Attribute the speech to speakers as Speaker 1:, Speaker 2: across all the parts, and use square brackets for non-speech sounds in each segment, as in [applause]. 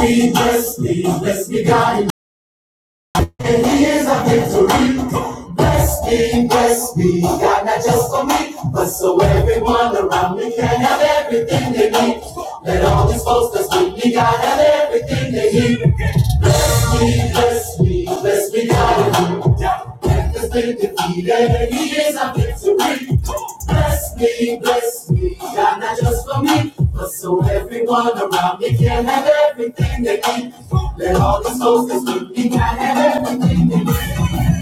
Speaker 1: me, bless me, bless me, God. And he is our victory. Bless me, bless me, God, not just for me, but so everyone around me can have everything they need. Let all these folks that's with me, God, have everything they need. Bless me, bless me, bless me, God hallelujah. death Has been defeated. He is our victory. Bless me, bless me, God, not just for me, but so everyone around me can have everything they need. Let all the souls that's with me can have everything they need.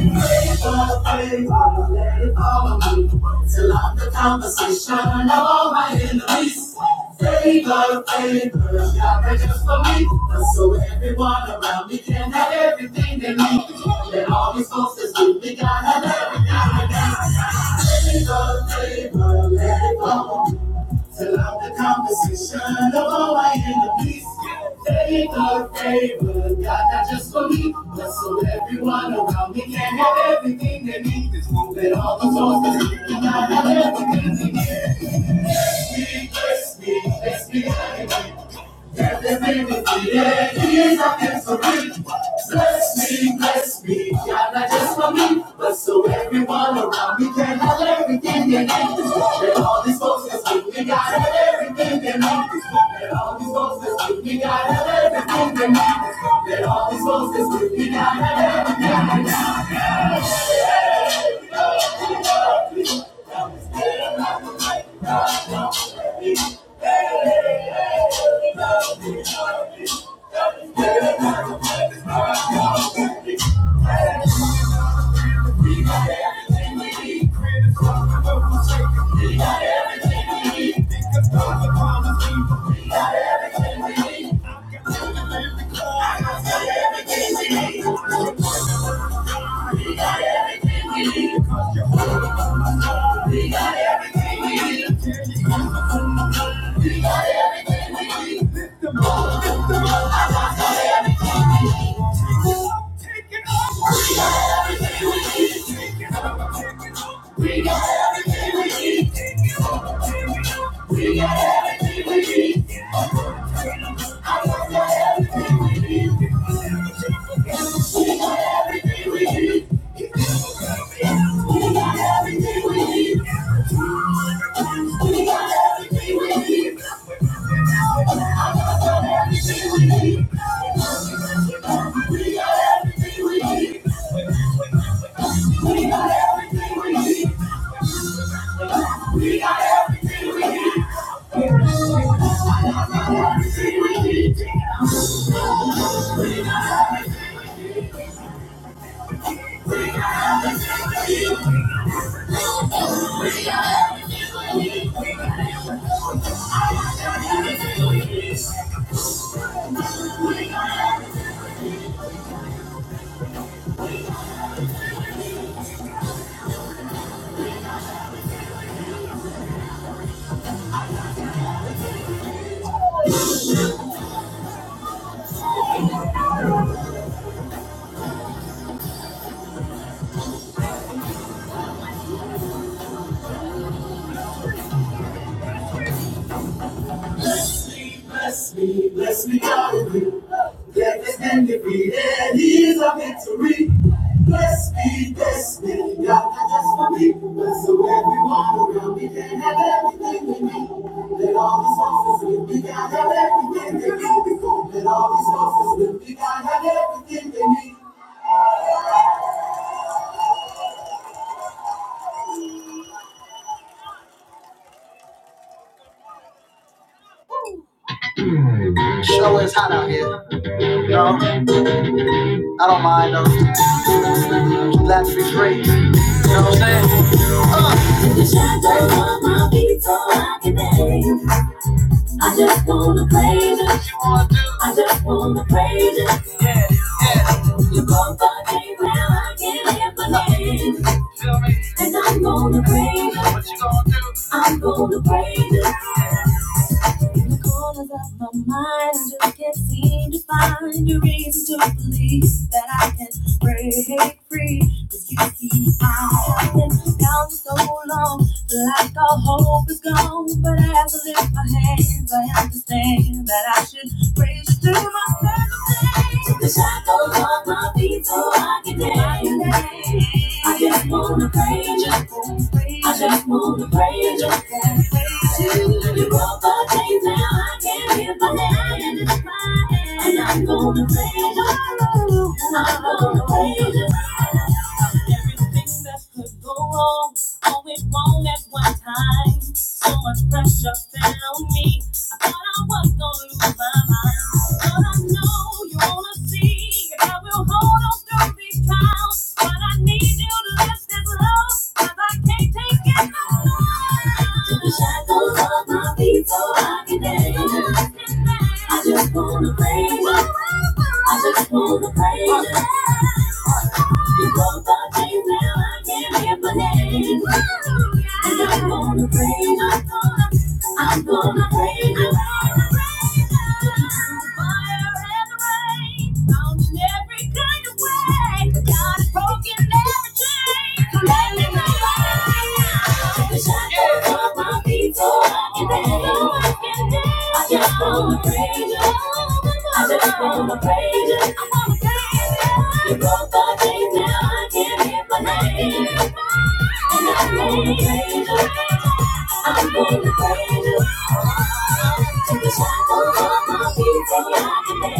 Speaker 1: Favor, favor, let it follow me till I'm the conversation of all my enemies. Favor, favor, God that just for me, so everyone around me can have everything they need. And all these folks that's with me, God have everything they need. Till I'm the conversation of all my enemies. Favor, favor, God, not just for me, but so everyone around me can have everything they need. This won't let all the doors that we cannot have everything they need. Bless me, bless me, bless me, honey. Everything is here, keys of history. Bless me, bless me, God, not just for me, but so everyone around me can have everything they need. And all these folks that's with me, God, have everything they need. And all these folks that's with me, God, have everything they need. And all these folks that's with me, God, have everything they need. got everything We need. Cause Jehovah from my soul. We got everything we need. Jehovah from my soul. We got everything we need. We got everything we need. Take it up, take it up. We got everything we need. Take it up, take it up. We got everything we need. Take it up, take it up. We got everything we need. We got everything we need. We got everything we need. We got everything we need. Bless me, bless me, bless me, hallelujah. Death has been defeated, He is our victory. Bless me, bless me, God, not just for me. Bless so everyone around me can have everything they need. Let all these forces with me, God, have everything they need. Let all these forces with me, God, have everything they need. Show is hot out here. No, I don't mind though. Let's be free. You know what I'm saying? The shadows on my feet so I can dance. I just wanna praise you. I just wanna praise you. You broke the chains now I can lift my hands. And I'm gonna praise you. What you gonna do? I'm gonna praise you. In the corners of my mind, I just can't seem to find a reason to believe that I can break free. Cause you see, I've been down for so long, like all hope is gone. But as I lift my hands, I understand that I should. Praise to my Saturday. Took the shackles off my feet so I can dance. I just wanna praise you. I just wanna praise you. Praise you. You broke my chains, now I can lift my hands. And I'm gonna praise you. I'm gonna praise you. Everything that could go wrong, all went wrong at one time. So much pressure found me. But I was going to my mind. But I know you wanna see I will hold on through these trials. But I need you to lift this love, I can't take it no more. Took the shackles off my feet so I can dance. I just wanna praise. you. I just wanna praise. you. You broke the chains, now I can't hear my name. I'm gonna praise. you. I'm gonna rain down the rain down, fire and the rain, found in every kind of way. God has broken every chain. So let me know right now. The shackles of my feet are broken down. I just wanna praise you. I just wanna praise you. I wanna praise you. You broke the chains, now I can lift my name. And I going to praise you. I going to praise you. Take a shovel off my feet till I can bend.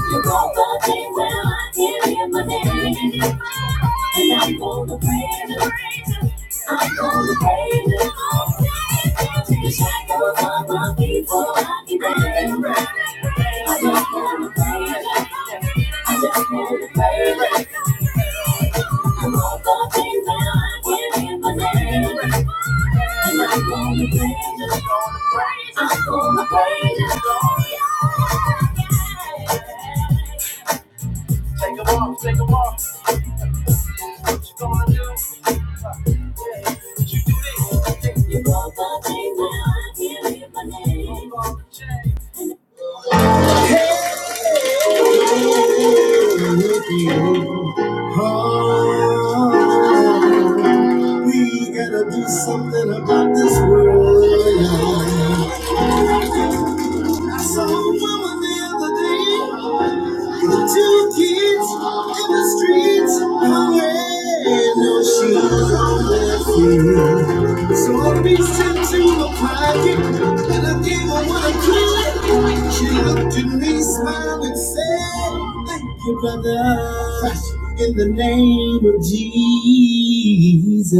Speaker 1: You broke the days where I can't hear my name. And I'm gonna praise to praise him. I'm gonna praise him all day. Take a shackles off my feet so I can dance. I just wanna praise him. I just wanna praise him. And all the things that I can't hear my name. I'm gonna praise you. I'm gonna praise you. I'm gonna praise you, yeah. Take a walk, take a walk. What you gonna do? Yeah, what you do this? You broke the chains now I can't live my name. oh, we gotta do something about this world. I saw mama the other day. Two kids in the streets who had no shoes on their feet. So I reached into my pocket and I gave her what I could. She looked at me, smiled and said, Thank you, brother. In the name of Jesus.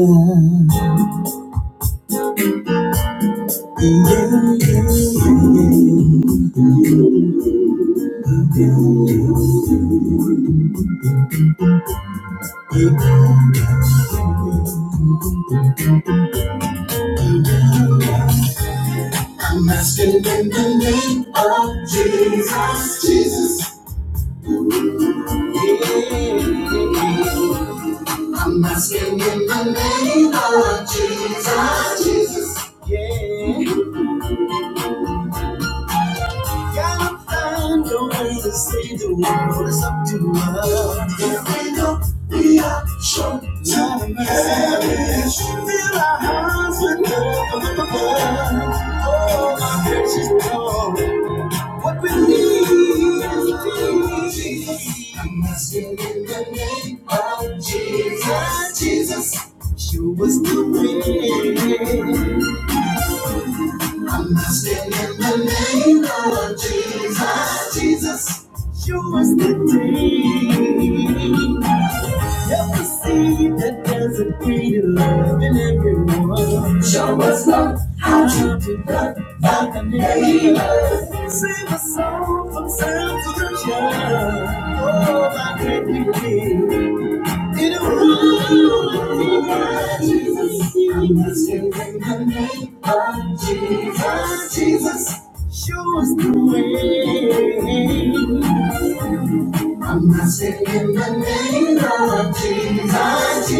Speaker 1: I'm asking in the name of Jesus. Jesus. Yeah. Gotta find a way to save the world. It's up to us. If we don't, we are sure to perish. Fill our hearts with love and love. Oh, my precious Lord, what we need is peace. I'm asking in the name of Jesus, Jesus, show us the way. Stand in the name of Jesus, Jesus, show us the way. Help us see that there's a greater love in everyone. Show us love, how to be loved by the neighbor. Save us all, Jesus,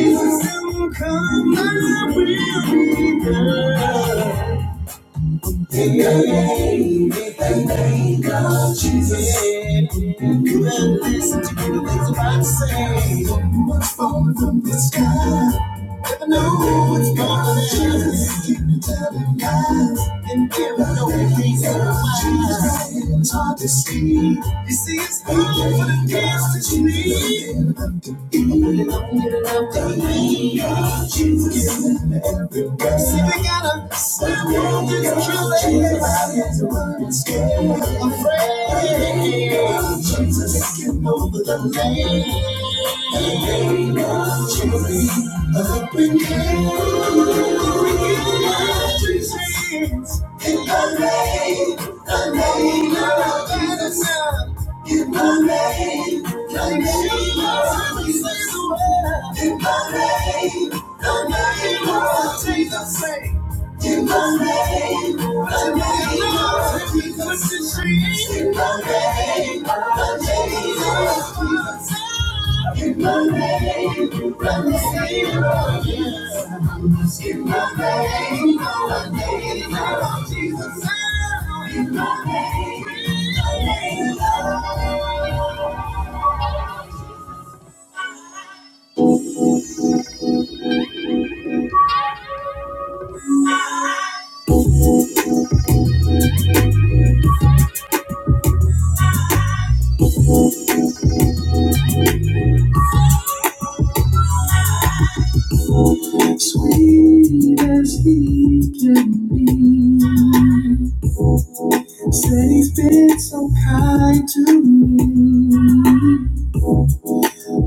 Speaker 1: Jesus, and come. We got a, a friend, Jesus, in the name of Jesus. of the of Jesus, In the name, the name of Jesus. In the name, the name of Jesus. In the name, the name of Jesus. In the name, the name of Jesus. In the name, the name of Jesus. In the name, the name of Jesus. In the name of Jesus.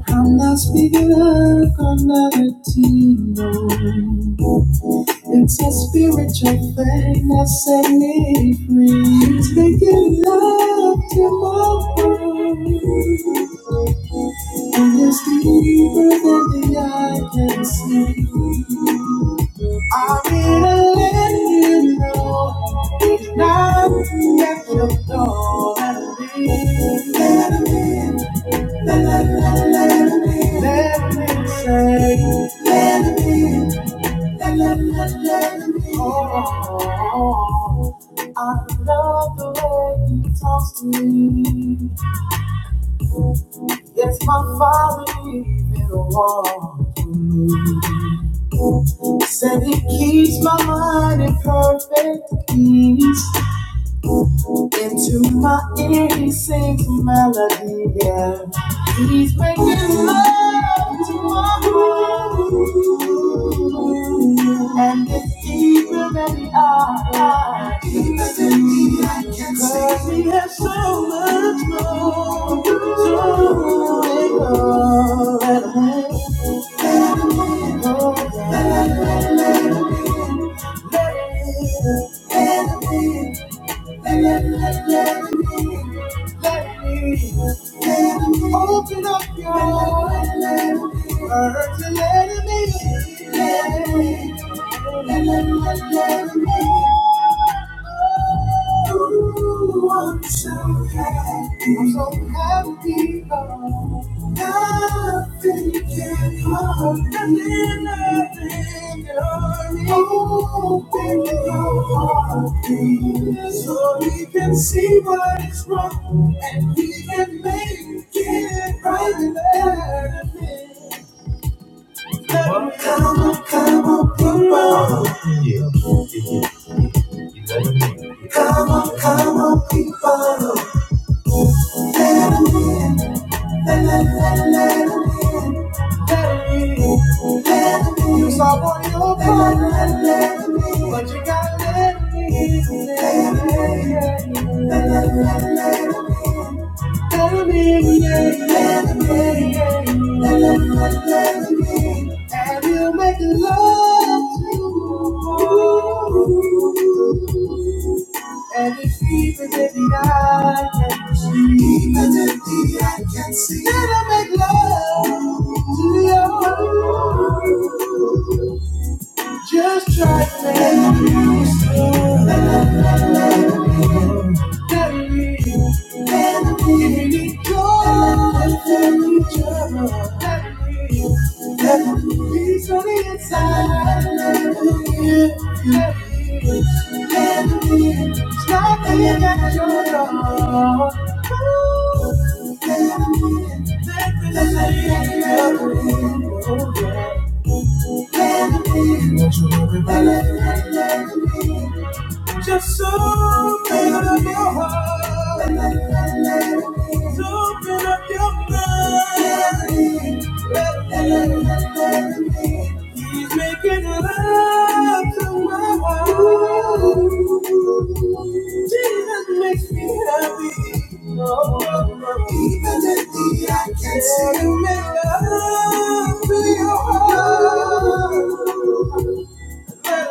Speaker 1: I'm not speaking of Latino. It's a spiritual thing that set me free. It's making love tomorrow. And it's deeper than the eye can see. I'm here to let you know he's knocking at your door. Let him in. Let him in. Let, let, let, let him in. Let him in. Say, let him in. Let, let, let, let him in. Oh, I love the way he talks to me. Yes, my father even walked with me. Said he keeps my mind in perfect peace. Into my ear he sings a melody, yeah. He's making love to my heart. And it's deeper than the eye. Deeper than the eye can see. Cause he so much more to let it rain, oh, yeah. Let it rain, let it rain, let it rain. let it rain. Let let me, let me, Open up your heart to let me in. Let let me, let me, Ooh, I'm so happy. I'm so happy, Lord. Nothing can harm me. Nothing can harm me. Open your heart, so we can see what is wrong and we can make it right there. and Come on, come on, people. Come on, come on, people. You saw what you put, but you gotta let me in. Let me in, let me in, let me in, And you make love to you. And Every fever that I can see, Even if the I can see, and I make love to you. Just try to make you smile. Peace on the inside. Stop being at your door. Don't you worry about it. Just so open up your heart. Just open up your mind. He's making love to my heart. Jesus makes me happy. Oh, oh, oh. Even if the I can see. Make love to your heart. I am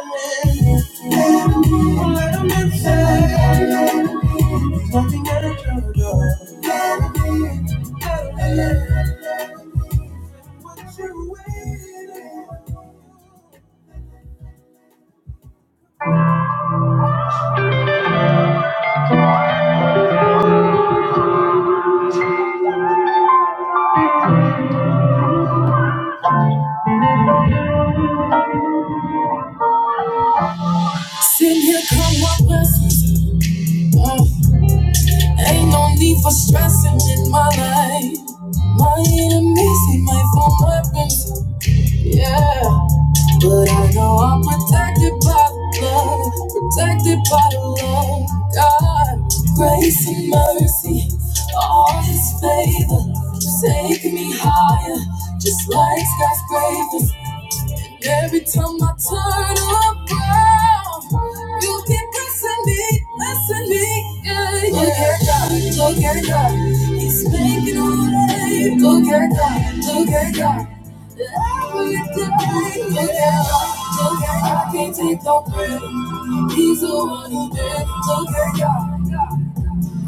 Speaker 1: missing my phone weapons, yeah. But I know I'm protected by the blood, protected by the love of God. Grace and mercy, all His favor. Take me higher, just like skyscrapers. Every time I turn around, you keep pressing me, pressing me. Yeah, yeah. Look at God, look at God. He's making a way. Look at God, look at God. Every day, look at God, look at God. Can't take no credit. He's the one who did. Look at God.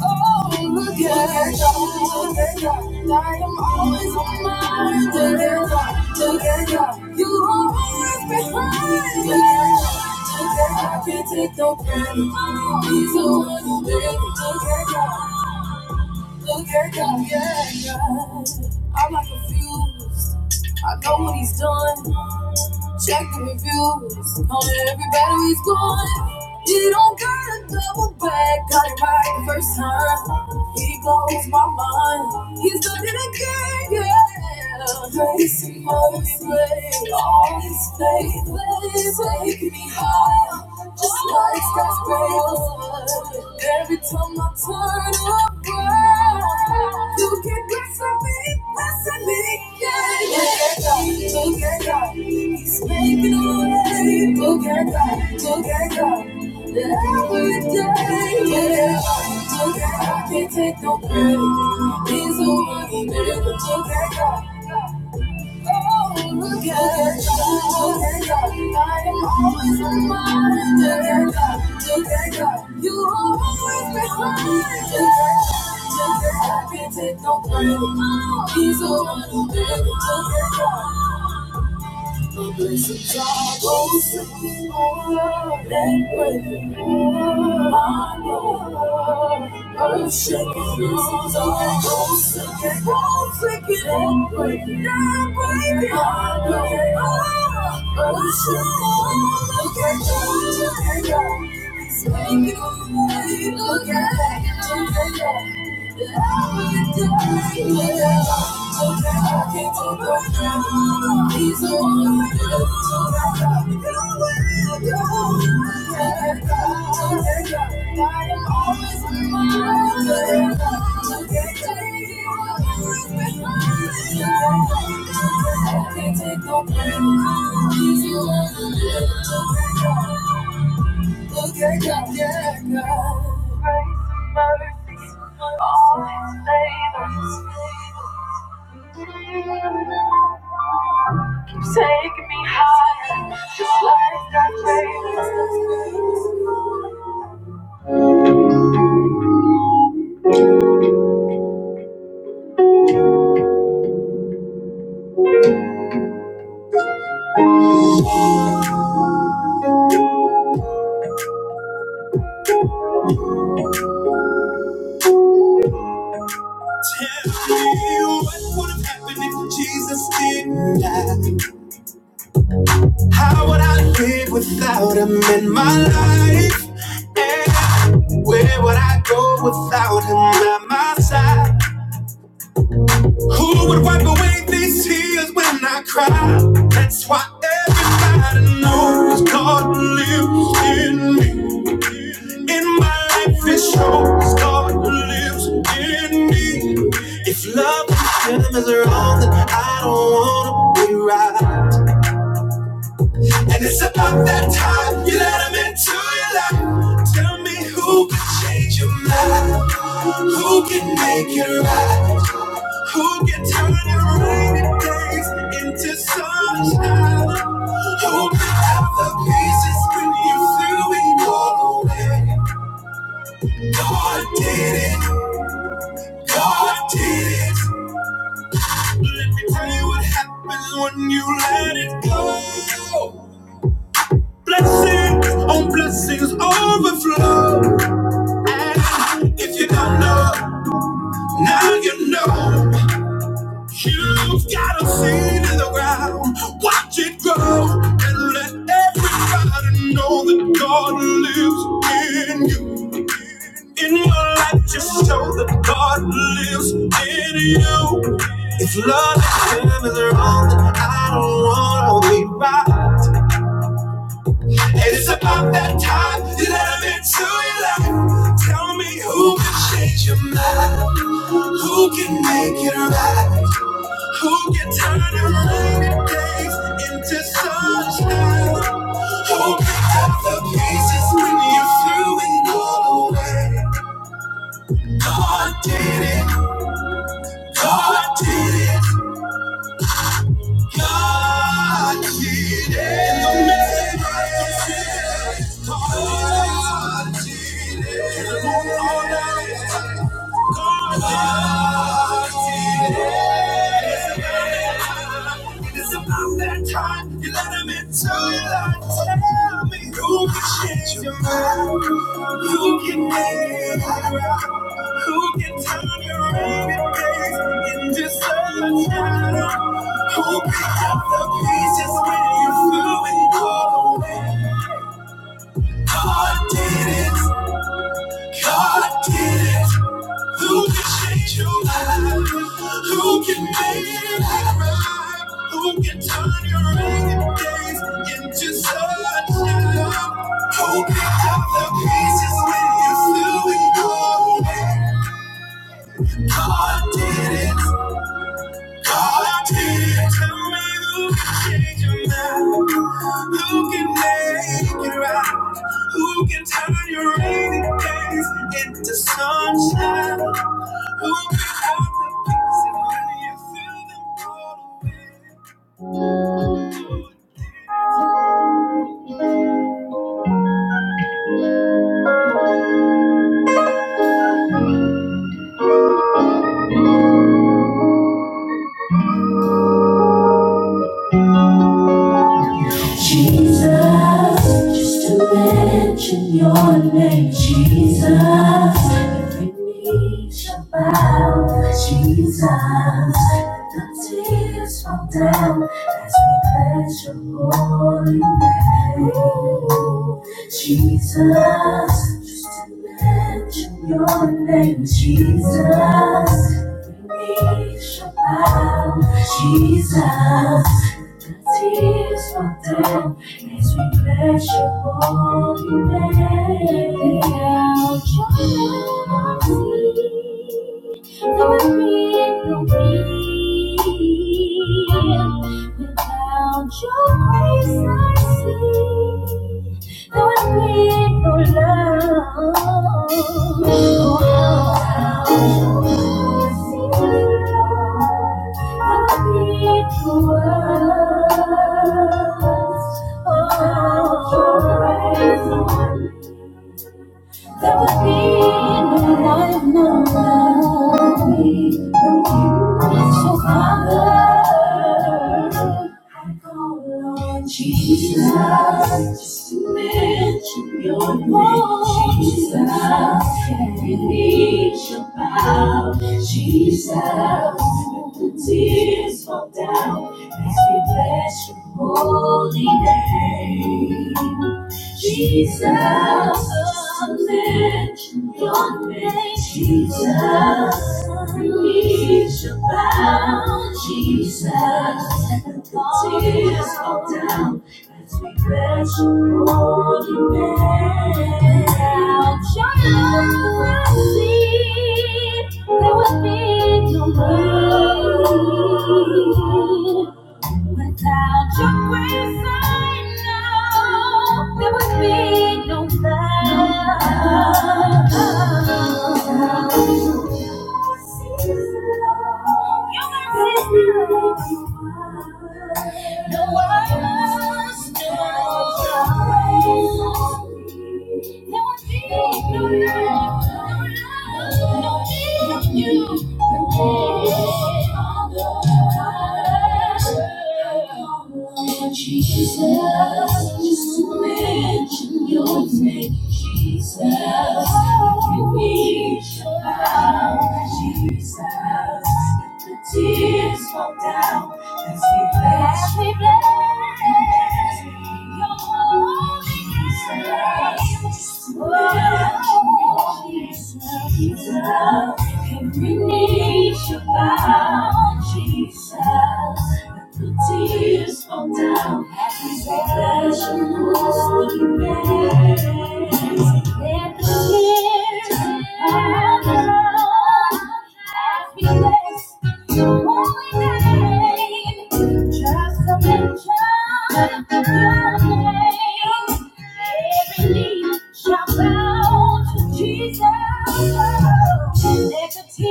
Speaker 1: Oh, look at her. I am always on my together. You always behind me. I can't take no credit. Me too, a little bit. together. Oh yeah, yeah, yeah, yeah. I'm not confused. I know what he's done. Check the reviews. On every battle he's gone. He don't gotta double back. Got it right the first time. He blows my mind. He's done it again, yeah. Grace and mercy, all his faith, faith, taking me higher, just like skyscrapers. Every time I turn around, you keep blessing me, blessing me. Yeah, yeah, yeah. Look at God, He's making a way. Look at God, look at God. Every day, yeah, look at God, look Can't take no credit. He's a money man. Look at God. Oh, I I am always always you always beside me. Look at God, I can't Take no credit. He's a little bit. It's a job of singing and praising my Lord. Earth shaking, it's a job of singing, singing and praising, and praising my Lord. I'm always with my Take me higher, just like that baby. Tell me what would have happened if Jesus didn't die. How would I live without him in my life? And where would I go without him at my side? Who would wipe away these tears when I cry? That's why everybody knows God lives in me. In my life, it shows God lives in me. If love and freedom is wrong, then I don't wanna be right. And it's about that time you let him into your life. Tell me who can change your mind, who can make it right, who can turn your rainy days into sunshine, who can have the pieces when you threw it all away. God did it, God did it. Let me tell you what happens when you let it go. Blessings on blessings overflow. If you don't know, now you know. You've got a seed in the ground. Watch it grow and let everybody know that God lives in you. In your life, just show that God lives in you. If love and love is wrong, then I don't want to be right. And it's about that time that I'm into your life. Tell me who can change your mind. Who can make it right? Who can turn your rainy days into sunshine? Who picked up the pieces when you threw it all away? God did it. God did it. God did it. God did it. God did it. It's about that time you let him into your life. Tell me who can change your mind, who can make it right. Who can turn your ragged days into sunshine? Who picked up the pieces when you flew and called away? God did it. God did it. Who can change your life? Who can make it right? Who can turn your rainy days into sunshine? Who picked up the pieces when you flew and go away? God did it. All I did, tell me who can change your mind, who can make it right, who can turn your rainy days into sunshine, who can help the pieces when you feel them all away. Jesus, just to mention your name, Jesus, every knee shall bow, Jesus, the tears fall down as we bless your holy name, Jesus, just to mention your name, Jesus, every knee shall bow, Jesus. The tears fall down as we bless your holy name. Now join us for it will be. Without your grace, I see there would be no love. Oh, how Thank you. There would be no life, no love, no it's your father. I call on Jesus, just to mention your name, Jesus. Every knee shall bow, Jesus. Let the tears fall down as we bless your holy name. Jesus, lift your name. Jesus, knees shall bow. Jesus, and the tears fall down as we bless your holy name. Giants will see, there will be no rain. Without your grace, I know there would be no love. You No, I must know. your grace. There would be No love, no love, no need love, you, All the I come, Lord Jesus, just to mention your name, Jesus, every knee shall bow, Jesus, let the tears fall down. As we bless As we bless your holy Jesus. name. Oh, Jesus. Jesus, Every knee shall bow, Jesus. The tears fall down as we bless your holy name. Let the tears fall. down. Jesus,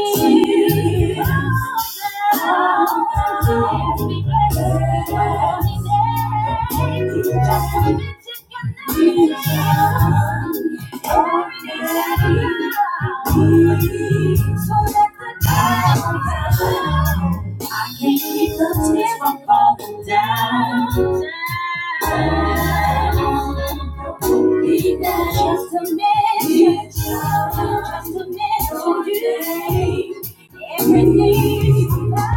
Speaker 1: oh, negative. Jesus. I can't keep the tears from falling down. just a minute, just a minute. Everything.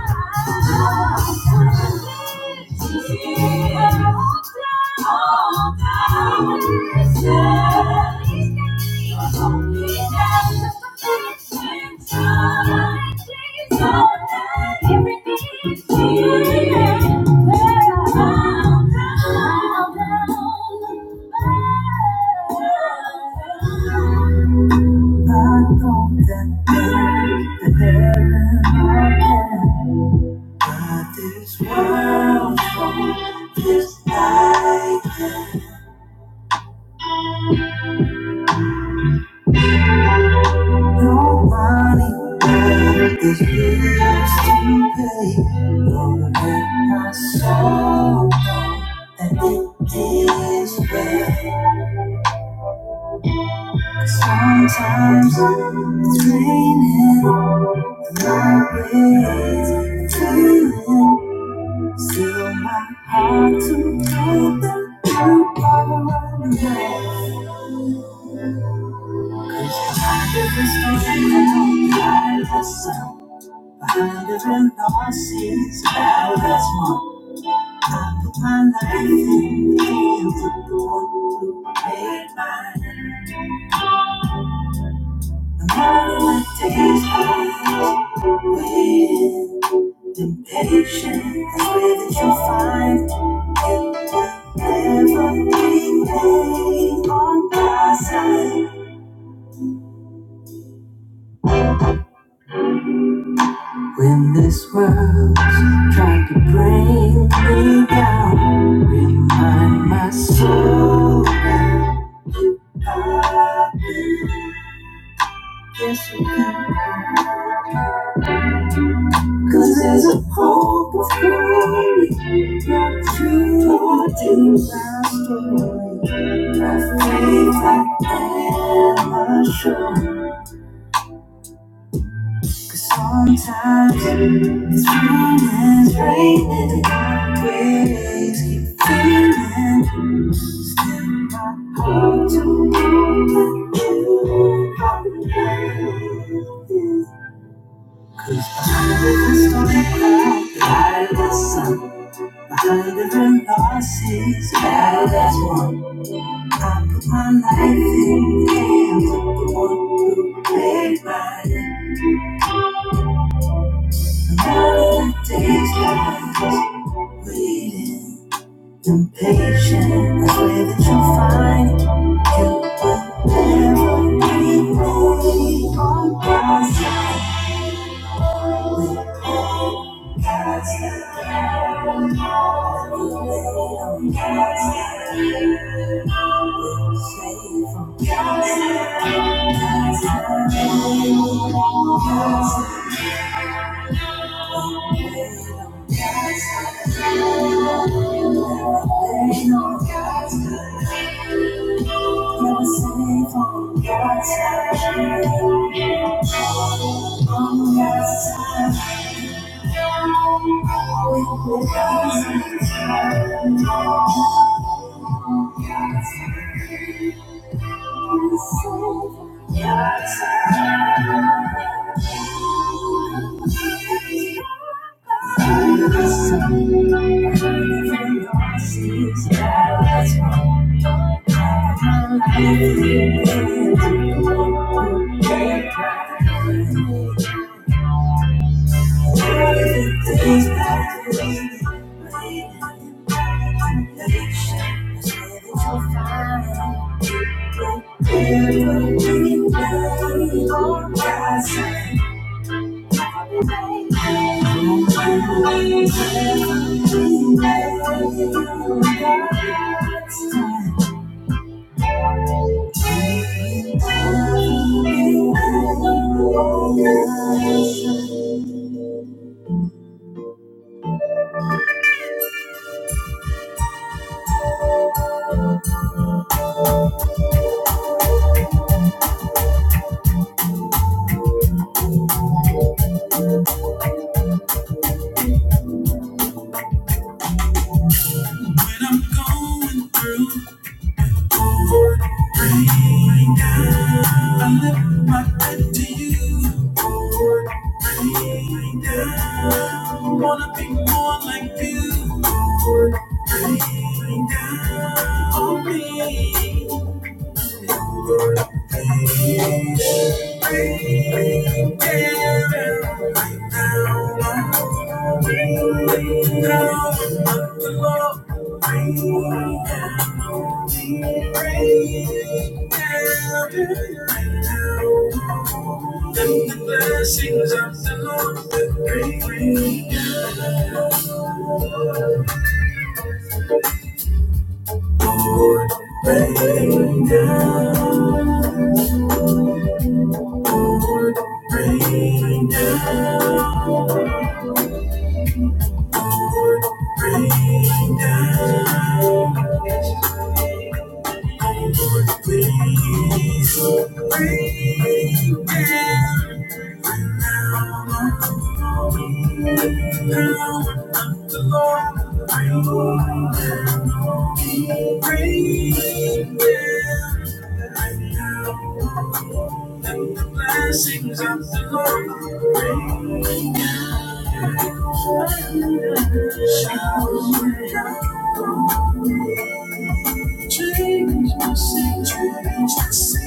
Speaker 1: I don't that the heaven I can Got this world full, just like no money oh, There's bills to pay Knowing my soul and it is bad Sometimes it's raining highways Feeling still my heart to know that you are mine. I see it's out that's I put my life in the hands of the one who made mine. The moment I taste life with temptation, that's where that you find everything laid on my side. When this world's trying to bring me down, remind my soul, 'cause there's a hope of glory. Sometimes it's raining, it's raining, waves keep feeling, still my heart to know you are here. the stormy cloud, by the sun, behind every loss is loud as one. I put my life in the hands of the one who made mine. And all of the days passed, waiting impatient, I swear that you'll find you will never be me on my side. God's side. Thank you. Wanna be more like you. down on me. The Lord, bring them right now. The blessings of the Lord. Shall we change my situation.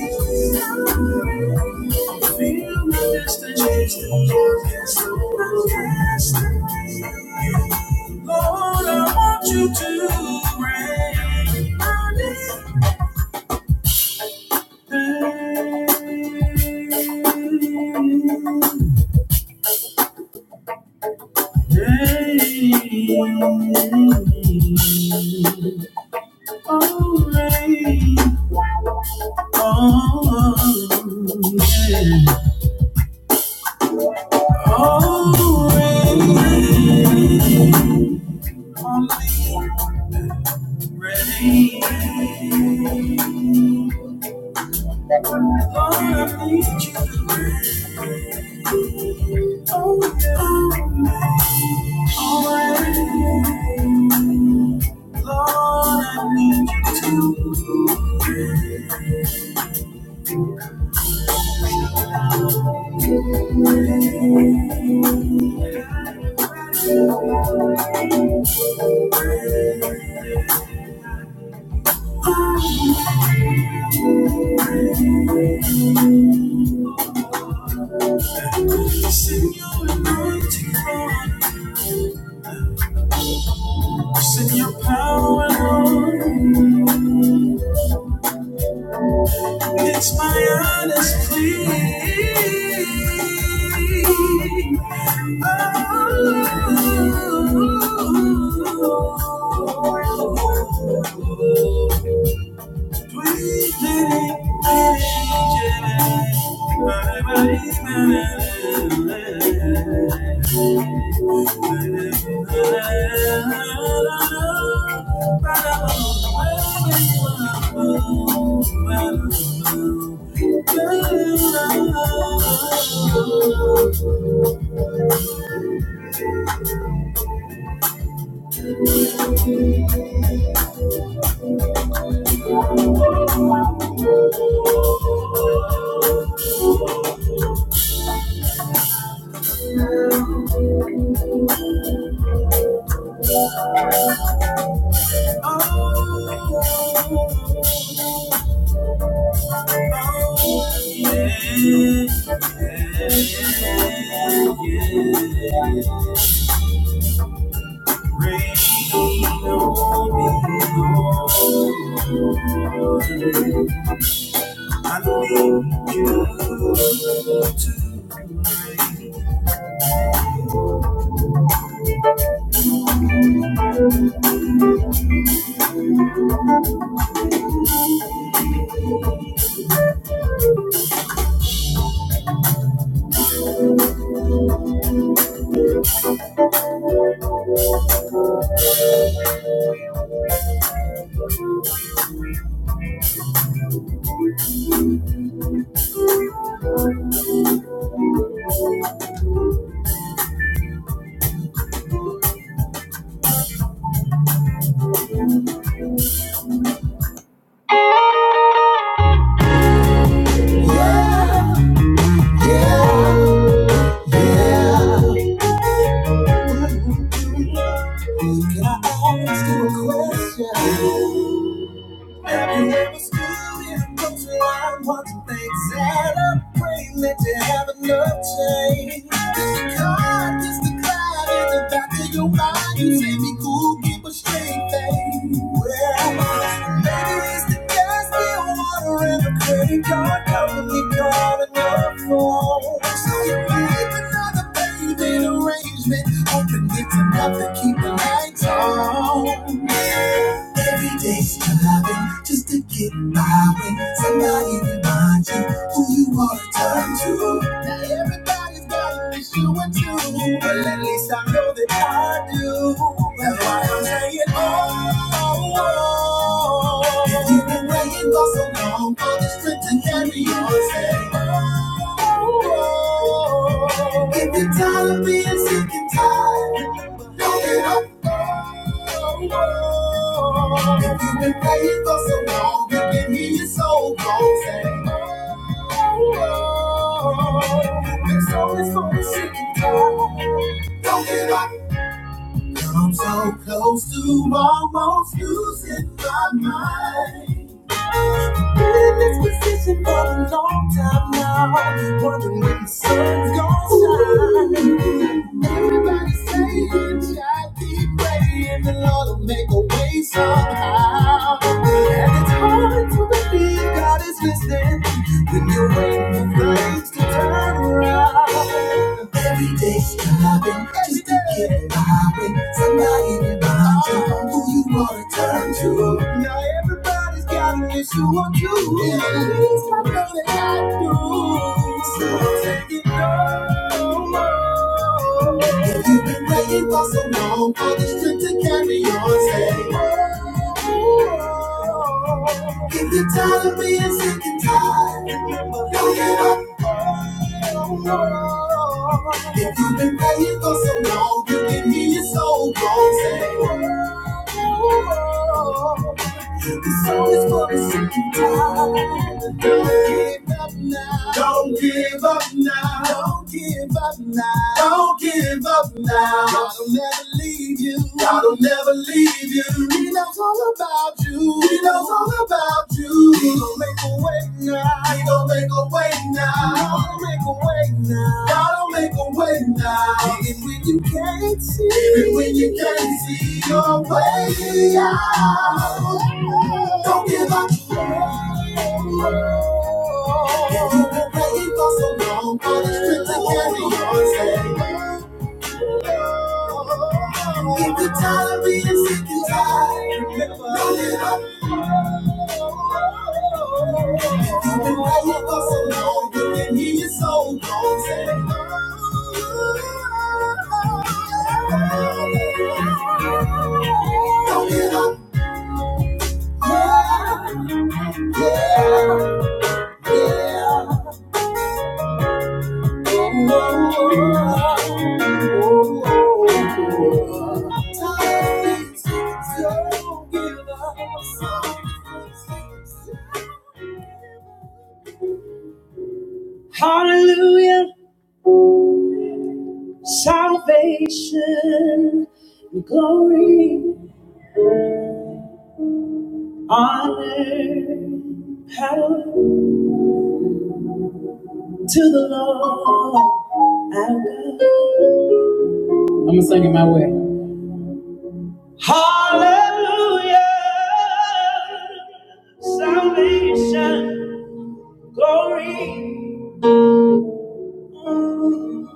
Speaker 1: Feel my destiny, focus on my destiny. Lord, I want you to reign. I need Oh, oh, reign. Lord, I need, Lord, I need. Send your anointing, Lord. Send your power, Lord. It's my honest plea. Oh, sweet lady, lady, Jedi. Yeah, yeah. Can I ask you a question? Maybe Everywhere was good and close to I want to thank that I'm praying that you have enough change. God kiss the cloud in the back of your mind. You say be cool, keep a straight face. Well, maybe it's the gas, bill, water, and the credit card company calling up phone. So you make another payment arrangement. hoping it's enough to keep the lights on. Every day striving just to get by when somebody reminds you who you want to turn to. Now everybody's got an issue or two, but at least I know that I do. That's why I'm saying, oh, oh. oh. If you've been waiting for so long for the strength to carry on, say. If you're tired of being sick and tired, don't get up. If you've been praying for so long, you can hear your soul call saying, Oh, this song is for the sick and tired. Don't get up. I'm so close to almost losing my mind. Been in this position for a long time now. Wondering when the sun's gonna shine. Everybody saying, "Child, keep praying, the Lord will make a way somehow." And it's hard to believe God is listening when you're waiting for things to turn around. Every day's striving just to get by when somebody reminds you who you wanna turn to. Now everybody's got an issue on you. Yeah, at least I know that I do. So take it. If you've been waiting for so long for this trip to carry on, say, if you're tired of being sick and tired, don't it up. If you've been praying for so long, you can hear your soul groan, say, oh, the song is for the second time. Don't give up now. Don't give up now. Don't give up now. Don't give up now. God'll never leave you. God'll never leave you. He knows all about you. He knows all about you. He gonna make a way now. He gonna make a way now. Gotta make a way now. Gotta make a way now. Even when you can't see, even when you can't see your way out. Don't give up. you've been praying for so long, but it's strict to carry on. If you're tired of being sick and tired, don't give up. you've been praying for so long, you can hear your soul go. Hallelujah, salvation, glory, honor, power. To the Lord our God. I'm gonna sing it my way. Hallelujah, salvation, glory, and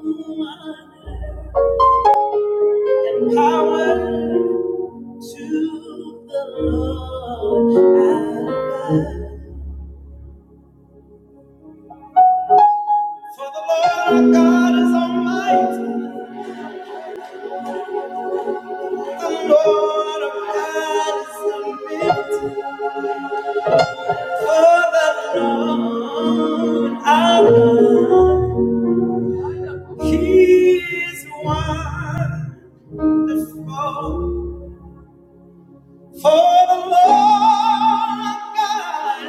Speaker 1: power to the Lord our God. For the Lord our God is almighty. The Lord our God is for the Lord our God. He is wonderful. For the Lord God.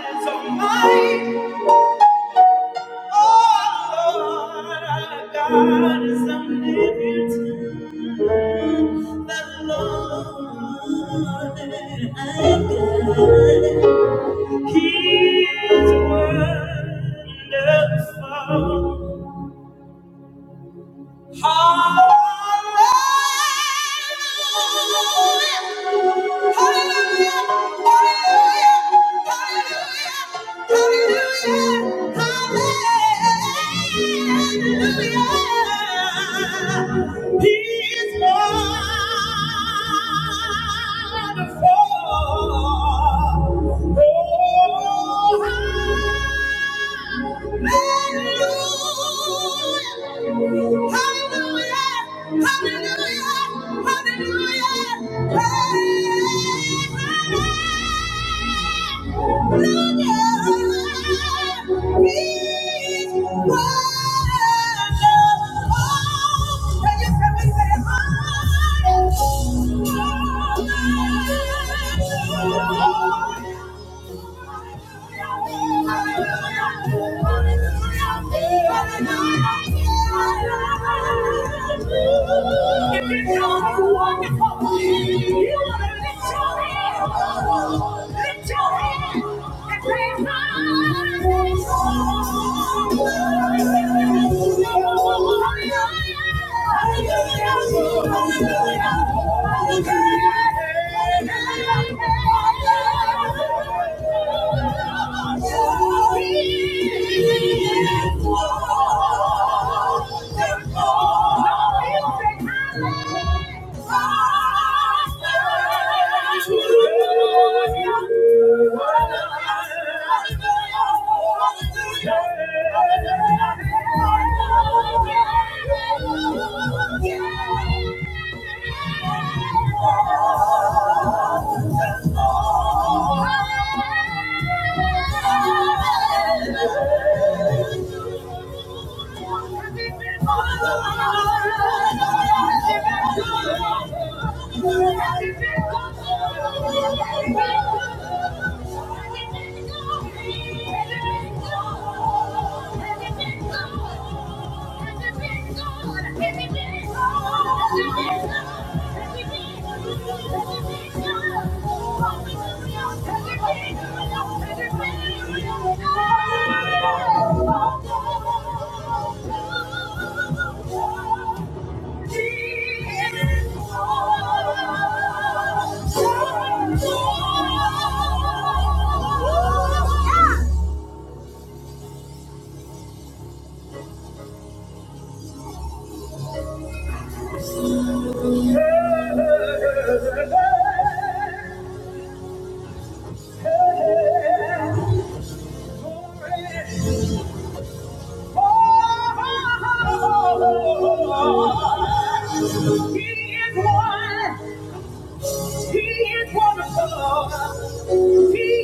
Speaker 1: Hallelujah. Hallelujah. Hallelujah. Hallelujah. He is wonderful. Oh, Hallelujah! Hallelujah! Hallelujah! Hey! If you Hallelujah. Lift your hand and say, Hallelujah. Thank you. [laughs] Thank you. He is one. He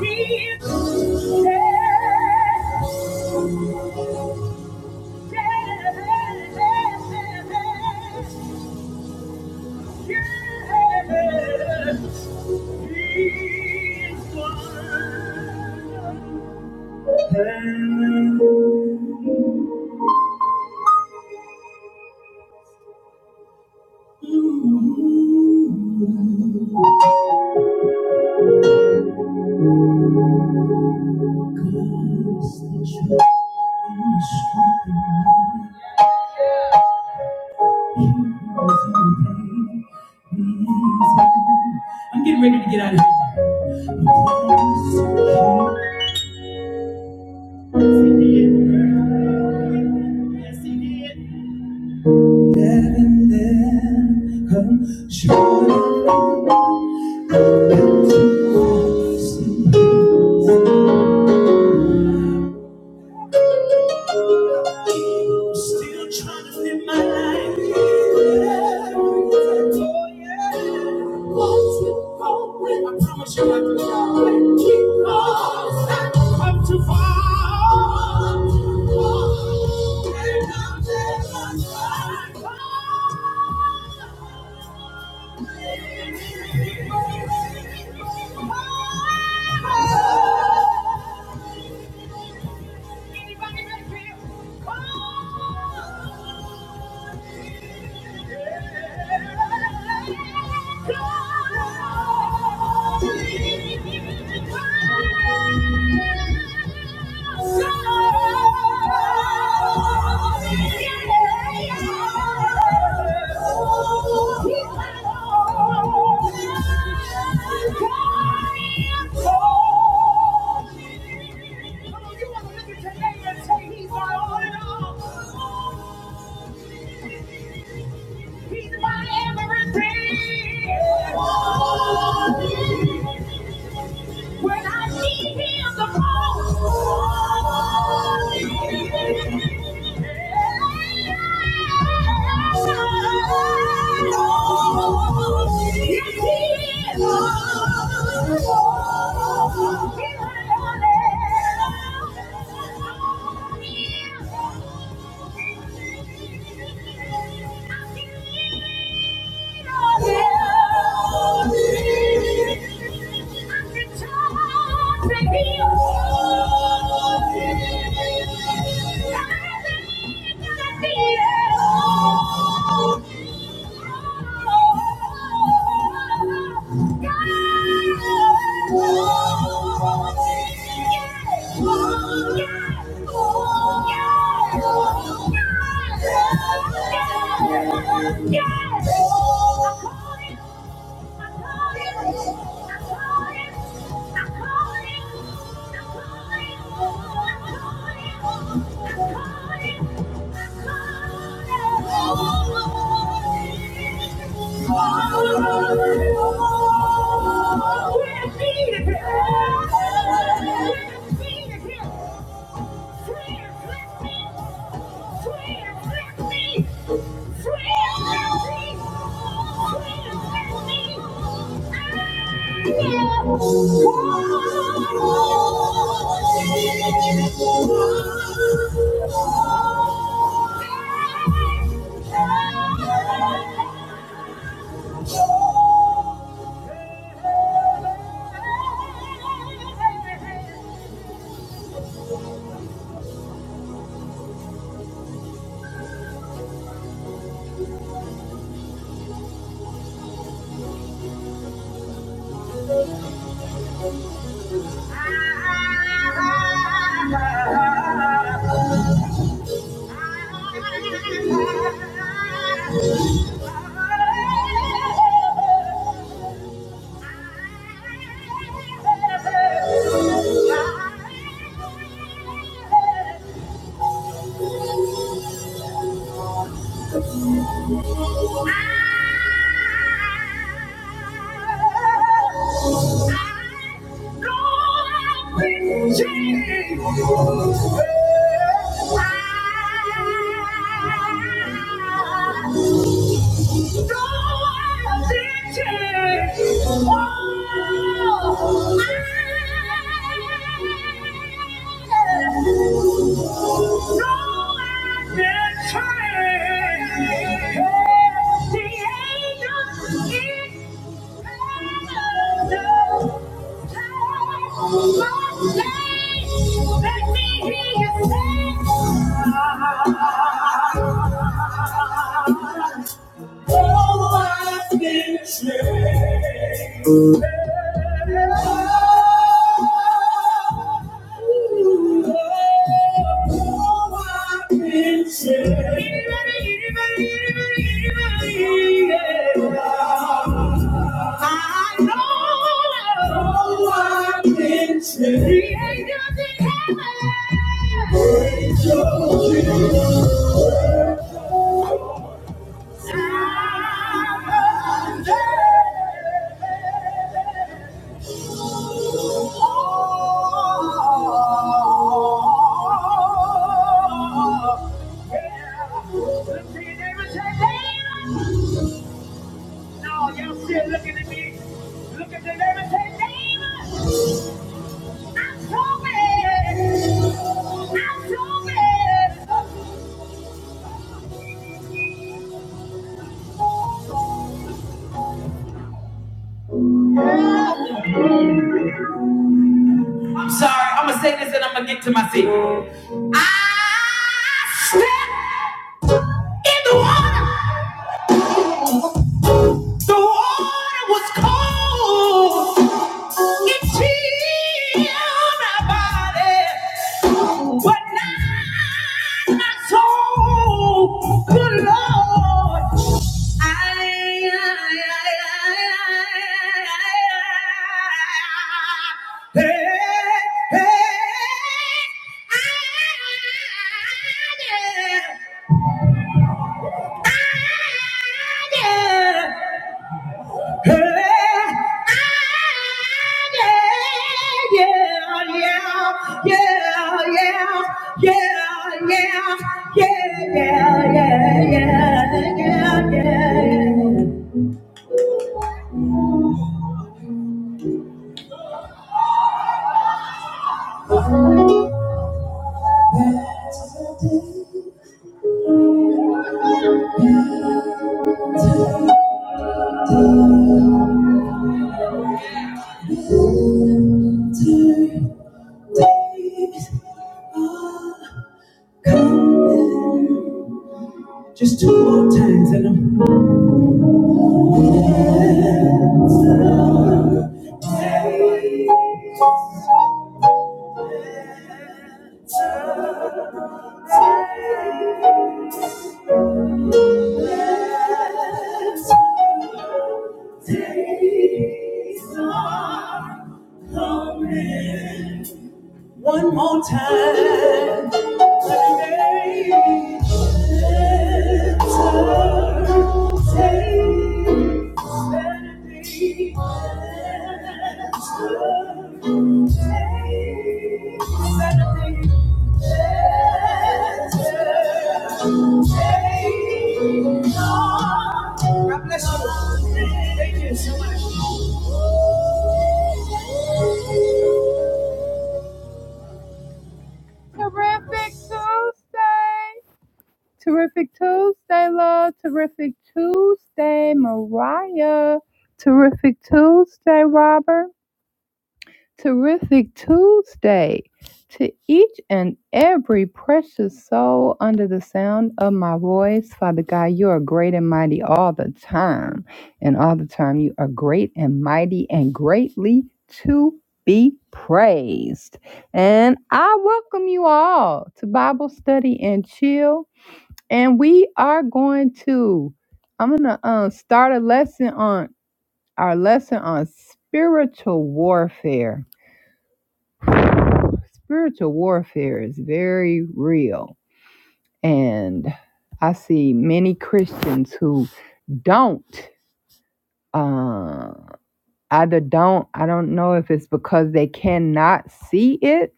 Speaker 1: is. one. He is one. Thank you. Oh, you want to look at your and say he's my all He's my everything. When I need him the most. Yes, he is. He's my only. Yes! Yes! We're defeated here. We're defeated here. We're defeated here. Thank you. Oh, Anybody, anybody, anybody, anybody, Yeah. I know oh, I've been saved. Created in heaven. Praise your Jesus. Time and day. Oh, yeah. Look to your neighbor and say, neighbor. No, y'all still looking at me. Look at the neighbor and say, neighbor. But now my soul, good Lord, Come Just two more times and I'm take, take, take some coming. one more Saturday. Take, take some. God bless you. Thank you so much. Terrific Tuesday. Terrific Tuesday, love. Terrific Tuesday, Mariah. Terrific Tuesday, Robert. Terrific Tuesday to each and every precious soul under the sound of my voice. Father God, you are great and mighty all the time. And all the time, you are great and mighty and greatly to be praised. And I welcome you all to Bible study and chill and we are going to i'm gonna um, start a lesson on our lesson on spiritual warfare spiritual warfare is very real and i see many christians who don't uh, either don't i don't know if it's because they cannot see it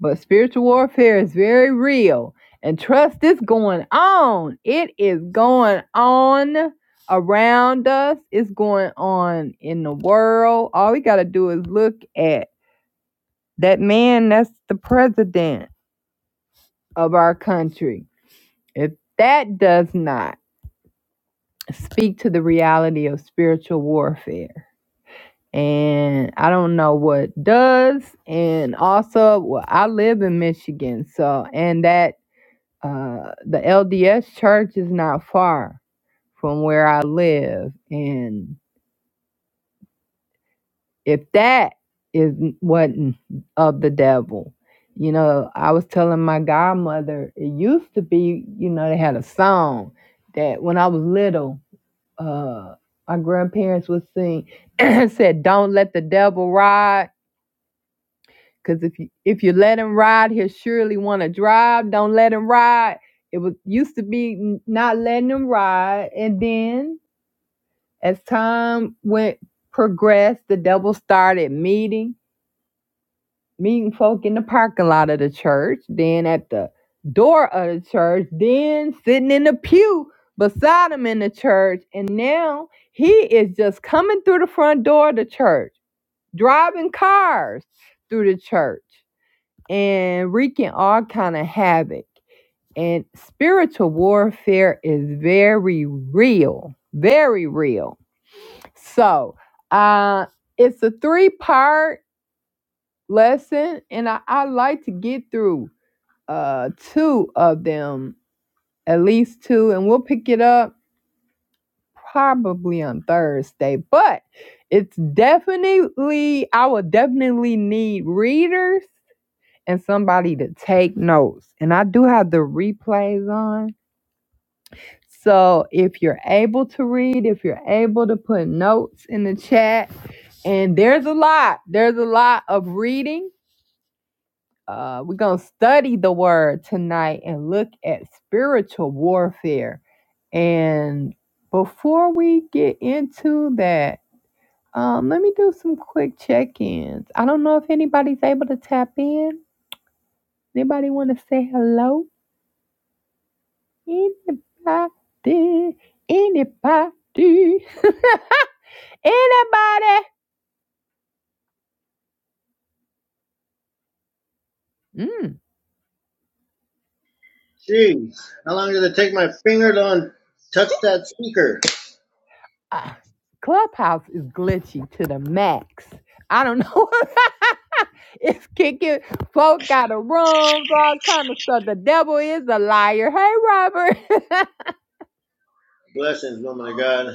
Speaker 1: but spiritual warfare is very real and trust is going on it is going on around us it's going on in the world all we got to do is look at that man that's the president of our country if that does not speak to the reality of spiritual warfare and I don't know what does. And also, well, I live in Michigan, so and that uh, the LDS church is not far from where I live, and if that is wasn't of the devil. You know, I was telling my godmother, it used to be, you know, they had a song that when I was little, uh, my grandparents would sing, [clears throat] said, Don't let the devil ride Cause if you if you let him ride, he'll surely want to drive. Don't let him ride. It was used to be not letting him ride, and then as time went progressed, the devil started meeting meeting folk in the parking lot of the church, then at the door of the church, then sitting in the pew beside him in the church, and now he is just coming through the front door of the church, driving cars through the church and wreaking all kind of havoc. And spiritual warfare is very real, very real. So uh, it's a three part lesson, and I, I like to get through uh, two of them, at least two, and we'll pick it up probably on Thursday. But it's definitely, I will definitely need readers and somebody to take notes. And I do have the replays on. So if you're able to read, if you're able to put notes in the chat, and there's a lot, there's a lot of reading. Uh, we're going to study the word tonight and look at spiritual warfare. And before we get into that, um, let me do some quick check ins. I don't know if anybody's able to tap in. Anybody want to say hello? Anybody, anybody, [laughs] anybody. Mm.
Speaker 2: Jeez, how long did it take my finger to touch that speaker?
Speaker 1: Ah, Clubhouse is glitchy to the max. I don't know. [laughs] it's kicking. Folk got a wrong, all kind of stuff. The devil is a liar. Hey, Robert.
Speaker 2: Blessings, woman of God.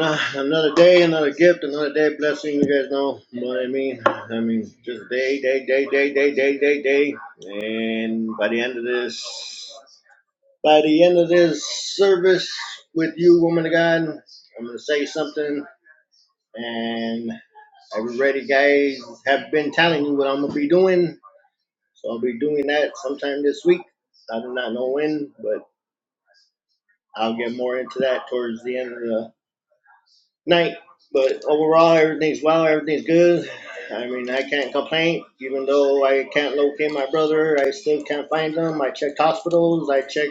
Speaker 2: Ah, Another day, another gift, another day blessing. You guys know what I mean. I mean, just day, day, day, day, day, day, day, day. And by the end of this, by the end of this service with you, woman of God, I'm gonna say something. And everybody, guys, have been telling you what I'm gonna be doing. So I'll be doing that sometime this week. I do not know when, but I'll get more into that towards the end of the night. But overall, everything's well. Everything's good. I mean, I can't complain. Even though I can't locate my brother, I still can't find him. I checked hospitals. I checked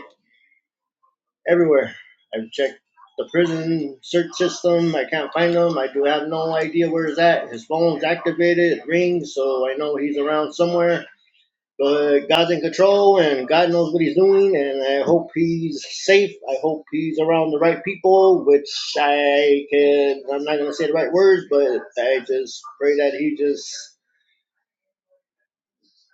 Speaker 2: everywhere. I've checked the prison search system. I can't find him. I do have no idea where he's at. His phone's activated. It rings, so I know he's around somewhere. But God's in control, and God knows what He's doing, and I hope He's safe. I hope He's around the right people, which I can. I'm not gonna say the right words, but I just pray that He just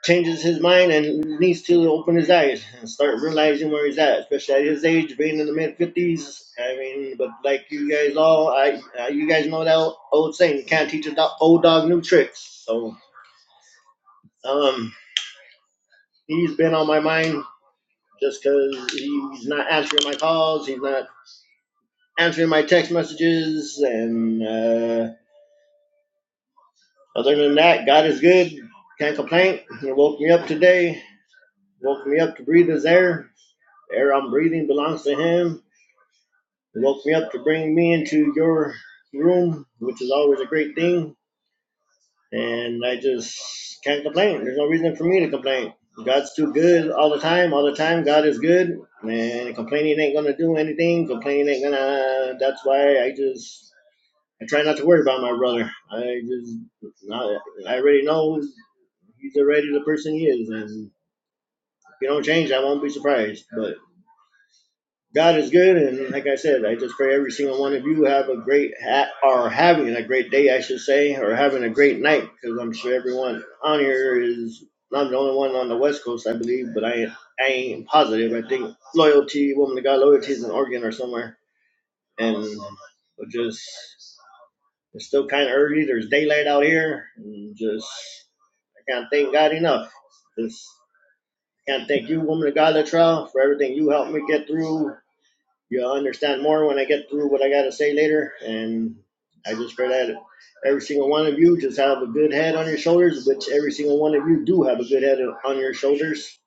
Speaker 2: changes His mind and needs to open His eyes and start realizing where He's at, especially at His age, being in the mid 50s. I mean, but like you guys all, I uh, you guys know that old old saying, can't teach a do- old dog new tricks. So um, He's been on my mind just because he's not answering my calls, he's not answering my text messages, and uh, other than that, God is good. Can't complain. He woke me up today, woke me up to breathe His air. The air I'm breathing belongs to Him. He woke me up to bring me into your room, which is always a great thing. And I just can't complain. There's no reason for me to complain. God's too good all the time. All the time, God is good. And complaining ain't gonna do anything. Complaining ain't gonna. That's why I just I try not to worry about my brother. I just I I already know he's already the person he is, and if he don't change, I won't be surprised. But. God is good, and like I said, I just pray every single one of you have a great ha- or having a great day, I should say, or having a great night, because I'm sure everyone on here is. I'm the only one on the West Coast, I believe, but I I ain't positive. I think loyalty, woman of God, loyalty is in Oregon or somewhere, and we'll just it's still kind of early. There's daylight out here, and just I can't thank God enough. Just can't thank you, woman of God, Latrell, for everything you helped me get through You'll understand more when I get through what I got to say later. And I just pray that every single one of you just have a good head on your shoulders, which every single one of you do have a good head on your shoulders.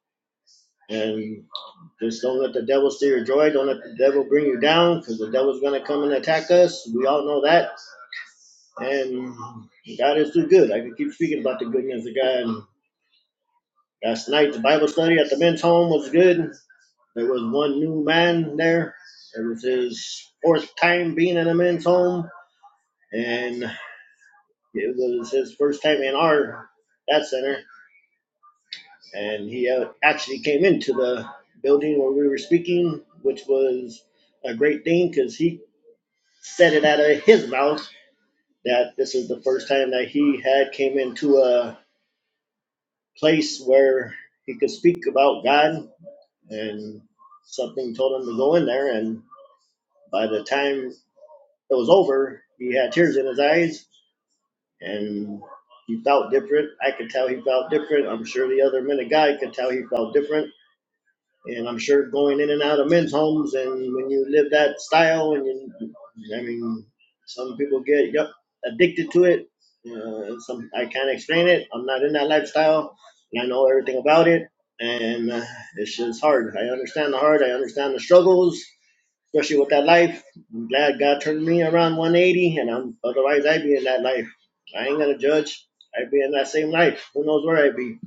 Speaker 2: And just don't let the devil steal your joy. Don't let the devil bring you down because the devil's going to come and attack us. We all know that. And God is too good. I can keep speaking about the goodness of God. Last night, the Bible study at the men's home was good. There was one new man there. It was his fourth time being in a men's home and it was his first time in our that center. And he uh, actually came into the building where we were speaking, which was a great thing because he said it out of his mouth that this is the first time that he had came into a place where he could speak about God, and something told him to go in there. And by the time it was over, he had tears in his eyes and he felt different. I could tell he felt different. I'm sure the other minute guy could tell he felt different. And I'm sure going in and out of men's homes and when you live that style and you, I mean, some people get yep addicted to it. Uh, some I can't explain it. I'm not in that lifestyle, and I know everything about it. And uh, it's just hard. I understand the hard. I understand the struggles especially with that life. I'm glad God turned me around 180, and I'm otherwise I'd be in that life. I ain't gonna judge. I'd be in that same life. Who knows where I'd be?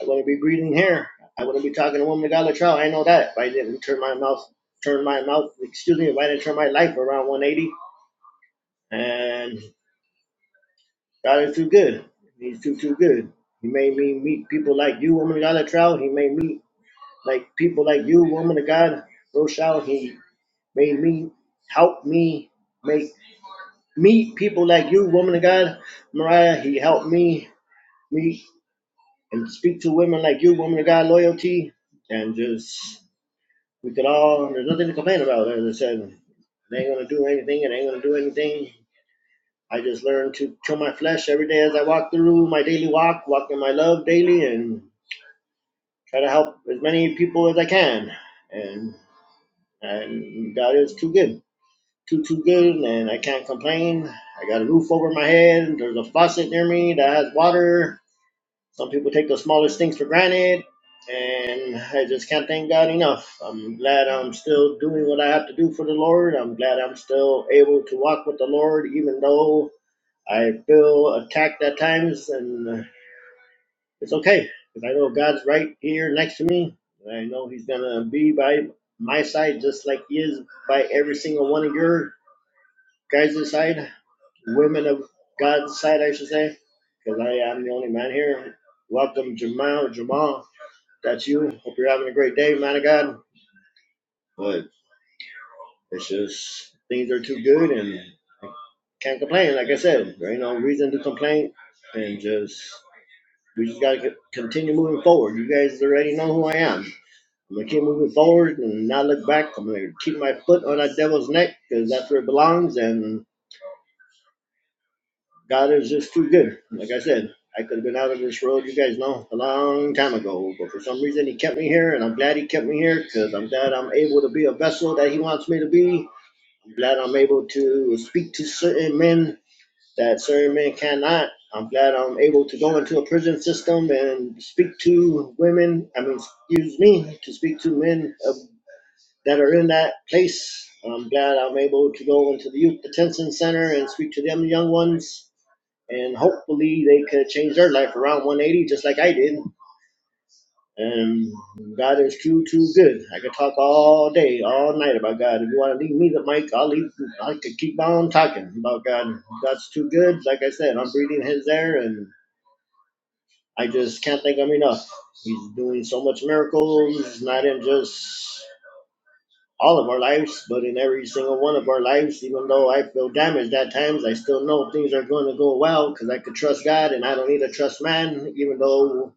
Speaker 2: I wouldn't be breathing here. I wouldn't be talking to a woman God trial. I know that. If I didn't turn my mouth, turn my mouth, excuse me, if I didn't turn my life around 180, and God is too good. He's too too good. He made me meet people like you, woman of God at trial. He made me like people like you, woman of God, Rochelle. He made me help me make meet people like you, woman of God, Mariah. He helped me meet and speak to women like you, woman of God, loyalty, and just we could all. There's nothing to complain about. As I said, they ain't gonna do anything, and ain't gonna do anything. I just learned to kill my flesh every day as I walk through my daily walk, walk in my love daily, and try to help as many people as I can. And and God is too good. too too good, and I can't complain. I got a roof over my head. There's a faucet near me that has water. Some people take the smallest things for granted, and I just can't thank God enough. I'm glad I'm still doing what I have to do for the Lord. I'm glad I'm still able to walk with the Lord, even though I feel attacked at times, and uh, it's okay because I know God's right here next to me. and I know He's gonna be by my side just like He is by every single one of your guys' side women of God's side, I should say, because I am the only man here. Welcome, Jamal. Jamal, that's you. Hope you're having a great day, man of God. But it's just things are too good, and I can't complain. Like I said, there ain't no reason to complain, and just we just gotta co- continue moving forward. You guys already know who I am. I'm gonna keep moving forward and not look back. I'm gonna keep my foot on that devil's neck because that's where it belongs, and. God is just too good. Like I said, I could have been out of this road, you guys know, a long time ago. But for some reason, He kept me here, and I'm glad He kept me here because I'm glad I'm able to be a vessel that He wants me to be. I'm glad I'm able to speak to certain men that certain men cannot. I'm glad I'm able to go into a prison system and speak to women, I mean, excuse me, to speak to men of, that are in that place. I'm glad I'm able to go into the youth detention center and speak to them young ones and hopefully they could change their life around 180 just like I did. And God is too too good. I could talk all day, all night about God. If you want to leave me the mic, I'll leave. I could keep on talking about God. God's too good. Like I said, I'm breathing His air, and I just can't thank Him enough. He's doing so much miracles, not in just all of our lives, but in every single one of our lives, even though I feel damaged at times, I still know things are going to go well because I could trust God and I don't need to trust man. Even though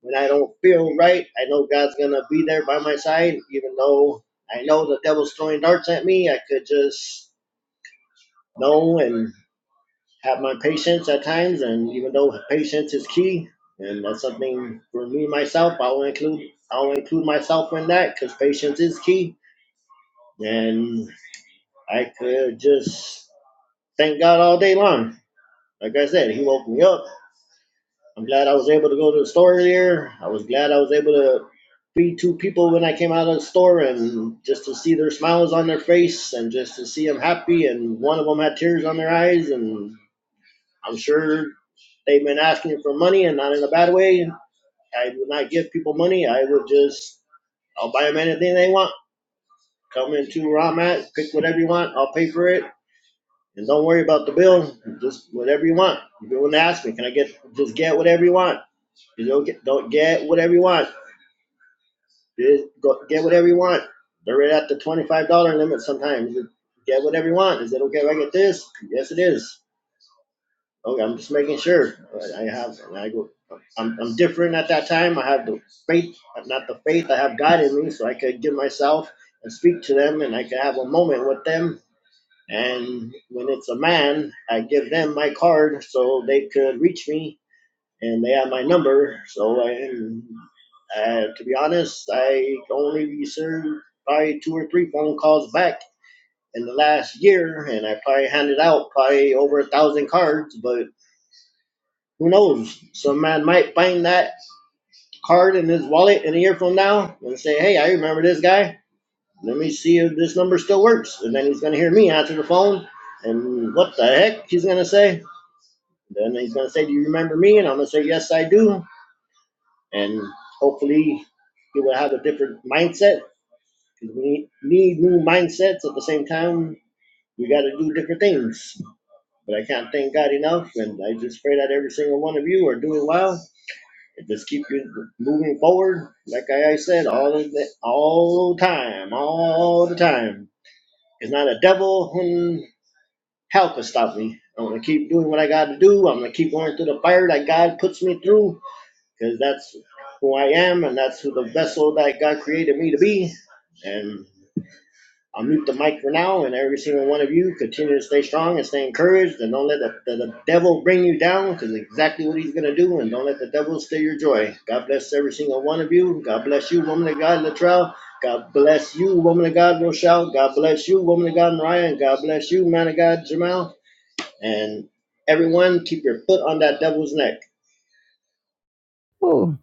Speaker 2: when I don't feel right, I know God's going to be there by my side. Even though I know the devil's throwing darts at me, I could just know and have my patience at times. And even though patience is key, and that's something for me myself, I'll include I'll include myself in that because patience is key. And I could just thank God all day long. Like I said, He woke me up. I'm glad I was able to go to the store earlier. I was glad I was able to feed two people when I came out of the store and just to see their smiles on their face and just to see them happy. And one of them had tears on their eyes. And I'm sure they've been asking for money and not in a bad way. I would not give people money. I would just, I'll buy them anything they want. Come into where I'm at, pick whatever you want. I'll pay for it And don't worry about the bill. Just whatever you want. If you want to ask me, can I get just get whatever you want? You don't get don't get whatever you want. Just go, get whatever you want. They're right at the twenty five dollar limit sometimes. You Get whatever you want. Is it okay if I get this? Yes, it is. Okay, I'm just making sure. I have I go. I'm, I'm different at that time. I have the faith, not the faith. I have God in me, so I could give myself and speak to them, and I could have a moment with them And when it's a man, I give them my card so they could reach me, and they have my number. So, I, uh, to be honest, I only received probably two or three phone calls back in the last year, and I probably handed out probably over a thousand cards. But who knows? Some man might find that card in his wallet in a year from now and say, "Hey, I remember this guy. Let me see if this number still works." And then he's gonna hear me answer the phone, and what the heck he's gonna say? Then he's going to say, Do you remember me? And I'm going to say, Yes, I do. And hopefully, he will have a different mindset. We need new mindsets at the same time. We got to do different things. But I can't thank God enough. And I just pray that every single one of you are doing well. And just keep you moving forward. Like I said, all of the, all the time, all the time. It's not a devil in hell can stop me. I'm going to keep doing what I got to do. I'm going to keep going through the fire that God puts me through because that's who I am, and that's who the vessel that God created me to be. And I'll mute the mic for now, and every single one of you continue to stay strong and stay encouraged, and don't let the, the, the devil bring you down, because exactly what he's going to do, and don't let the devil steal your joy. God bless every single one of you. God bless you, woman of God, Latrell. God bless you, woman of God, Rochelle. God bless you, woman of God, Mariah. And God bless you, man of God, Jamal. And everyone, keep your foot on that devil's neck.
Speaker 1: [laughs] Ooh.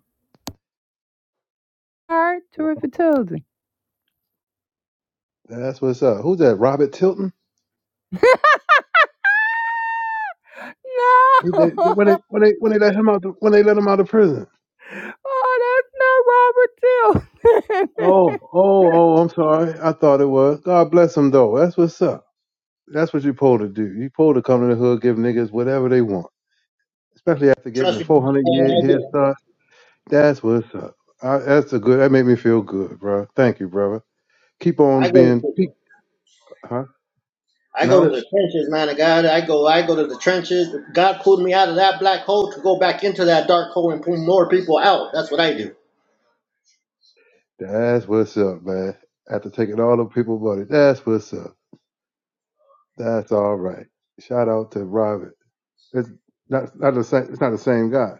Speaker 1: All right, terrific Tuesday.
Speaker 3: That's what's up. Who's that? Robert Tilton? He, they,
Speaker 1: No, [laughs]
Speaker 3: they- when they when they when they let him out the, when they let him out of prison.
Speaker 1: oh, that's not Robert too.
Speaker 3: Oh oh oh! I'm sorry. I thought it was. God bless him though. That's what's up. That's what you supposed to do. You supposed to come to the hood, give niggas whatever they want, especially after getting
Speaker 2: Trust
Speaker 3: the
Speaker 2: me.
Speaker 3: 400 year
Speaker 2: I
Speaker 3: head
Speaker 2: go.
Speaker 3: start. That's what's up. I, that's a good. That made me feel good, bro. Thank you, brother. Keep on
Speaker 2: I
Speaker 3: being.
Speaker 2: go.
Speaker 3: Keep, huh?
Speaker 2: I go to
Speaker 3: No.
Speaker 2: the trenches, man of God. I go, I go to the trenches. God pulled me out of that black hole to go back into that dark hole and pull more people out. That's what I do.
Speaker 3: That's what's up, man. After taking all the people money. That's what's up. That's all right. Shout out to Robert. It's not not the same. It's not the same God.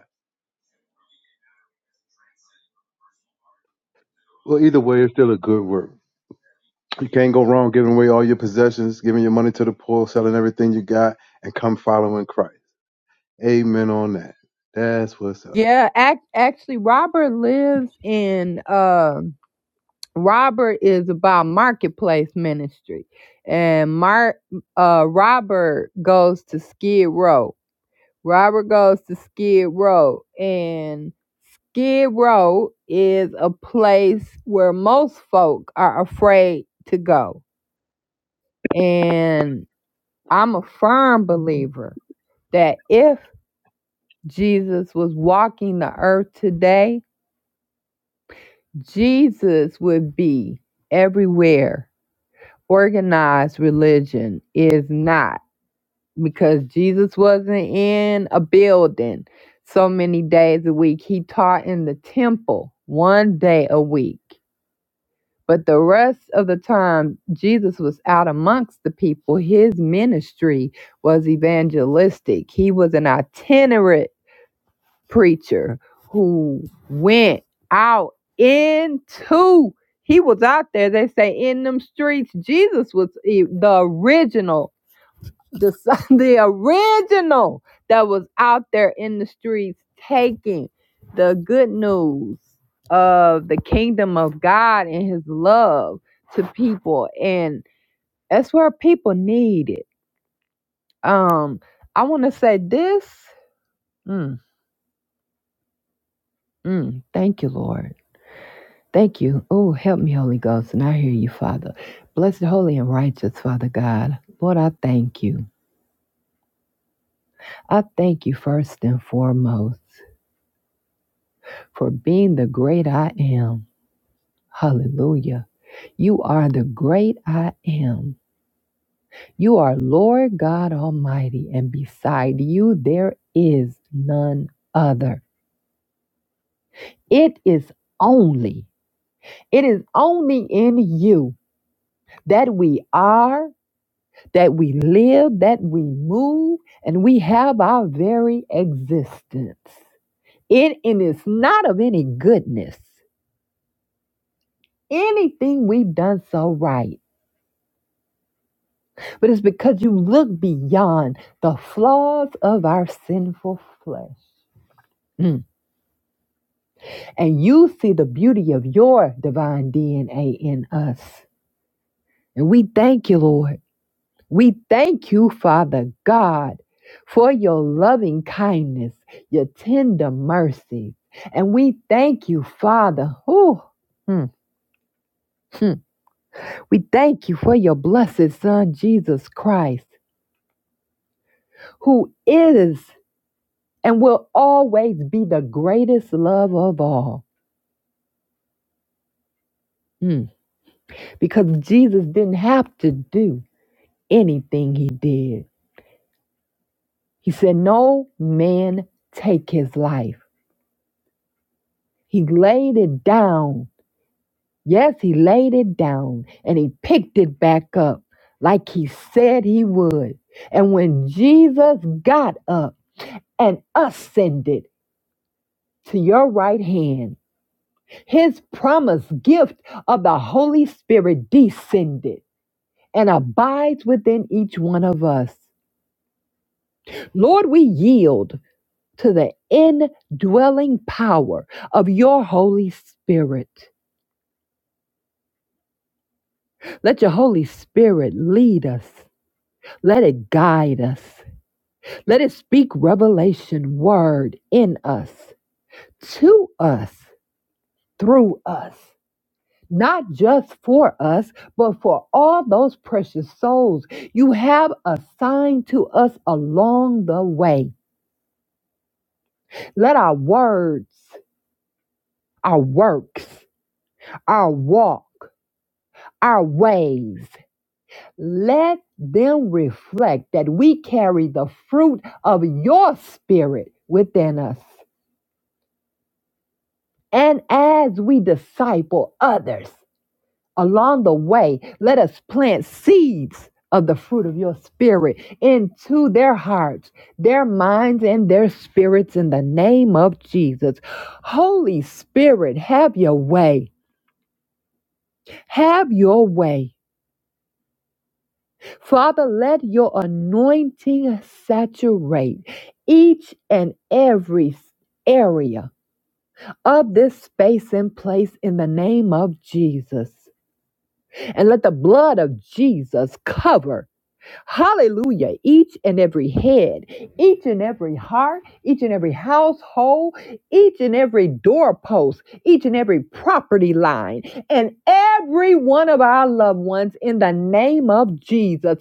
Speaker 3: Well, either way, it's still a good work. You can't go wrong giving away all your possessions, giving your money to the poor, selling everything you got, and come following Christ. Amen on that. That's what's up.
Speaker 1: [laughs] yeah, ac- actually, Robert lives in. uh, Robert is about marketplace ministry, and Mark uh, Robert goes to Skid Row. Robert goes to Skid Row, and Skid Row is a place where most folk are afraid to go. And I'm a firm believer that if Jesus was walking the earth today, Jesus would be everywhere organized religion is not because Jesus wasn't in a building so many days a week. He taught in the temple one day a week. But the rest of the time, Jesus was out amongst the people. His ministry was evangelistic. He was an itinerant preacher who went out into he was out there they say in them streets jesus was e- the original the, [laughs] the original that was out there in the streets taking the good news of the kingdom of god and his love to people and that's where people need it um i want to say this mm, mm, thank you lord Thank you. Oh, help me, Holy Ghost. And I hear you, Father. Blessed, holy, and righteous, Father God. Lord, I thank you. I thank you first and foremost for being the great I am. Hallelujah. You are the great I am. You are Lord God Almighty, and beside you there is none other. It is only, it is only in you that we are that we live, that we move, and we have our very existence. It and it's not of any goodness, anything we've done so right, but it's because you look beyond the flaws of our sinful flesh. Mm. And you see the beauty of your divine DNA in us. And we thank you, Lord. We thank you, Father God, for your loving kindness, your tender mercies. And we thank you, Father. Ooh, mm, mm. We thank you for your blessed Son, Jesus Christ, who is and will always be the greatest love of all. Mm. Because Jesus didn't have to do anything he did. He said, No man take his life. He laid it down Yes, he laid it down and he picked it back up like he said he would. And when Jesus got up and ascended to your right hand, his promised gift of the Holy Spirit descended and abides within each one of us. Lord, we yield to the indwelling power of your Holy Spirit. Let your Holy Spirit lead us, let it guide us. Let it speak revelation word in us, to us, through us. Not just for us, but for all those precious souls you have assigned to us along the way. Let our words, our works, our walk, our ways, let them reflect that we carry the fruit of your spirit within us. And as we disciple others, along the way, let us plant seeds of the fruit of your spirit into their hearts, their minds, and their spirits in the name of Jesus. Holy Spirit, have your way. Have your way. Father, let your anointing saturate each and every area of this space and place in the name of Jesus. And let the blood of Jesus cover Hallelujah. Each and every head, each and every heart, each and every household, each and every doorpost, each and every property line, and every one of our loved ones in the name of Jesus.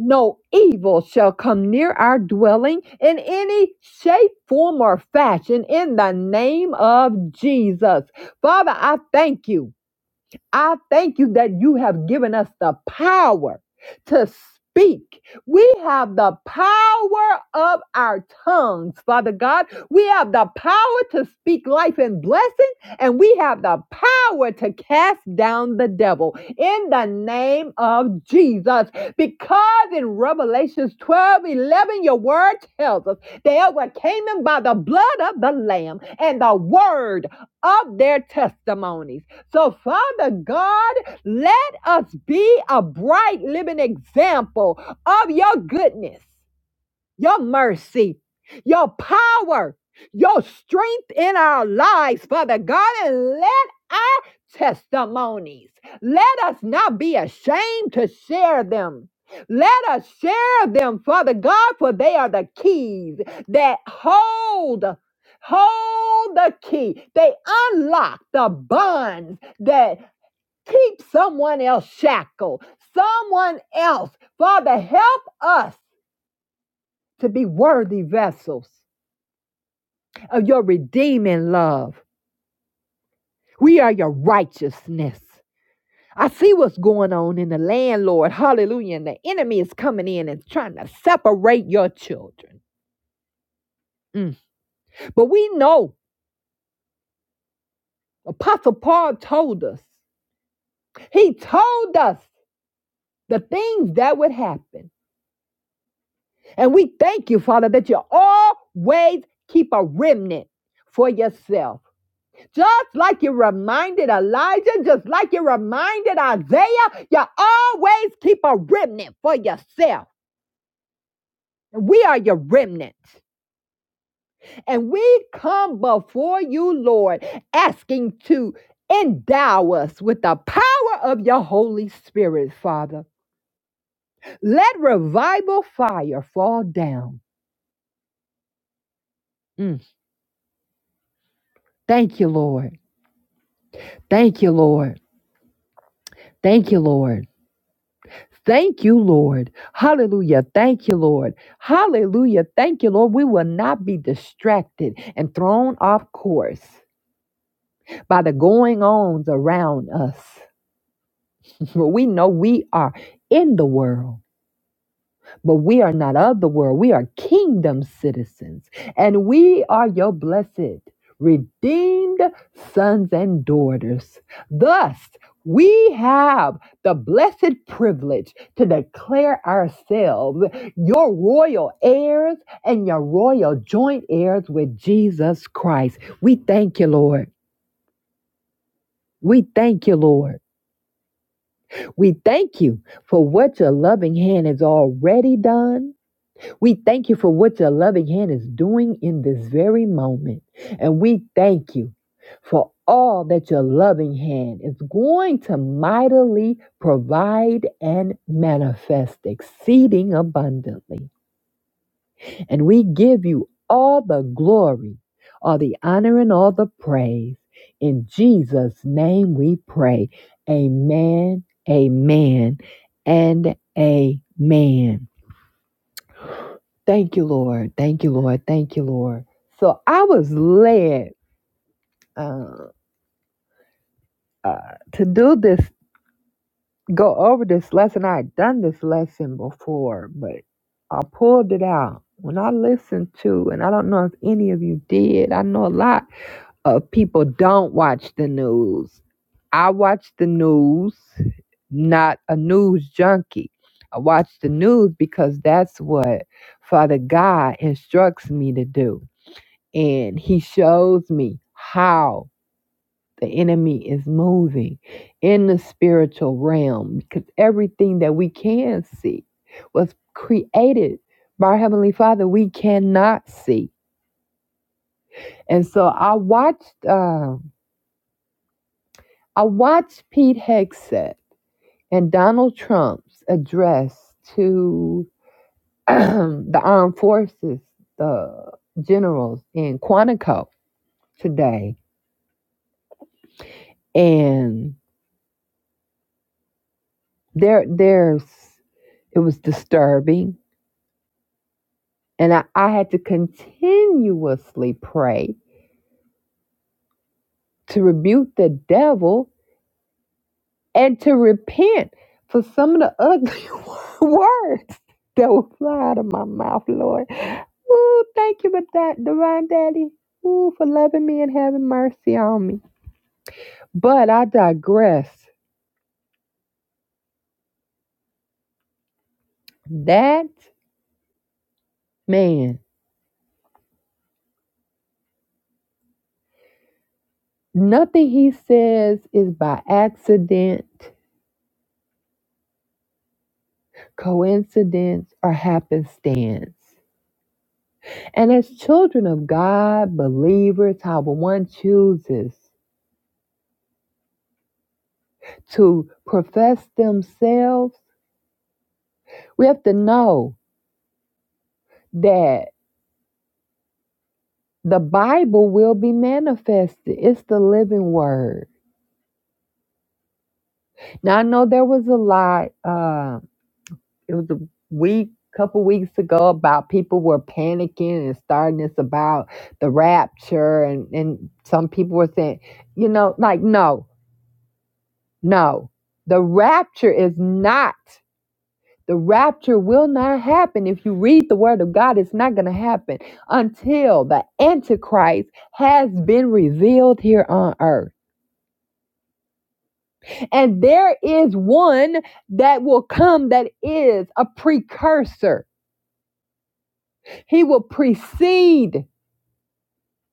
Speaker 1: No evil shall come near our dwelling in any shape, form, or fashion in the name of Jesus. Father, I thank you. I thank you that you have given us the power to speak. We have the power of our tongues, Father God. We have the power to speak life and blessing, and we have the power to cast down the devil in the name of Jesus. Because in Revelations 12 11, your word tells us they overcame them by the blood of the Lamb and the word of their testimonies. So, Father God, let us be a bright living example of your goodness your mercy, your power, your strength in our lives, Father God, and let our testimonies, let us not be ashamed to share them. Let us share them, Father God, for they are the keys that hold, hold the key. They unlock the bonds that keep someone else shackled, someone else. Father, help us to be worthy vessels of your redeeming love. We are your righteousness. I see what's going on in the land, Lord. Hallelujah. And the enemy is coming in and trying to separate your children. Mm. But we know, Apostle Paul told us, he told us the things that would happen. And we thank you, Father, that you always keep a remnant for yourself. Just like you reminded Elijah, just like you reminded Isaiah, you always keep a remnant for yourself. We are your remnant. And we come before you, Lord, asking to endow us with the power of your Holy Spirit, Father. Let revival fire fall down. Mm. Thank you, Lord. Thank you, Lord. Thank you, Lord. Thank you, Lord. Hallelujah. Thank you, Lord. Hallelujah. Thank you, Lord. We will not be distracted and thrown off course by the going ons around us. [laughs] we know we are in the world. But we are not of the world. We are kingdom citizens. And we are your blessed, redeemed sons and daughters. Thus, we have the blessed privilege to declare ourselves your royal heirs and your royal joint heirs with Jesus Christ. We thank you, Lord. We thank you, Lord. We thank you for what your loving hand has already done We thank you for what your loving hand is doing in this very moment. And we thank you for all that your loving hand is going to mightily provide and manifest exceeding abundantly. And we give you all the glory, all the honor, and all the praise. In Jesus' name we pray. Amen, amen, and amen. Thank you, Lord. Thank you, Lord. Thank you, Lord. So I was led uh, uh, to do this, go over this lesson. I had done this lesson before, but I pulled it out. When I listened to, and I don't know if any of you did, I know a lot of people don't watch the news. I watch the news, not a news junkie. I watch the news because that's what Father God instructs me to do. and he shows me how the enemy is moving in the spiritual realm because everything that we can see was created by our heavenly father we cannot see and so i watched uh, i watched pete Hegseth and donald trump's address to [clears throat] the armed forces the generals in quantico today and there there's It was disturbing. And I, I had to continuously pray to rebuke the devil and to repent for some of the ugly [laughs] words that would fly out of my mouth, Lord. Ooh, thank you for that, Divine Daddy. Ooh, for loving me and having mercy on me. But I digress. That man, nothing he says is by accident, coincidence, or happenstance. And as children of God, believers, however one chooses to profess themselves, we have to know that the Bible will be manifested. It's the living word. Now, I know there was a lot, uh, it was a week, couple weeks ago about people were panicking and starting this about the rapture. And, and some people were saying, you know, like, no, no, the rapture is not The rapture will not happen. If you read the word of God, it's not going to happen until the Antichrist has been revealed here on earth. And there is one that will come that is a precursor, he will precede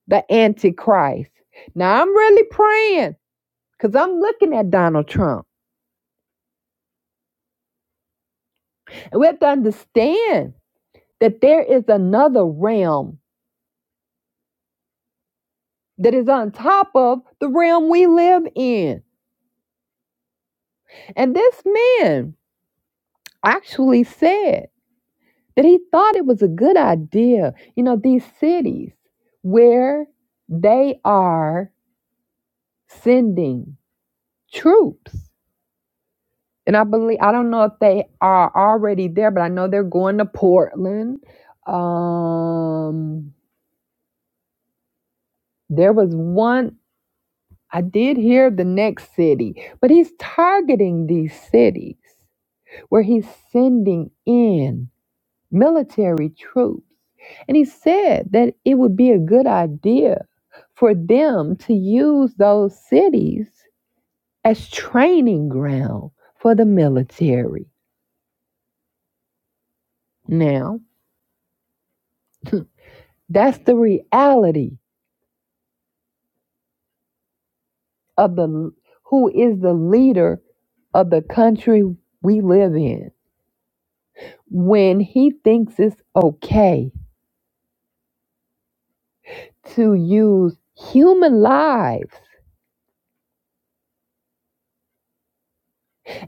Speaker 1: the Antichrist. Now, I'm really praying because I'm looking at Donald Trump. And we have to understand that there is another realm that is on top of the realm we live in. And this man actually said that he thought it was a good idea. You know, these cities where they are sending troops. And I believe, I don't know if they are already there, but I know they're going to Portland. Um, there was one, I did hear the next city, but he's targeting these cities where he's sending in military troops. And he said that it would be a good idea for them to use those cities as training ground for the military. Now, that's the reality of the who is the leader of the country we live in. When he thinks it's okay to use human lives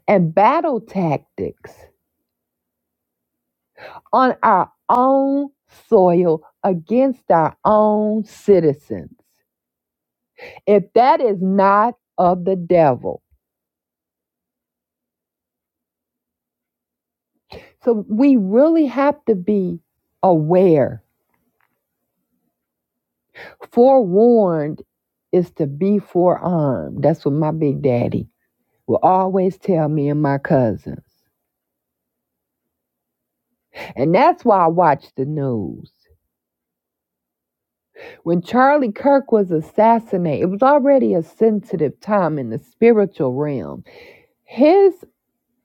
Speaker 1: and battle tactics on our own soil against our own citizens. If that is not of the devil. So we really have to be aware. Forewarned is to be forearmed. That's what my big daddy will always tell me and my cousins. And that's why I watch the news. When Charlie Kirk was assassinated, it was already a sensitive time in the spiritual realm. His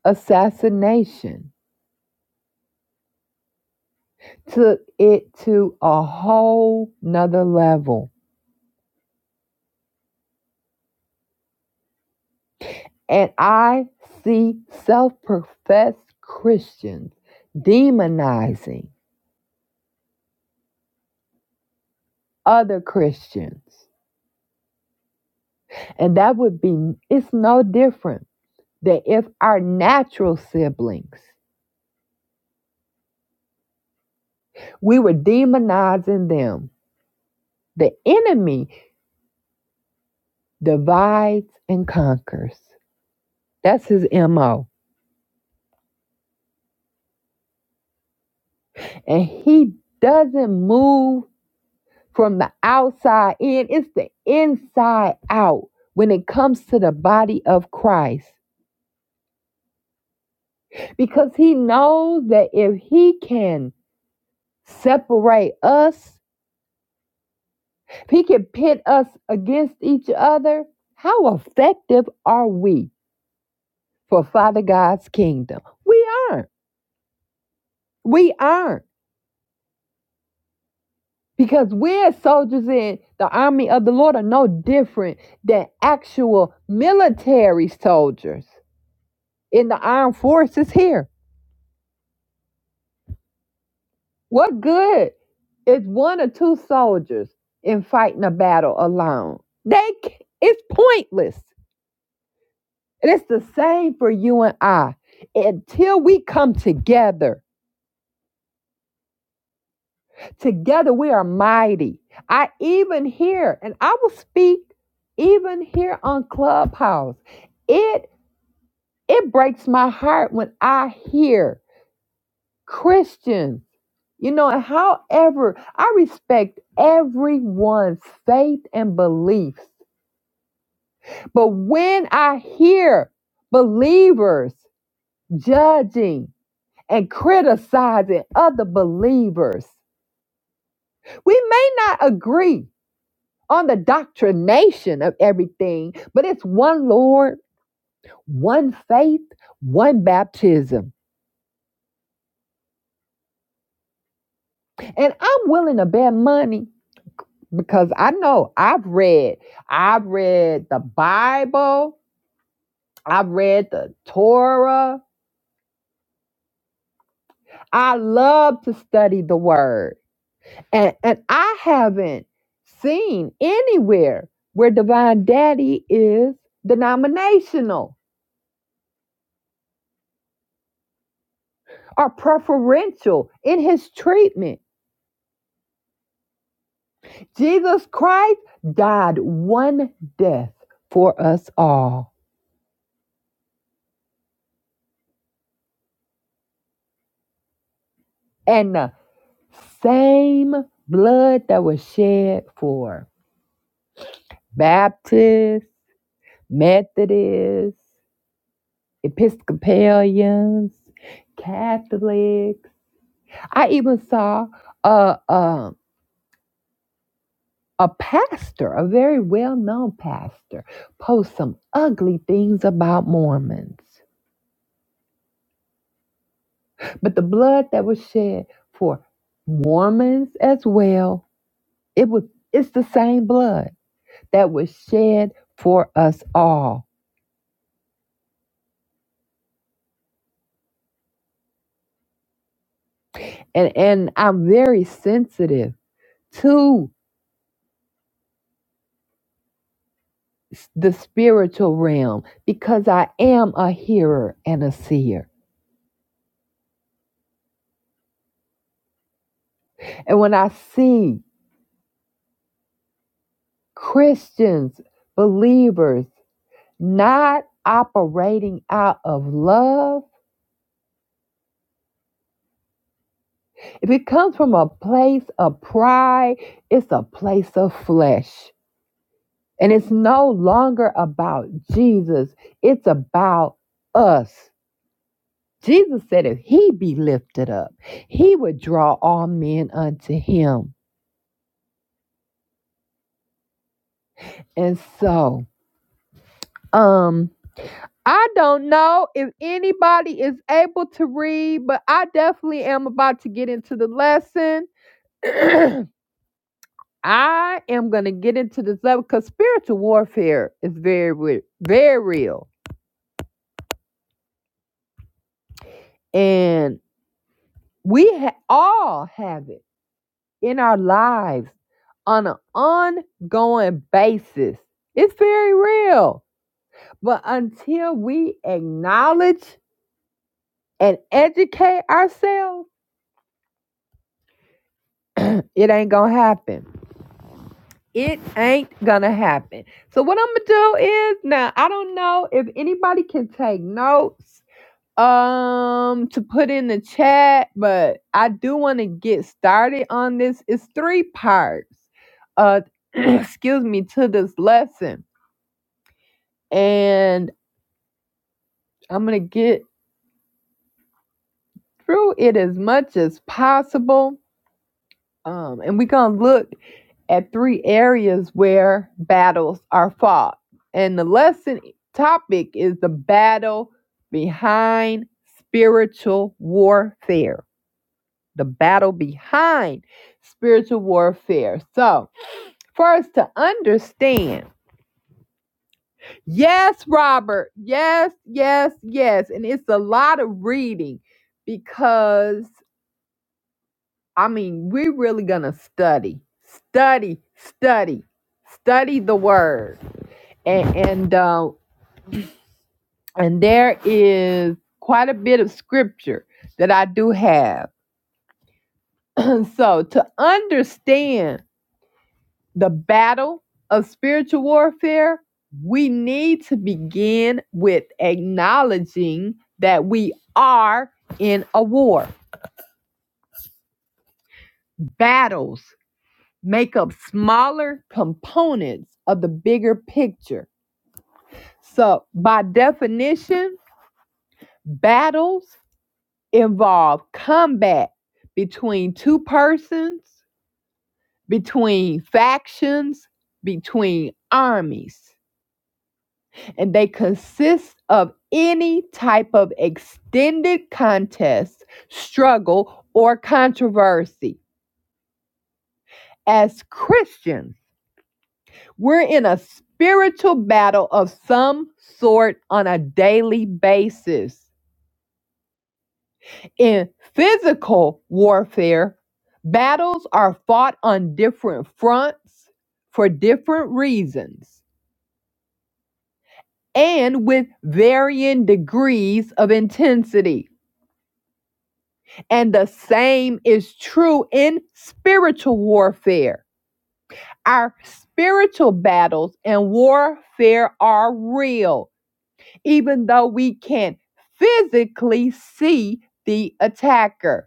Speaker 1: assassination took it to a whole nother level. And I see self professed Christians demonizing other Christians. And that would be, it's no different than if our natural siblings, we were demonizing them. The enemy divides and conquers. That's his MO. And he doesn't move from the outside in, it's the inside out when it comes to the body of Christ. Because he knows that if he can separate us, if he can pit us against each other, how effective are we for Father God's kingdom? We aren't. We aren't. Because we're soldiers in the army of the Lord are no different than actual military soldiers in the armed forces here What good is one or two soldiers in fighting a battle alone? They c- it's pointless. And it's the same for you and I. Until we come together, together we are mighty. I even hear, and I will speak even here on Clubhouse. It it breaks my heart when I hear Christians. You know, and however, I respect everyone's faith and beliefs. But when I hear believers judging and criticizing other believers, we may not agree on the doctrination of everything, but it's one Lord, one faith, one baptism. And I'm willing to bet money because I know I've read, I've read the Bible, I've read the Torah. I love to study the word. And and I haven't seen anywhere where divine daddy is denominational or preferential in his treatment. Jesus Christ died one death for us all. And the same blood that was shed for Baptists, Methodists, Episcopalians, Catholics. I even saw a, a, a pastor, a very well known pastor, post some ugly things about Mormons. But the blood that was shed for Mormons as well, it was it's the same blood that was shed for us all. And and I'm very sensitive to. the spiritual realm because I am a hearer and a seer. And when I see Christians, believers not operating out of love, if it comes from a place of pride, it's a place of flesh. And it's no longer about Jesus, it's about us. Jesus said if he be lifted up, he would draw all men unto him. And so, um, I don't know if anybody is able to read, but I definitely am about to get into the lesson. [clears throat] I am going to get into this level because spiritual warfare is very, re- very real. And we ha- all have it in our lives on an ongoing basis. It's very real. But until we acknowledge and educate ourselves, it ain't going to happen. It ain't gonna happen. So what I'm gonna do is now I don't know if anybody can take notes um to put in the chat, but I do want to get started on this. It's three parts. Uh [clears throat] excuse me to this lesson. And I'm gonna get through it as much as possible. Um and we're gonna look at three areas where battles are fought. And the lesson topic is the battle behind spiritual warfare. The battle behind spiritual warfare. So, first to understand, yes, Robert, yes, yes, yes. And it's a lot of reading because, I mean, we're really going to study, study, study, study the word and and, uh, and there is quite a bit of scripture that I do have. [clears throat] so to understand the battle of spiritual warfare, we need to begin with acknowledging that we are in a war. Battles make up smaller components of the bigger picture. So, by definition, battles involve combat between two persons, between factions, between armies, and they consist of any type of extended contest, struggle, or controversy. As Christians, we're in a spiritual battle of some sort on a daily basis. In physical warfare, battles are fought on different fronts for different reasons and with varying degrees of intensity. And the same is true in spiritual warfare. Our spiritual battles and warfare are real, even though we can't physically see the attacker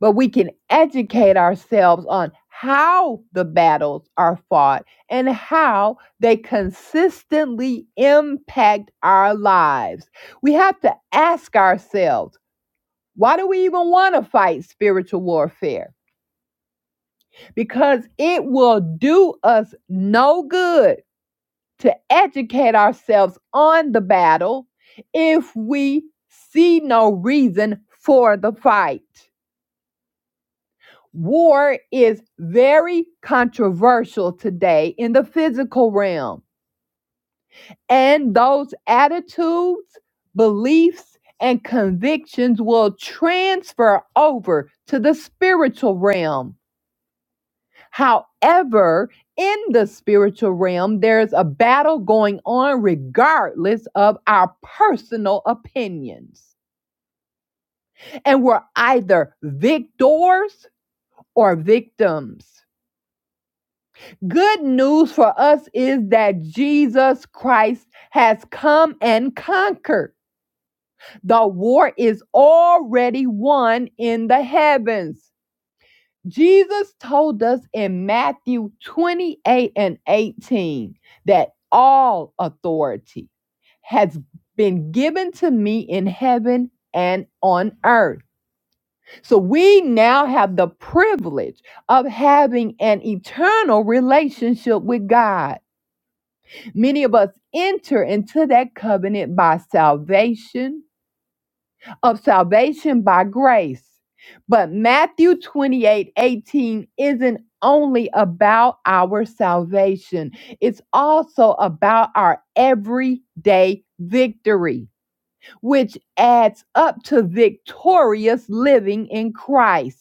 Speaker 1: but we can educate ourselves on how the battles are fought and how they consistently impact our lives. We have to ask ourselves, why do we even want to fight spiritual warfare? Because it will do us no good to educate ourselves on the battle if we see no reason for the fight. War is very controversial today in the physical realm, and those attitudes, beliefs, and convictions will transfer over to the spiritual realm. However, in the spiritual realm, there's a battle going on regardless of our personal opinions. And we're either victors or victims. Good news for us is that Jesus Christ has come and conquered. The war is already won in the heavens. Jesus told us in Matthew 28 and 18 that all authority has been given to me in heaven and on earth. So we now have the privilege of having an eternal relationship with God. Many of us enter into that covenant by salvation, of salvation by grace. But Matthew twenty-eight eighteen isn't only about our salvation, it's also about our everyday victory, which adds up to victorious living in Christ.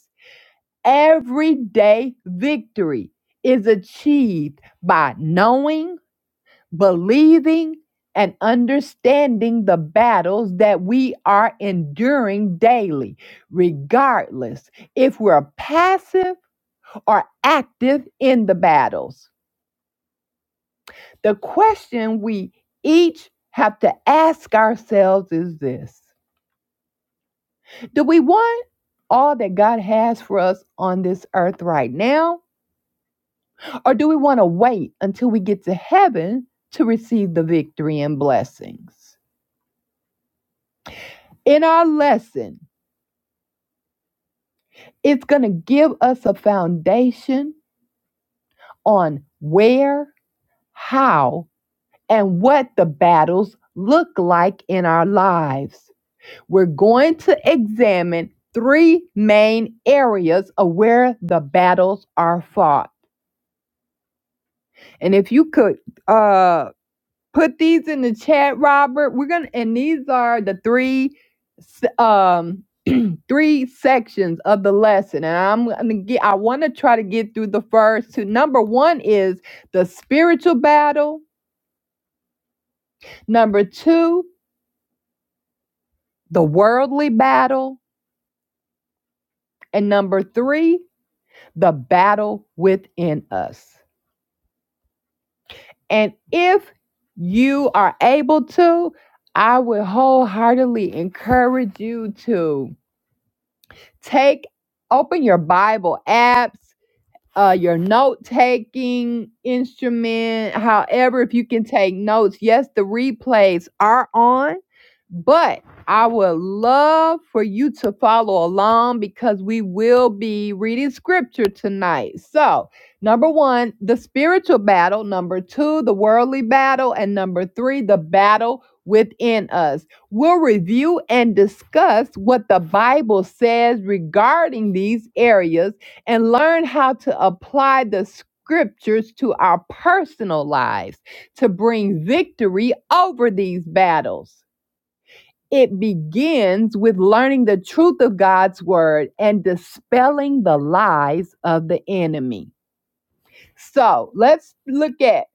Speaker 1: Everyday victory is achieved by knowing believing and understanding the battles that we are enduring daily, regardless if we're passive or active in the battles. The question we each have to ask ourselves is this Do we want all that God has for us on this earth right now? Or do we want to wait until we get to heaven to receive the victory and blessings? In our lesson, It's going to give us a foundation on where, how, and what the battles look like in our lives. We're going to examine three main areas of where the battles are fought. And if you could, uh. Put these in the chat, Robert. We're gonna and these are the three um [clears throat] three sections of the lesson. And I'm gonna get I wanna try to get through the first two. Number one is the spiritual battle, number two, the worldly battle, and number three, the battle within us. And if you are able to, I would wholeheartedly encourage you to Take open your Bible apps, uh, your note taking instrument. However, if you can take notes, yes, the replays are on, but I would love for you to follow along because we will be reading scripture tonight. So, number one, the spiritual battle, number two, the worldly battle, and number three, the battle within us. We'll review and discuss what the Bible says regarding these areas and learn how to apply the scriptures to our personal lives to bring victory over these battles. It begins with learning the truth of God's word and dispelling the lies of the enemy. So let's look at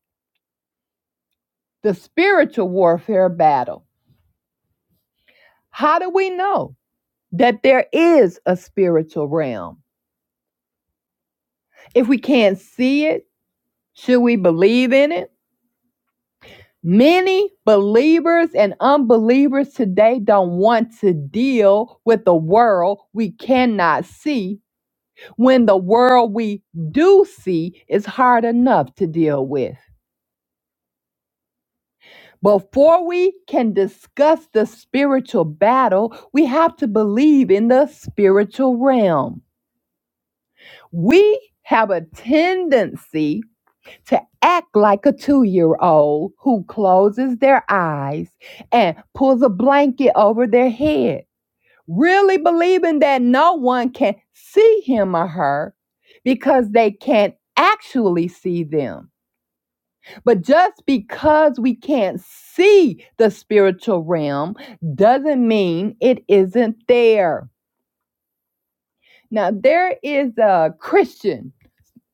Speaker 1: the spiritual warfare battle. How do we know that there is a spiritual realm? If we can't see it, should we believe in it? Many believers and unbelievers today don't want to deal with the world we cannot see when the world we do see is hard enough to deal with. Before we can discuss the spiritual battle, we have to believe in the spiritual realm. We have a tendency to act like a two year old who closes their eyes and pulls a blanket over their head, really believing that no one can see him or her because they can't actually see them. But just because we can't see the spiritual realm doesn't mean it isn't there. Now, there is a Christian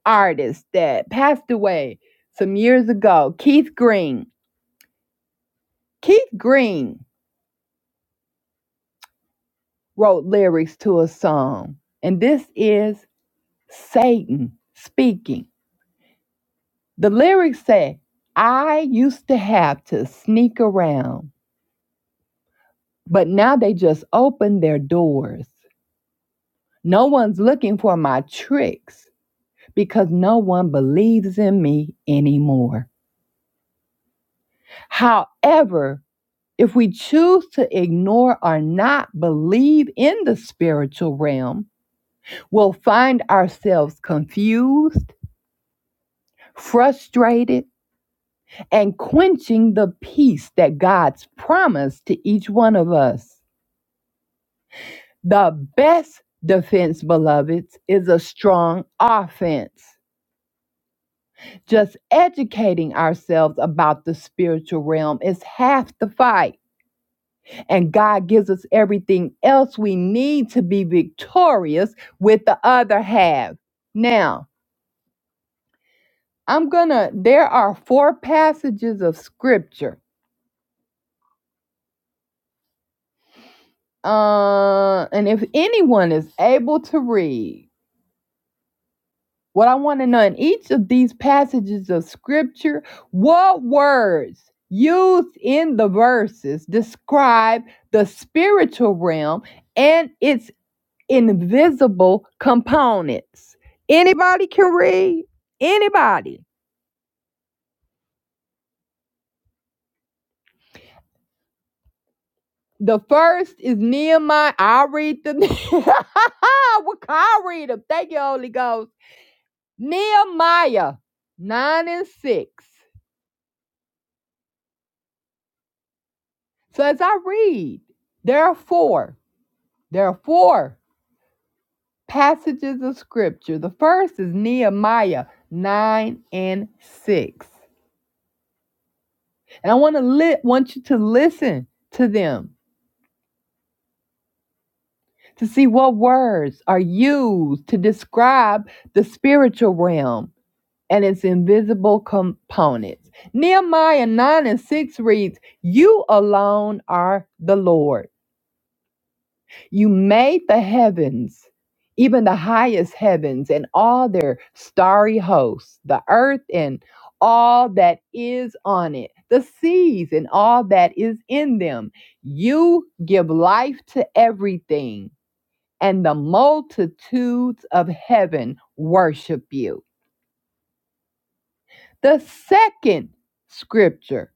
Speaker 1: artist that passed away some years ago, Keith Green Keith Green wrote lyrics to a song, and this is Satan speaking. The lyrics say, I used to have to sneak around, but now they just open their doors. No one's looking for my tricks because no one believes in me anymore. However, if we choose to ignore or not believe in the spiritual realm, we'll find ourselves confused frustrated, and quenching the peace that God's promised to each one of us. The best defense, beloveds, is a strong offense. Just educating ourselves about the spiritual realm is half the fight, and God gives us everything else we need to be victorious with the other half. Now, I'm gonna, there are four passages of scripture Uh, and if anyone is able to read, what I want to know in each of these passages of scripture, what words used in the verses describe the spiritual realm and its invisible components? Anybody can read? Anybody? The first is Nehemiah. I'll read the. [laughs] what can I read them? Thank you, Holy Ghost. Nehemiah 9 and 6. So as I read, there are four. There are four passages of scripture. The first is Nehemiah 9 and 6. And I want to li- want you to listen to them to see what words are used to describe the spiritual realm and its invisible components. Nehemiah 9 and 6 reads, You alone are the Lord You made the heavens, even the highest heavens, and all their starry hosts, the earth and all that is on it, the seas and all that is in them. You give life to everything, and the multitudes of heaven worship you. The second scripture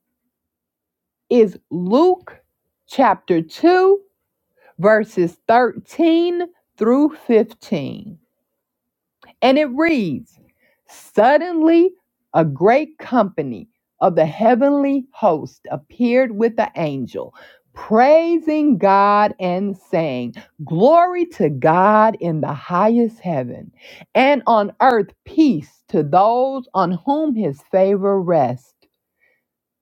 Speaker 1: is Luke chapter 2, verses 13 through 15 And it reads Suddenly, a great company of the heavenly host appeared with the angel, praising God and saying, Glory to God in the highest heaven, and on earth peace to those on whom his favor rests.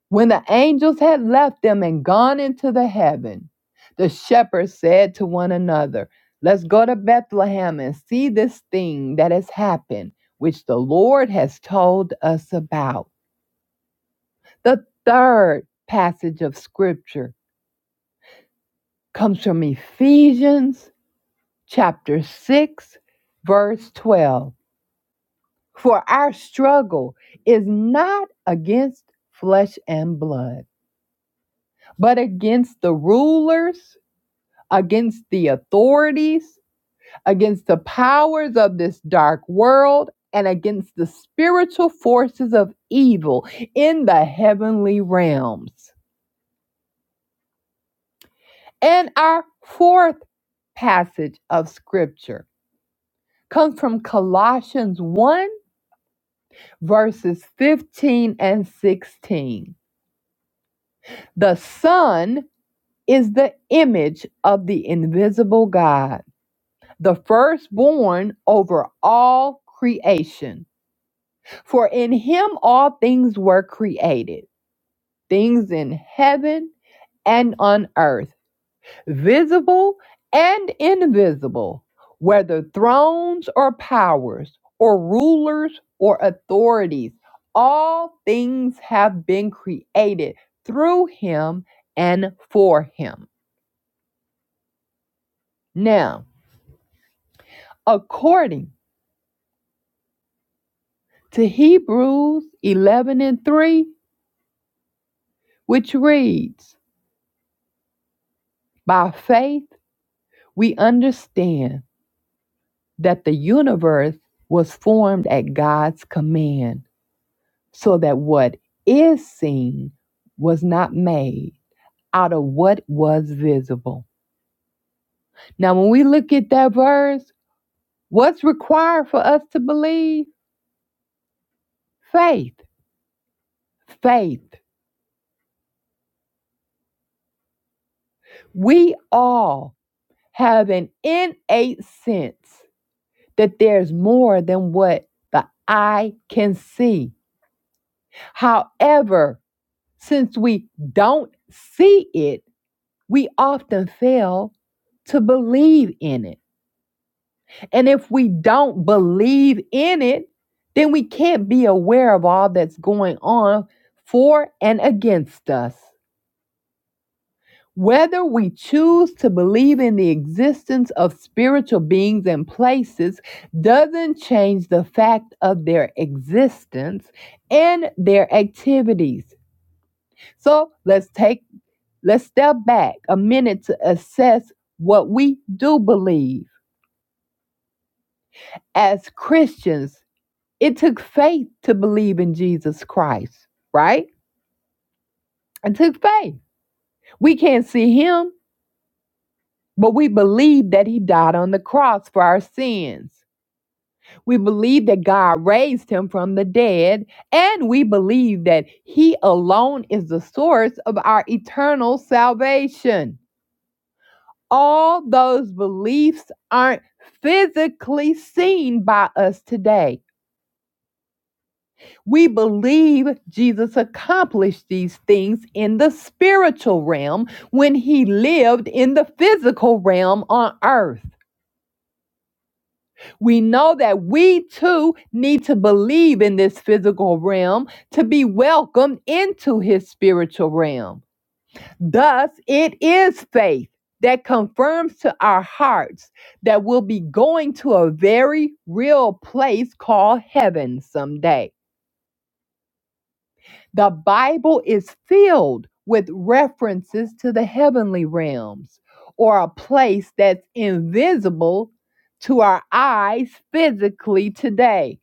Speaker 1: When the angels had left them and gone into the heaven, the shepherds said to one another, Let's go to Bethlehem and see this thing that has happened, which the Lord has told us about. The third passage of scripture comes from Ephesians chapter 6, verse 12. For our struggle is not against flesh and blood, but against the rulers against the authorities, against the powers of this dark world, and against the spiritual forces of evil in the heavenly realms. And our fourth passage of scripture comes from Colossians 1, verses 15 and 16. The Son is the image of the invisible God, the firstborn over all creation. For in him all things were created, things in heaven and on earth, visible and invisible, whether thrones or powers, or rulers or authorities. All things have been created through him and for him. Now, according to Hebrews 11 and 3, which reads, By faith we understand that the universe was formed at God's command, so that what is seen was not made out of what was visible. Now, when we look at that verse, what's required for us to believe? Faith. Faith. We all have an innate sense that there's more than what the eye can see. However, since we don't see it, we often fail to believe in it. And if we don't believe in it, then we can't be aware of all that's going on for and against us. Whether we choose to believe in the existence of spiritual beings and places doesn't change the fact of their existence and their activities. So let's take let's step back a minute to assess what we do believe. as Christians, it took faith to believe in Jesus Christ, right? It took faith. We can't see him, but we believe that he died on the cross for our sins. We believe that God raised him from the dead, and we believe that he alone is the source of our eternal salvation. All those beliefs aren't physically seen by us today We believe Jesus accomplished these things in the spiritual realm when he lived in the physical realm on earth. We know that we too need to believe in this physical realm to be welcomed into his spiritual realm. Thus, it is faith that confirms to our hearts that we'll be going to a very real place called heaven someday. The Bible is filled with references to the heavenly realms or a place that's invisible to our eyes physically today,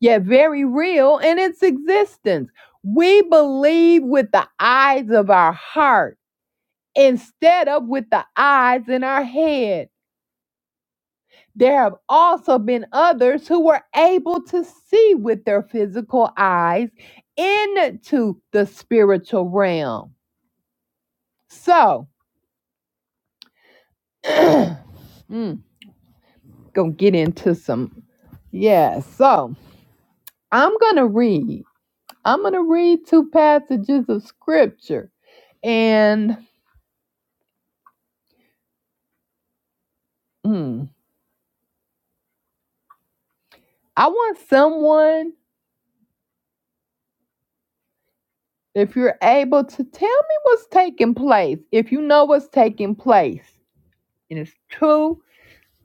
Speaker 1: yet very real in its existence. We believe with the eyes of our heart instead of with the eyes in our head. There have also been others who were able to see with their physical eyes into the spiritual realm. So, [clears throat] mm, gonna get into some. Yeah, so I'm gonna read. I'm gonna read two passages of scripture, and mm, I want someone, if you're able, to tell me what's taking place. If you know what's taking place, and it's two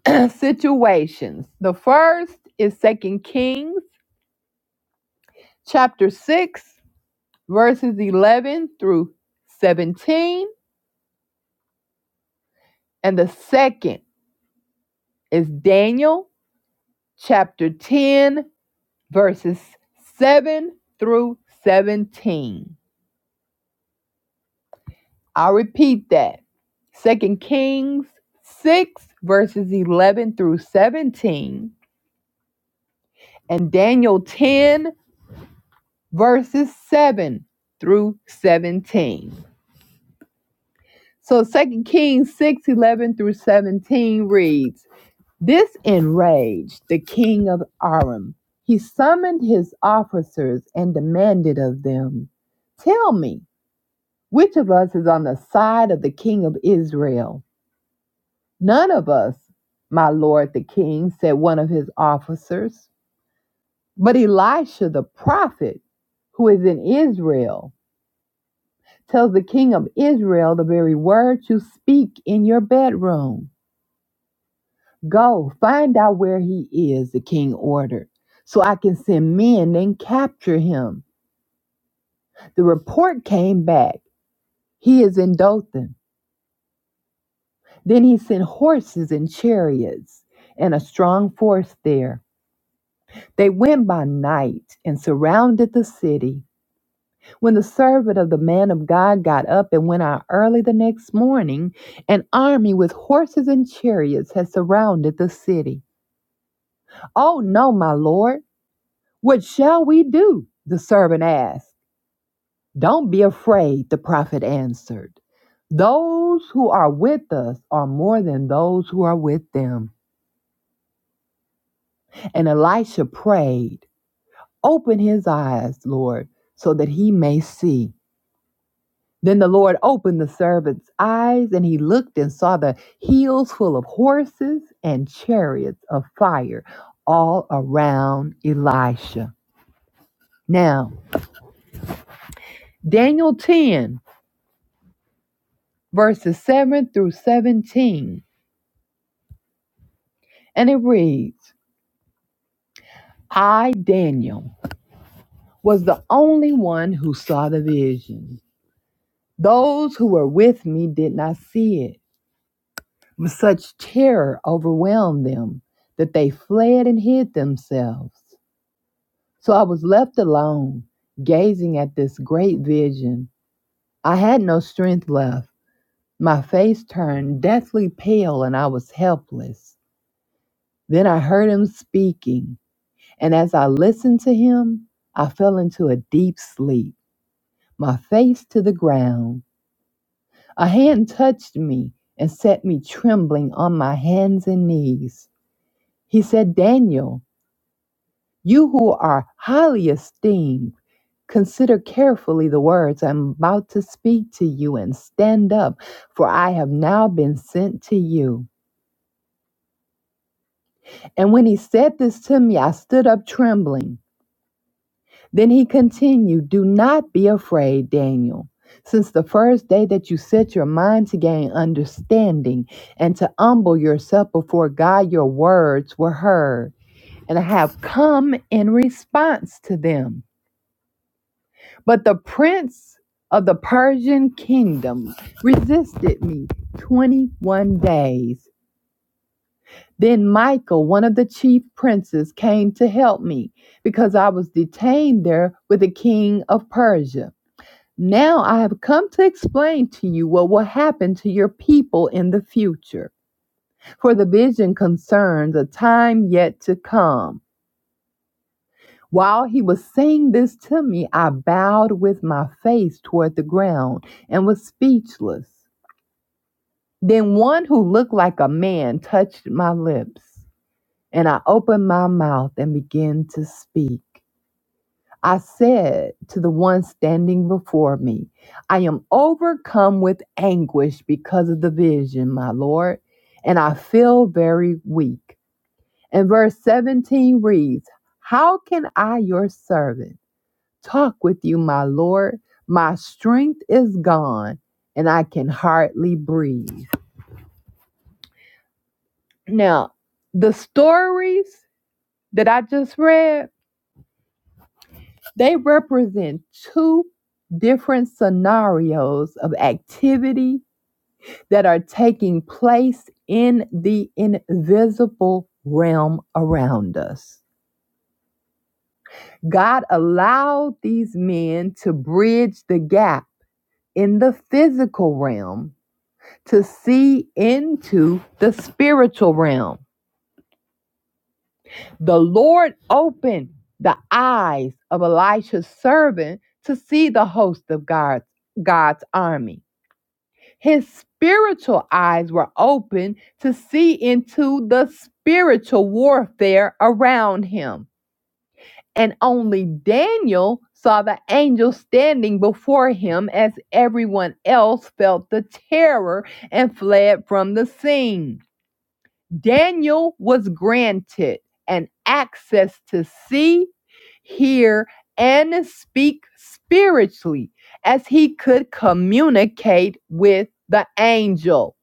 Speaker 1: [clears throat] situations. The first is Second Kings chapter six, verses eleven through seventeen, and the second. It's Daniel chapter 10, verses 7 through 17. I'll repeat that. Second Kings 6, verses 11 through 17, and Daniel 10, verses 7 through 17. So Second Kings 6 11 through 17 reads, This enraged the king of Aram. He summoned his officers and demanded of them, Tell me, which of us is on the side of the king of Israel? None of us, my lord the king, said one of his officers. But Elisha the prophet, who is in Israel, tells the king of Israel the very words you speak in your bedroom. Go find out where he is, the king ordered, so I can send men and capture him. The report came back. He is in Dothan. Then he sent horses and chariots and a strong force there. They went by night and surrounded the city. When the servant of the man of God got up and went out early the next morning, an army with horses and chariots had surrounded the city. Oh, no, my lord. What shall we do? The servant asked. Don't be afraid, the prophet answered. Those who are with us are more than those who are with them. And Elisha prayed, Open his eyes, Lord, so that he may see. Then the Lord opened the servant's eyes, and he looked and saw the hills full of horses and chariots of fire all around Elisha. Now, Daniel 10 verses 7 through 17. And it reads I, Daniel, was the only one who saw the vision. Those who were with me did not see it. But Such terror overwhelmed them that they fled and hid themselves. So I was left alone, gazing at this great vision. I had no strength left. My face turned deathly pale and I was helpless. Then I heard him speaking. And as I listened to him, I fell into a deep sleep, my face to the ground. A hand touched me and set me trembling on my hands and knees. He said, Daniel, you who are highly esteemed, consider carefully the words I'm about to speak to you and stand up, for I have now been sent to you. And when he said this to me, I stood up trembling. Then he continued, Do not be afraid, Daniel. Since the first day that you set your mind to gain understanding and to humble yourself before God, your words were heard, and I have come in response to them. But the prince of the Persian kingdom resisted me 21 days. Then Michael, one of the chief princes, came to help me because I was detained there with the king of Persia. Now I have come to explain to you what will happen to your people in the future. For the vision concerns a time yet to come. While he was saying this to me, I bowed with my face toward the ground and was speechless. Then one who looked like a man touched my lips, and I opened my mouth and began to speak. I said to the one standing before me, I am overcome with anguish because of the vision, my Lord, and I feel very weak. And verse 17 reads, How can I, your servant, talk with you, my Lord? My strength is gone, and I can hardly breathe. Now, the stories that I just read They represent two different scenarios of activity that are taking place in the invisible realm around us. God allowed these men to bridge the gap in the physical realm to see into the spiritual realm. The Lord opened the eyes of Elisha's servant to see the host of God's, God's army. His spiritual eyes were open to see into the spiritual warfare around him. And only Daniel saw the angel standing before him as everyone else felt the terror and fled from the scene. Daniel was granted an access to see, hear, and speak spiritually as he could communicate with the angel.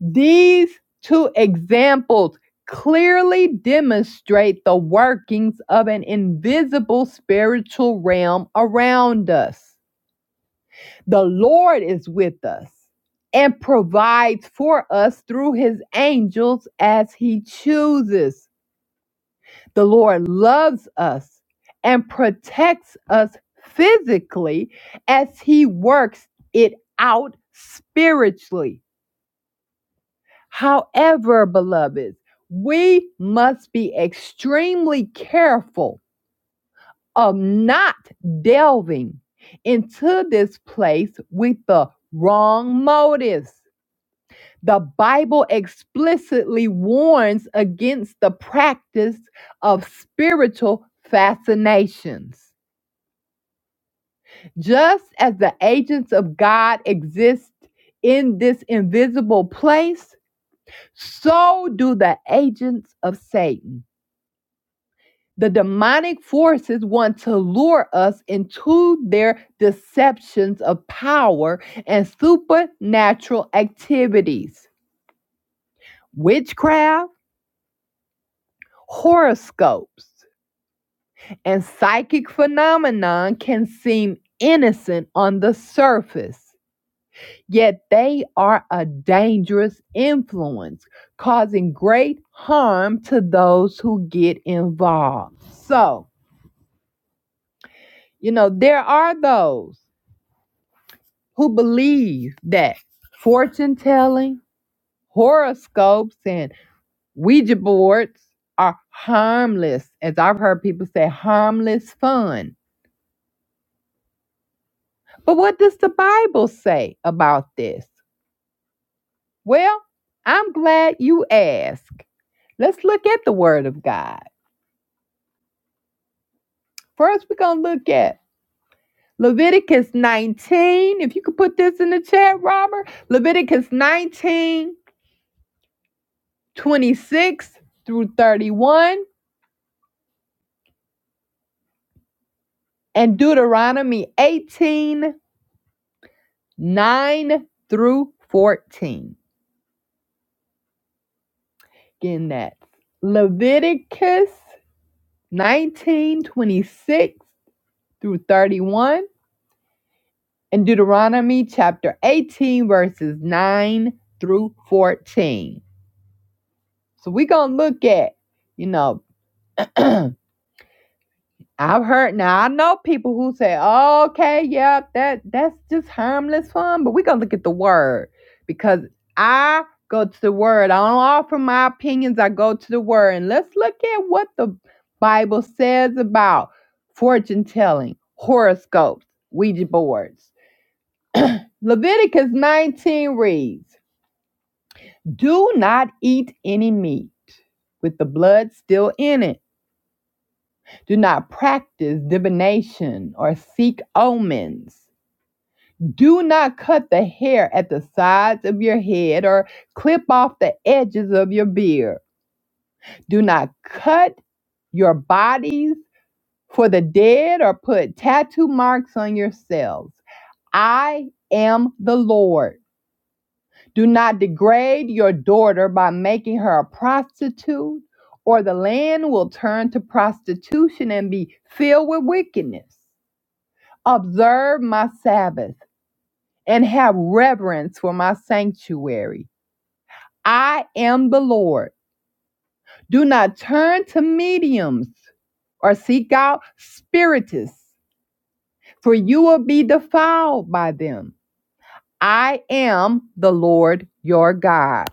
Speaker 1: These two examples clearly demonstrate the workings of an invisible spiritual realm around us. The Lord is with us and provides for us through his angels as he chooses. The Lord loves us and protects us physically as he works it out spiritually. However, beloveds, we must be extremely careful of not delving into this place with the wrong motives. The Bible explicitly warns against the practice of spiritual fascinations. Just as the agents of God exist in this invisible place, so do the agents of Satan. The demonic forces want to lure us into their deceptions of power and supernatural activities, witchcraft, horoscopes, and psychic phenomenon can seem innocent on the surface, yet they are a dangerous influence, causing great harm to those who get involved. So, you know, there are those who believe that fortune telling, horoscopes, and Ouija boards are harmless, as I've heard people say, harmless fun. But what does the Bible say about this? Well, I'm glad you asked. Let's look at the Word of God. First, we're going to look at Leviticus 19. If you could put this in the chat, Robert. Leviticus 19, 26 through 31. and Deuteronomy 18 9 through 14. Again, that's Leviticus 19 26 through 31, and Deuteronomy chapter 18, verses 9 through 14. So we're going to look at, you know, [clears throat] I've heard now I know people who say, okay, yeah, that that's just harmless fun, but we're gonna look at the word because I go to the word. I don't offer my opinions, I go to the word. And let's look at what the Bible says about fortune telling, horoscopes, Ouija boards. Leviticus 19 reads, Do not eat any meat with the blood still in it Do not practice divination or seek omens. Do not cut the hair at the sides of your head or clip off the edges of your beard. Do not cut your bodies for the dead or put tattoo marks on yourselves. I am the Lord. Do not degrade your daughter by making her a prostitute, or the land will turn to prostitution and be filled with wickedness. observe my Sabbath, and have reverence for my sanctuary. I am the Lord. Do not turn to mediums or seek out spiritists, for you will be defiled by them. I am the Lord your God.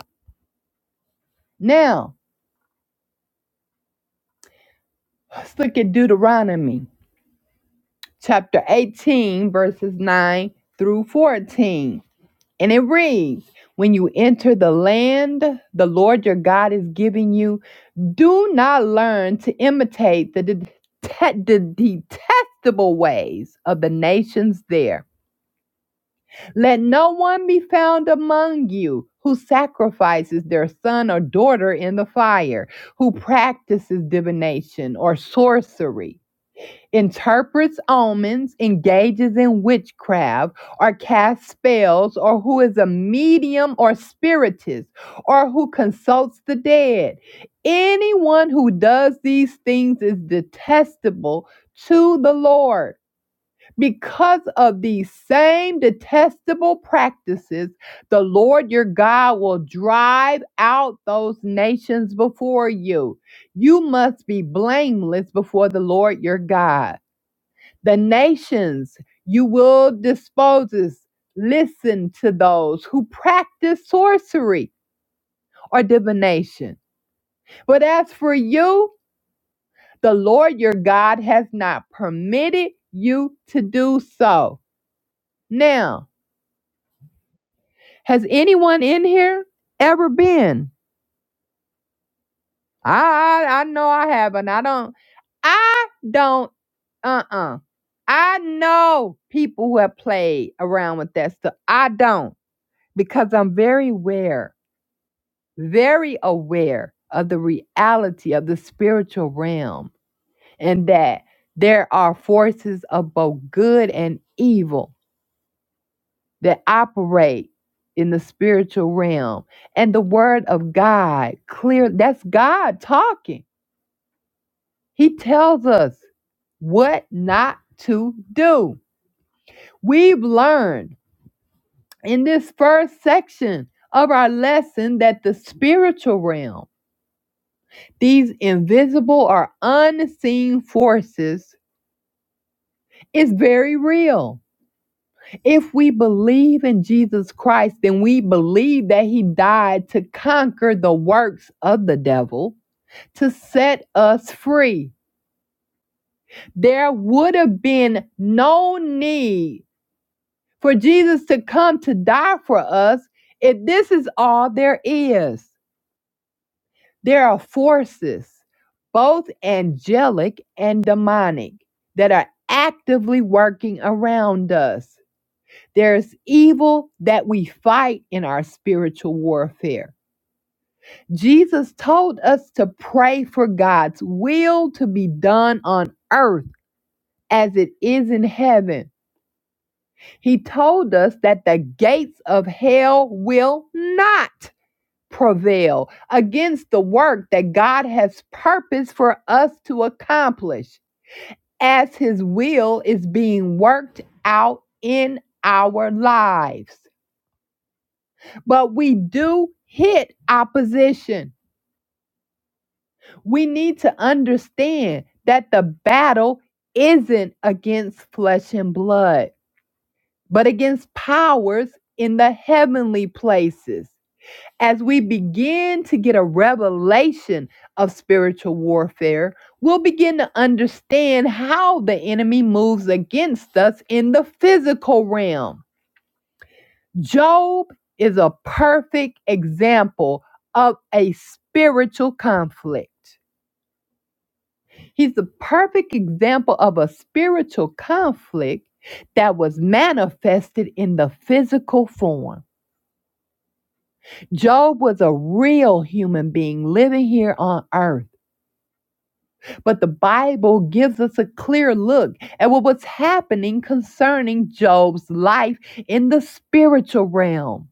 Speaker 1: Now, let's look at Deuteronomy chapter 18, verses 9 through 14. And it reads When you enter the land the Lord your God is giving you, do not learn to imitate the, det- the detestable ways of the nations there. Let no one be found among you who sacrifices their son or daughter in the fire, who practices divination or sorcery interprets omens, engages in witchcraft, or casts spells, or who is a medium or spiritist, or who consults the dead. Anyone who does these things is detestable to the Lord. Because of these same detestable practices, the Lord your God will drive out those nations before you. You must be blameless before the Lord your God. The nations you will dispose Listen to those who practice sorcery or divination. But as for you, the Lord your God has not permitted you to do so. Now, has anyone in here ever been? I I, I know I haven't. I don't. I don't. Uh uh I know people who have played around with that stuff. I don't. because I'm very aware, very aware of the reality of the spiritual realm and that there are forces of both good and evil that operate in the spiritual realm. And the word of God, clear, that's God talking. He tells us what not to do. We've learned in this first section of our lesson that the spiritual realm these invisible or unseen forces is very real. If we believe in Jesus Christ, then we believe that he died to conquer the works of the devil, to set us free. There would have been no need for Jesus to come to die for us if this is all there is. There are forces, both angelic and demonic, that are actively working around us. There's evil that we fight in our spiritual warfare. Jesus told us to pray for God's will to be done on earth as it is in heaven. He told us that the gates of hell will not prevail against the work that God has purposed for us to accomplish as His will is being worked out in our lives. But we do hit opposition. We need to understand that the battle isn't against flesh and blood, but against powers in the heavenly places. As we begin to get a revelation of spiritual warfare, we'll begin to understand how the enemy moves against us in the physical realm. Job is a perfect example of a spiritual conflict. He's the perfect example of a spiritual conflict that was manifested in the physical form. Job was a real human being living here on earth. But the Bible gives us a clear look at what was happening concerning Job's life in the spiritual realm.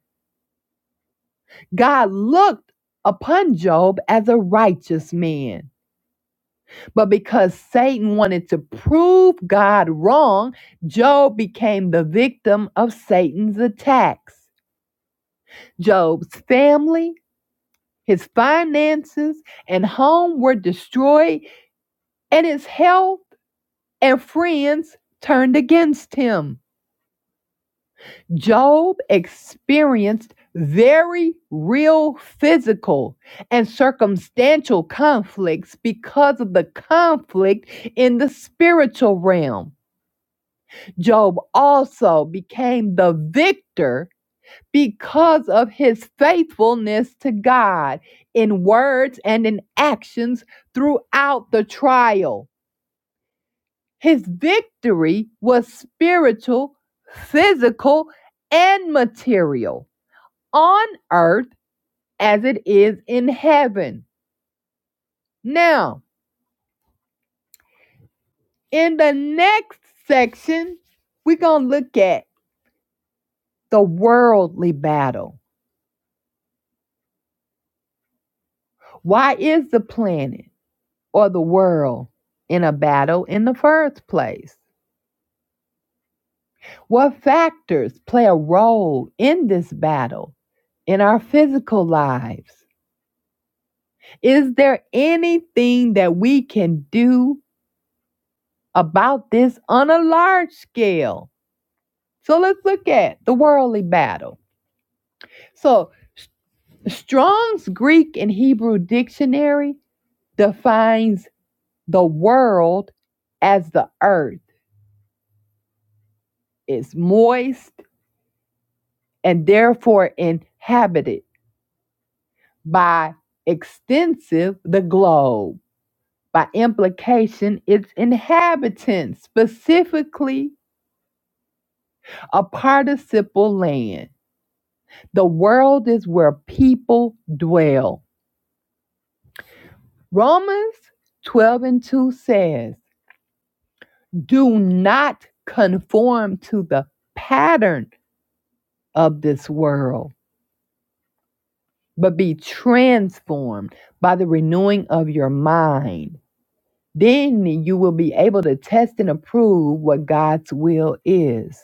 Speaker 1: God looked upon Job as a righteous man. But because Satan wanted to prove God wrong, Job became the victim of Satan's attacks. Job's family, his finances, and home were destroyed, and his health and friends turned against him. Job experienced very real physical and circumstantial conflicts because of the conflict in the spiritual realm. Job also became the victor because of his faithfulness to God in words and in actions throughout the trial. His victory was spiritual, physical, and material. on earth as it is in heaven. Now, in the next section, we're going to look at the worldly battle. Why is the planet or the world in a battle in the first place? What factors play a role in this battle in our physical lives? Is there anything that we can do about this on a large scale? So let's look at the worldly battle. So Strong's Greek and Hebrew dictionary defines the world as the earth is moist and therefore inhabited by extensive the globe. By implication, its inhabitants, specifically a participle land. The world is where people dwell. Romans 12 and 2 says, Do not conform to the pattern of this world, but be transformed by the renewing of your mind. Then you will be able to test and approve what God's will is,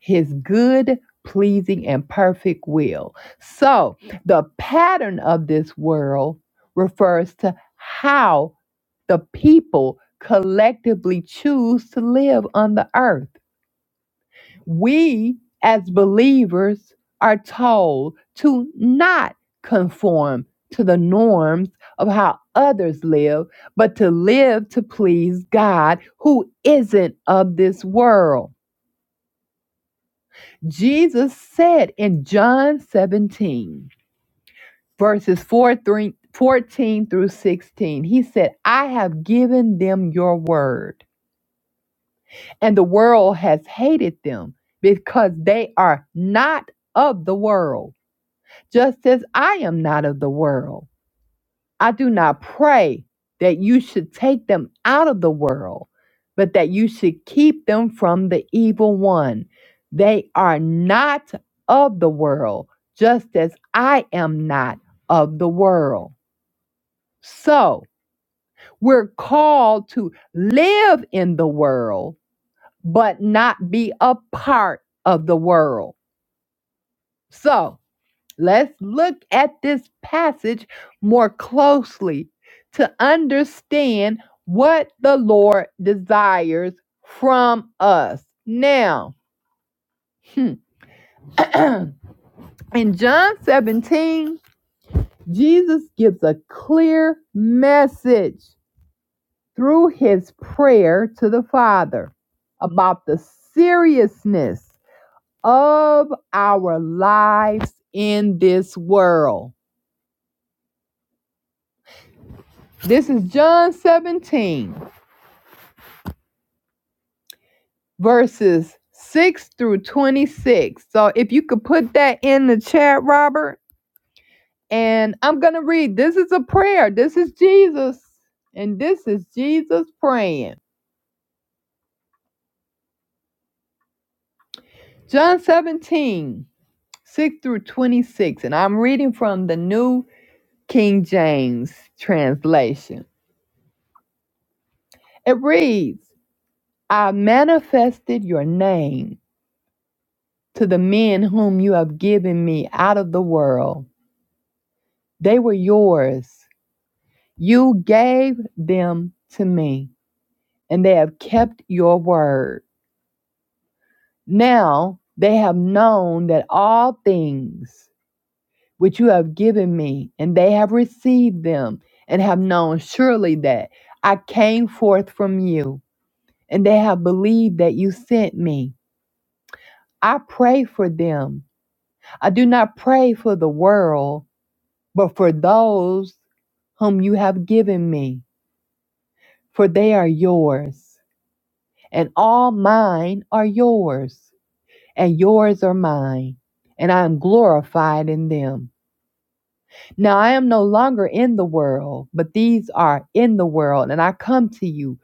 Speaker 1: his good, pleasing, and perfect will. So, the pattern of this world refers to how the people collectively choose to live on the earth. We, as believers, are told to not conform to the norms of how others live, but to live to please God, who isn't of this world. Jesus said in John 17, verses 4 thre- 14 through 16, He said, I have given them your word and the world has hated them because they are not of the world, just as I am not of the world. I do not pray that you should take them out of the world, but that you should keep them from the evil one. They are not of the world, just as I am not of the world. So we're called to live in the world but not be a part of the world. So let's look at this passage more closely to understand what the Lord desires from us. Now, [clears throat] in John 17, Jesus gives a clear message through his prayer to the Father about the seriousness of our lives in this world. This is John 17, verses 6 through 26. So if you could put that in the chat, Robert, and I'm going to read. This is a prayer. This is Jesus, and this is Jesus praying. John 17 6 through 26, and I'm reading from the New King James translation. It reads, I manifested your name to the men whom you have given me out of the world. They were yours. You gave them to me, and they have kept your word. Now they have known that all things which you have given me, and they have received them, and have known surely that I came forth from you, and they have believed that you sent me. I pray for them. I do not pray for the world, but for those whom you have given me, for they are yours, and all mine are yours, and yours are mine, and I am glorified in them. Now I am no longer in the world, but these are in the world, and I come to you.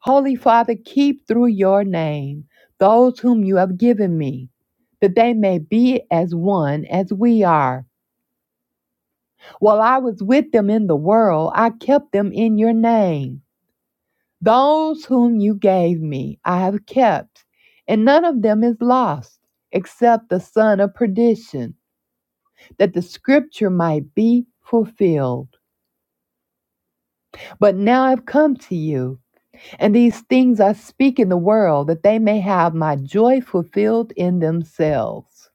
Speaker 1: Holy Father, keep through your name those whom you have given me, that they may be as one as we are. While I was with them in the world, I kept them in your name. Those whom you gave me I have kept, and none of them is lost, except the son of perdition, that the scripture might be fulfilled. But now I've come to you, and these things I speak in the world, that they may have my joy fulfilled in themselves.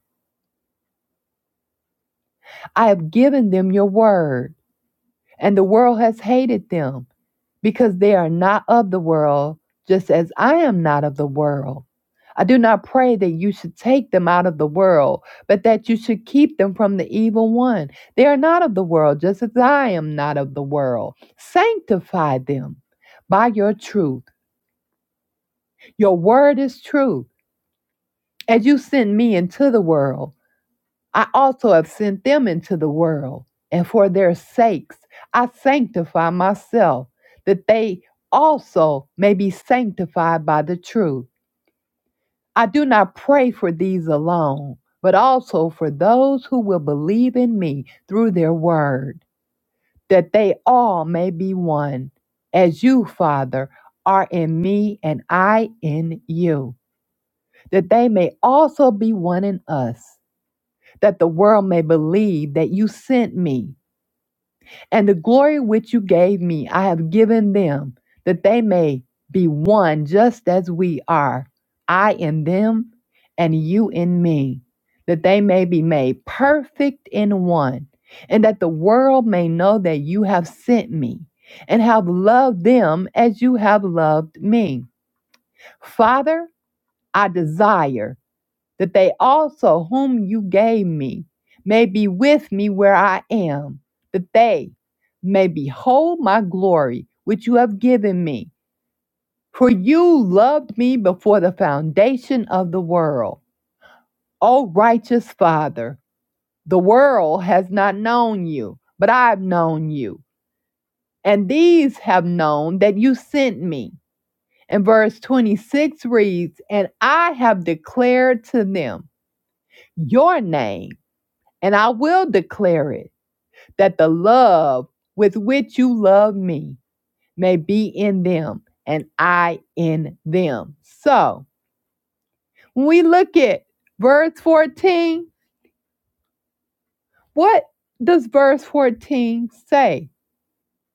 Speaker 1: I have given them your word, and the world has hated them because they are not of the world, just as I am not of the world. I do not pray that you should take them out of the world, but that you should keep them from the evil one. They are not of the world, just as I am not of the world. Sanctify them by your truth. Your word is truth. As you sent me into the world, I also have sent them into the world, and for their sakes I sanctify myself, that they also may be sanctified by the truth. I do not pray for these alone, but also for those who will believe in me through their word, that they all may be one, as you, Father, are in me and I in you, that they may also be one in us, that the world may believe that you sent me. And the glory which you gave me, I have given them, that they may be one just as we are, I in them, and you in me, that they may be made perfect in one, and that the world may know that you have sent me, and have loved them as you have loved me. Father, I desire that they also whom you gave me may be with me where I am, that they may behold my glory which you have given me. For you loved me before the foundation of the world. O righteous Father, the world has not known you, but I've known you, and these have known that you sent me. And verse 26 reads, And I have declared to them your name And I will declare it that the love with which you love me may be in them and I in them. So when we look at verse 14, what does verse 14 say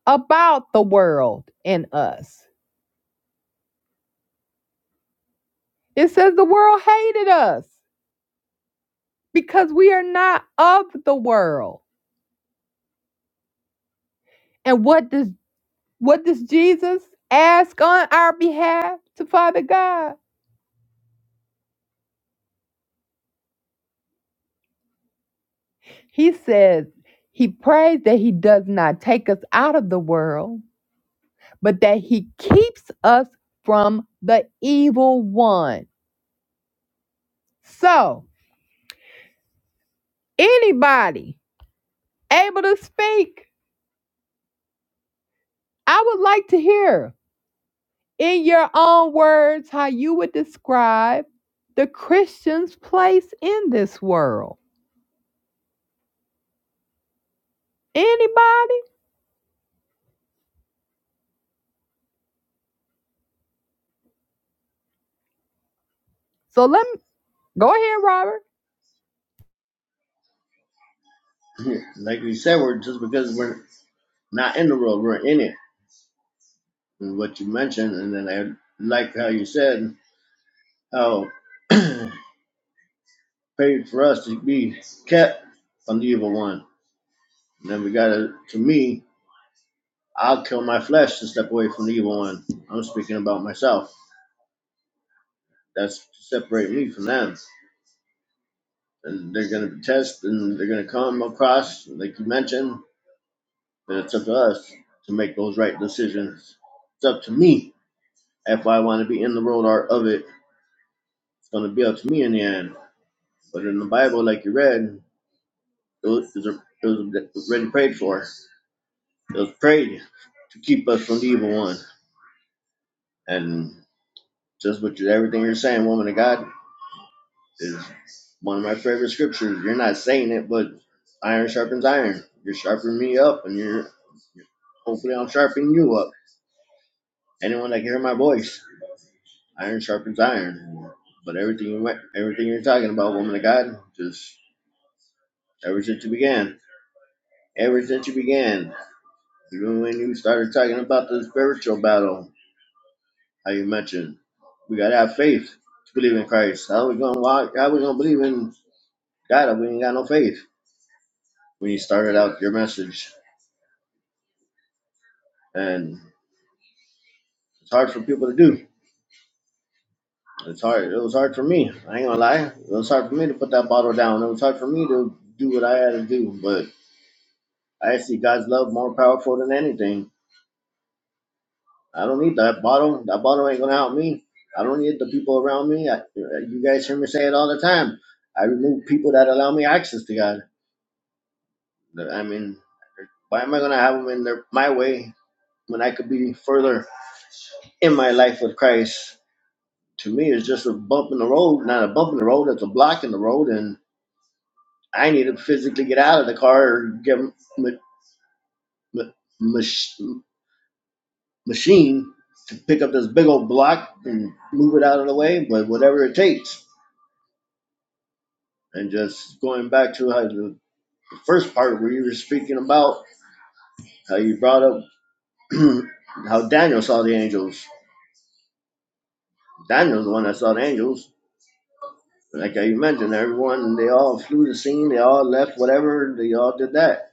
Speaker 1: about the world and us? It says the world hated us because we are not of the world. And what does what does Jesus ask on our behalf to Father God? He says he prays that he does not take us out of the world, but that he keeps us from the evil one. So, anybody able to speak, I would like to hear in your own words how you would describe the Christian's place in this world. Anybody? So let me go ahead, Robert.
Speaker 2: Like we said, we're just because we're not in the world, we're in it. And what you mentioned, and then I like how you said how paid for us to be kept from the evil one. And then we gotta, to me, I'll kill my flesh to step away from the evil one. I'm speaking about myself. That's to separate me from them. and they're going to test and they're going to come across, like you mentioned, And it's up to us to make those right decisions. It's up to me if I want to be in the world art of it. It's going to be up to me in the end. But in the Bible, like you read, it was, it was already prayed for. It was prayed to keep us from the evil one. And just with everything you're saying, woman of God, is one of my favorite scriptures. You're not saying it, but iron sharpens iron. You're sharpening me up, and you're hopefully I'm sharpening you up anyone that can hear my voice, iron sharpens iron. But everything you went, everything you're talking about, woman of God, just ever since you began, ever since you began, even when you started talking about the spiritual battle, how you mentioned, we gotta have faith to believe in Christ. How we gonna walk? How we gonna believe in God if we ain't got no faith? When you started out your message, and it's hard for people to do. It's hard. It was hard for me. I ain't gonna lie. It was hard for me to put that bottle down. It was hard for me to do what I had to do, but I see God's love more powerful than anything. I don't need that bottle. That bottle ain't gonna help me. I don't need the people around me. I, you guys hear me say it all the time. I remove people that allow me access to God. I mean, why am I gonna have them in their, my way when I could be further in my life with Christ? To me, it's just a bump in the road. Not a bump in the road. It's a block in the road, and I need to physically get out of the car or get ma- ma- machine to pick up this big old block and move it out of the way, but whatever it takes. And just going back to how the first part where you were speaking about how you brought up [clears throat] how Daniel saw the angels. Daniel's the one that saw the angels. Like you mentioned, everyone they all flew the scene, they all left whatever, they all did that.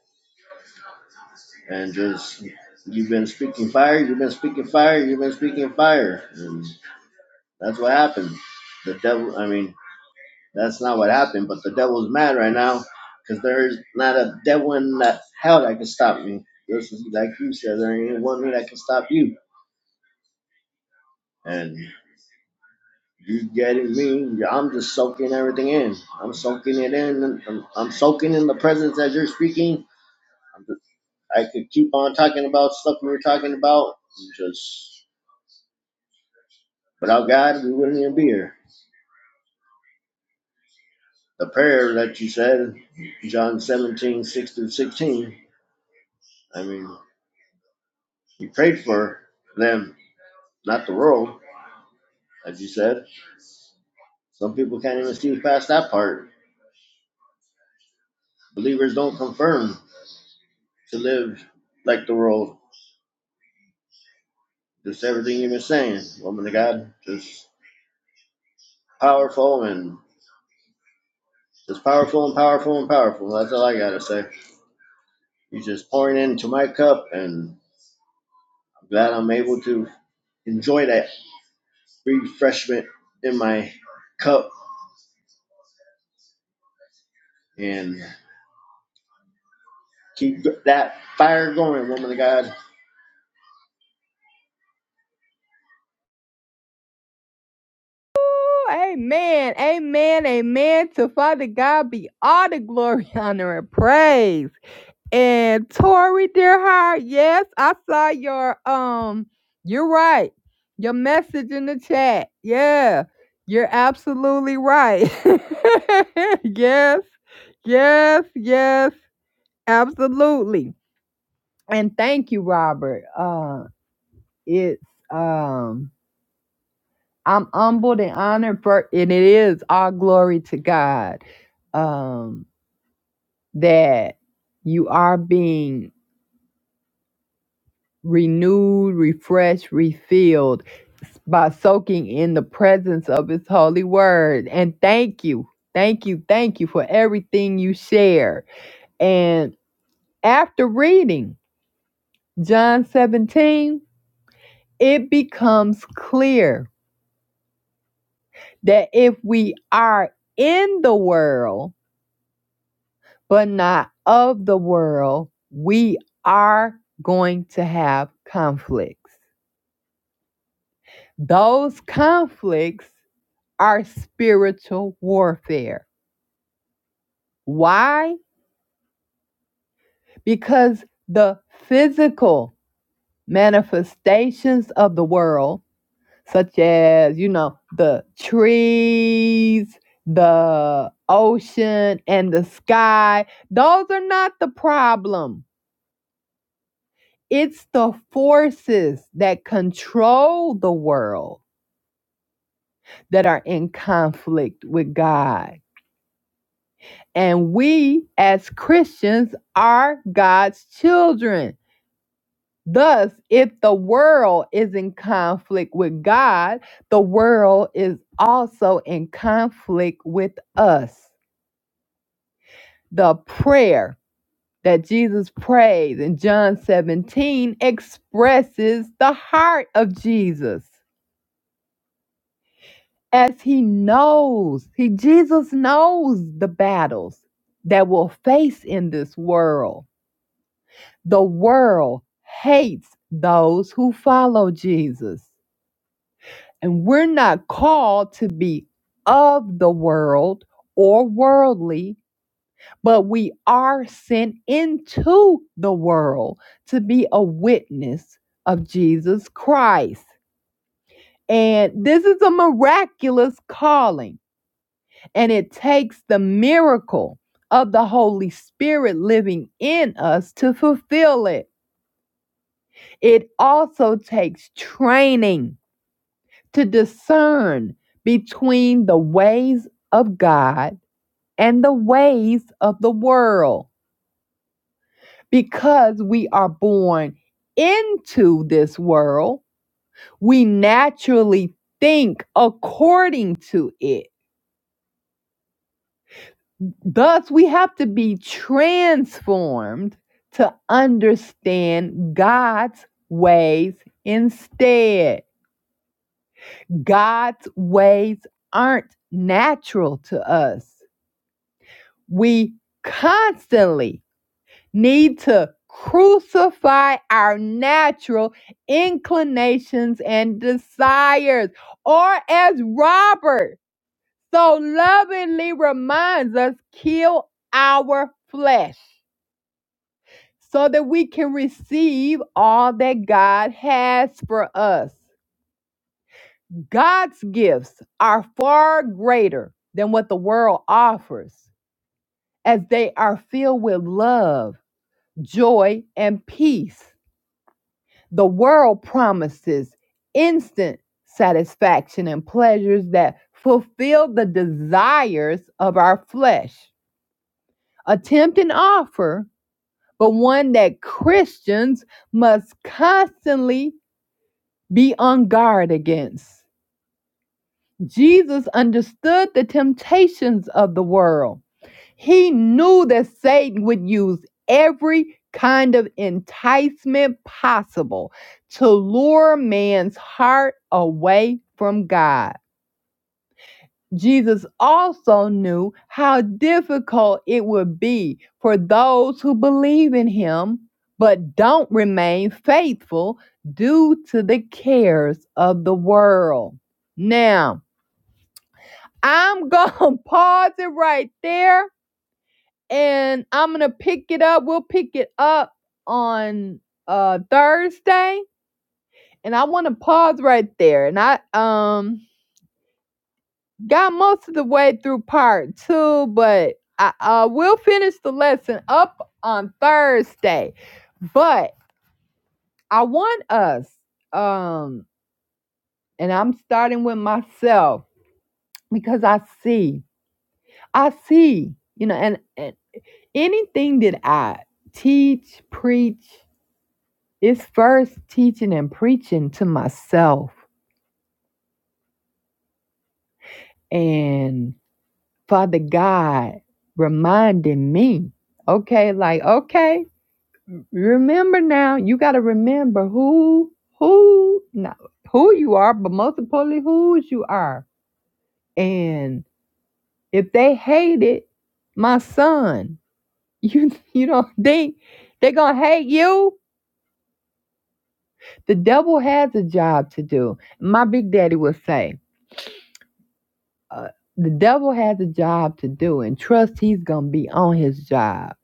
Speaker 2: And just you've been speaking fire, you've been speaking fire, you've been speaking fire. And that's what happened. The devil I mean That's not what happened, but the devil's mad right now because there's not a devil in that hell that can stop me. This is like you said, there ain't one that can stop you. And you getting me? I'm just soaking everything in. I'm soaking it in. and I'm, I'm soaking in the presence as you're speaking. I'm just, I could keep on talking about stuff we were talking about. Just without God, we wouldn't even be here. The prayer that you said, John 17, 6 through 16, I mean, you prayed for them not the world, as you said. Some people can't even see past that part. Believers don't confirm to live like the world. Just everything you've been saying, woman of God, just powerful and just powerful and powerful and powerful. That's all I gotta say. You're just pouring into my cup, and I'm glad I'm able to enjoy that refreshment in my cup and keep that fire going, woman of God.
Speaker 1: Amen. Amen. Amen. To Father God be all the glory, [laughs] honor, and praise. And Tori, dear heart, yes, I saw your um, you're right. Your message in the chat. Yeah. You're absolutely right. [laughs] yes. Yes. Yes. Absolutely. And thank you, Robert. Uh it's um I'm humbled and honored for, and it is all glory to God um, that you are being renewed, refreshed, refilled by soaking in the presence of His holy word. And thank you, thank you, thank you for everything you share. And after reading John 17, it becomes clear that if we are in the world, but not of the world, we are going to have conflicts. Those conflicts are spiritual warfare. Why? Because the physical manifestations of the world, such as, you know, the trees, the ocean, and the sky, those are not the problem It's the forces that control the world that are in conflict with God. And we, as Christians, are God's children. Thus, if the world is in conflict with God, the world is also in conflict with us. The prayer that Jesus prays in John 17 expresses the heart of Jesus. as he knows he jesus knows the battles that we will face in this world the world hates those who follow jesus and we're not called to be of the world or worldly but we are sent into the world to be a witness of jesus christ and this is a miraculous calling And it takes the miracle of the Holy Spirit living in us to fulfill it. It also takes training to discern between the ways of God and the ways of the world. Because we are born into this world, we naturally think according to it Thus, we have to be transformed to understand God's ways instead. God's ways aren't natural to us. We constantly need to crucify our natural inclinations and desires, or as Robert so lovingly reminds us, kill our flesh. so that we can receive all that God has for us. God's gifts are far greater than what the world offers, as they are filled with love, joy, and peace. The world promises instant satisfaction and pleasures that fulfill the desires of our flesh. Attempt an offer, but one that Christians must constantly be on guard against. Jesus understood the temptations of the world. He knew that Satan would use every kind of enticement possible to lure man's heart away from God. Jesus also knew how difficult it would be for those who believe in him but don't remain faithful due to the cares of the world. Now, I'm [laughs] going to pause it right there and I'm going to pick it up. We'll pick it up on uh Thursday and I want to pause right there and I um Got most of the way through part two, but I uh, will finish the lesson up on Thursday. But I want us, um, and I'm starting with myself because I see, I see, you know, and, and anything that I teach, preach, is first teaching and preaching to myself. And Father God reminding me, okay, like, okay Remember now, you got to remember who, who, not who you are, but most importantly, whose you are. And if they hate it, my son, [laughs] you, you don't think they're going to hate you? The devil has a job to do. My big daddy would say, uh, the devil has a job to do, and trust he's going to be on his job.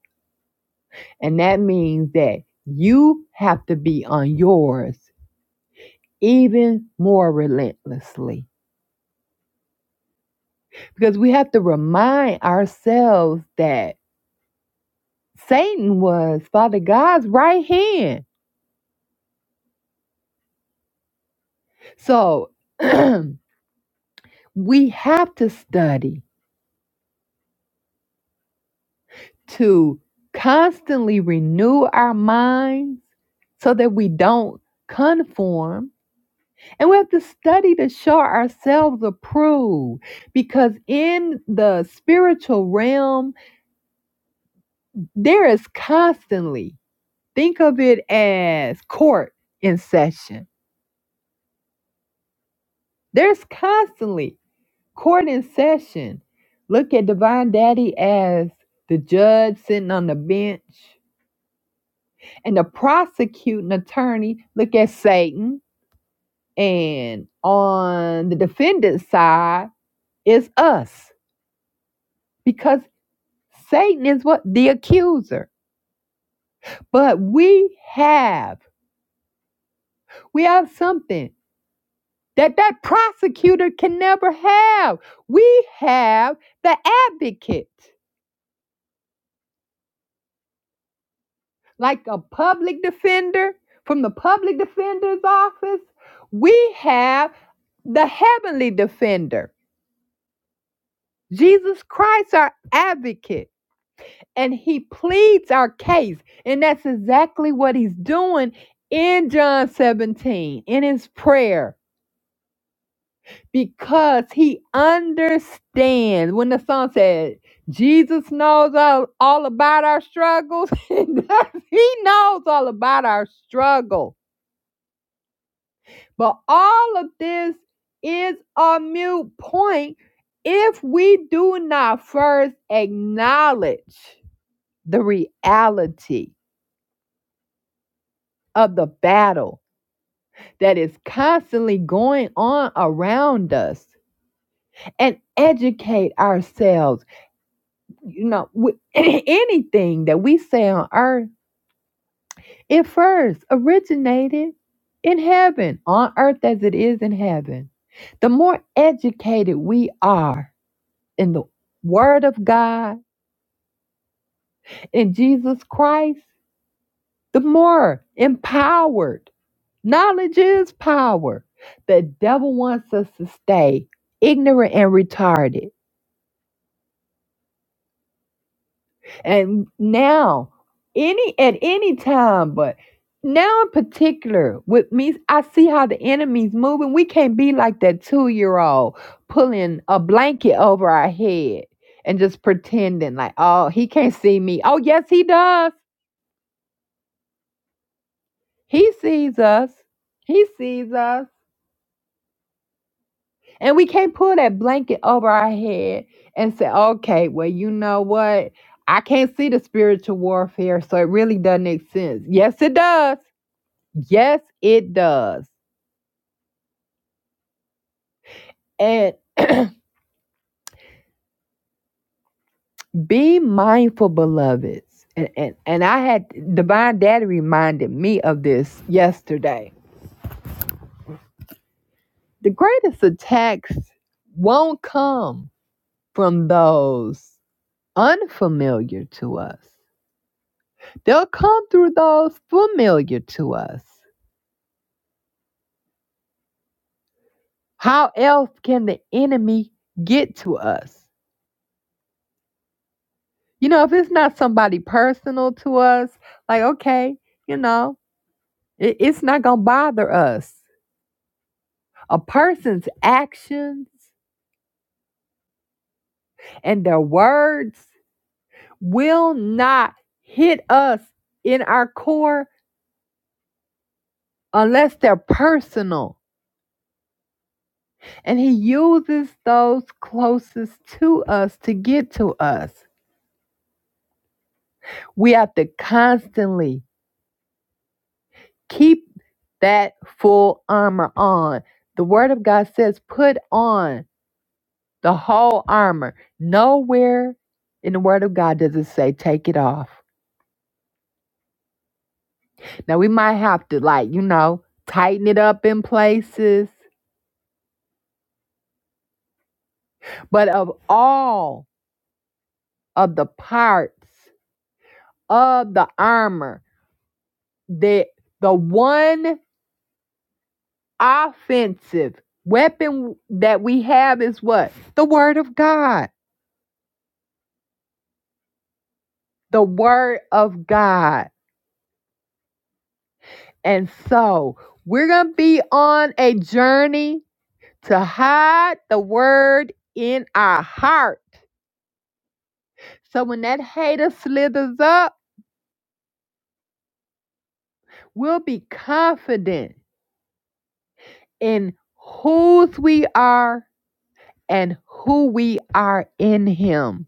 Speaker 1: And that means that you have to be on yours even more relentlessly because we have to remind ourselves that Satan was Father God's right hand. So [clears throat] we have to study to constantly renew our minds so that we don't conform. And we have to study to show ourselves approved because in the spiritual realm, there is constantly, think of it as court in session There's constantly court in session. Look at Divine Daddy as the judge sitting on the bench and the prosecuting attorney. Look at Satan. And on the defendant's side is us because Satan is what? The accuser. But we have, we have something that that prosecutor can never have. We have the advocate. like a public defender from the public defender's office, we have the heavenly defender, Jesus Christ, our advocate, and he pleads our case. And that's exactly what he's doing in John 17 in his prayer because he understands when the song said, Jesus knows all, all about our struggles. [laughs] he knows all about our struggles But all of this is a mute point if we do not first acknowledge the reality of the battle that is constantly going on around us and educate ourselves. You know, with [clears throat] anything that we say on earth, it first originated in heaven, on earth as it is in heaven. The more educated we are, in the Word of God, in Jesus Christ, the more empowered. Knowledge is power. The devil wants us to stay ignorant and retarded. And now, any at any time, but now in particular, with me, I see how the enemy's moving. We can't be like that two-year-old pulling a blanket over our head and just pretending like, oh, he can't see me. Oh, yes, he does. He sees us. He sees us. And we can't pull that blanket over our head and say, okay, well, you know what? I can't see the spiritual warfare, so it really doesn't make sense. Yes, it does. Yes, it does. And [clears throat] be mindful, beloveds. And, and, and I had Divine Daddy reminded me of this yesterday. The greatest attacks won't come from those unfamiliar to us They'll come through those familiar to us. How else can the enemy get to us? You know, if it's not somebody personal to us, like, okay, you know, it, it's not going to bother us. A person's actions and their words will not hit us in our core unless they're personal. And he uses those closest to us to get to us. We have to constantly Keep that full armor on. The word of God says, put on the whole armor. Nowhere in the word of God does it say take it off. Now we might have to like, you know, tighten it up in places, but of all of the parts of the armor, the the one offensive weapon that we have is what? The word of God. The word of God. And so we're going to be on a journey to hide the word in our heart. So when that hater slithers up, we'll be confident in whose we are and who we are in him.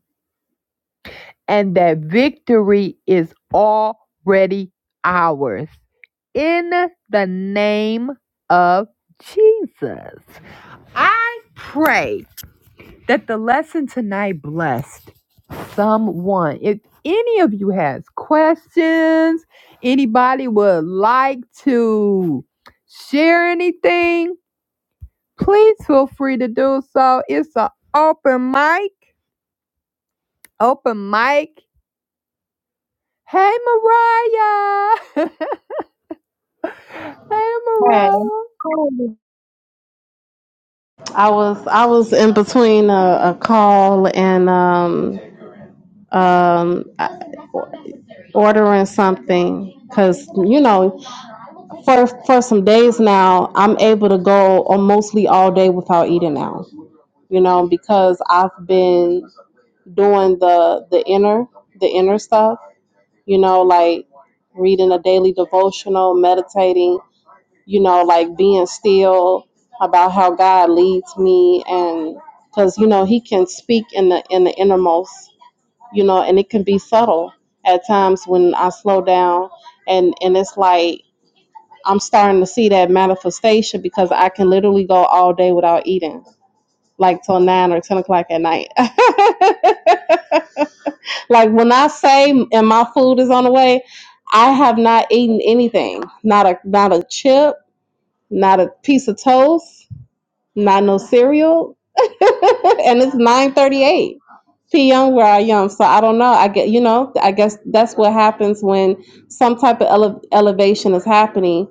Speaker 1: And that victory is already ours in the name of Jesus. I pray that the lesson tonight blessed someone. If any of you has questions, anybody would like to share anything, please feel free to do so. It's an open mic. Open mic. Hey Mariah. [laughs] hey
Speaker 4: Hey,
Speaker 1: Mariah.
Speaker 4: I was I was in between a, a call and um um I- ordering something because you know for for some days now I'm able to go or mostly all day without eating now you know because I've been doing the the inner the inner stuff you know like reading a daily devotional meditating you know, like being still about how God leads me and because you know he can speak in the in the innermost, you know, and it can be subtle at times when I slow down and and it's like I'm starting to see that manifestation because I can literally go all day without eating, like till nine or ten o'clock at night. [laughs] like when I say and my food is on the way, I have not eaten anything, not a not a chip, not a piece of toast, not no cereal, [laughs] and it's nine thirty eight p.m. where I am. So I don't know. I get you know. I guess that's what happens when some type of ele- elevation is happening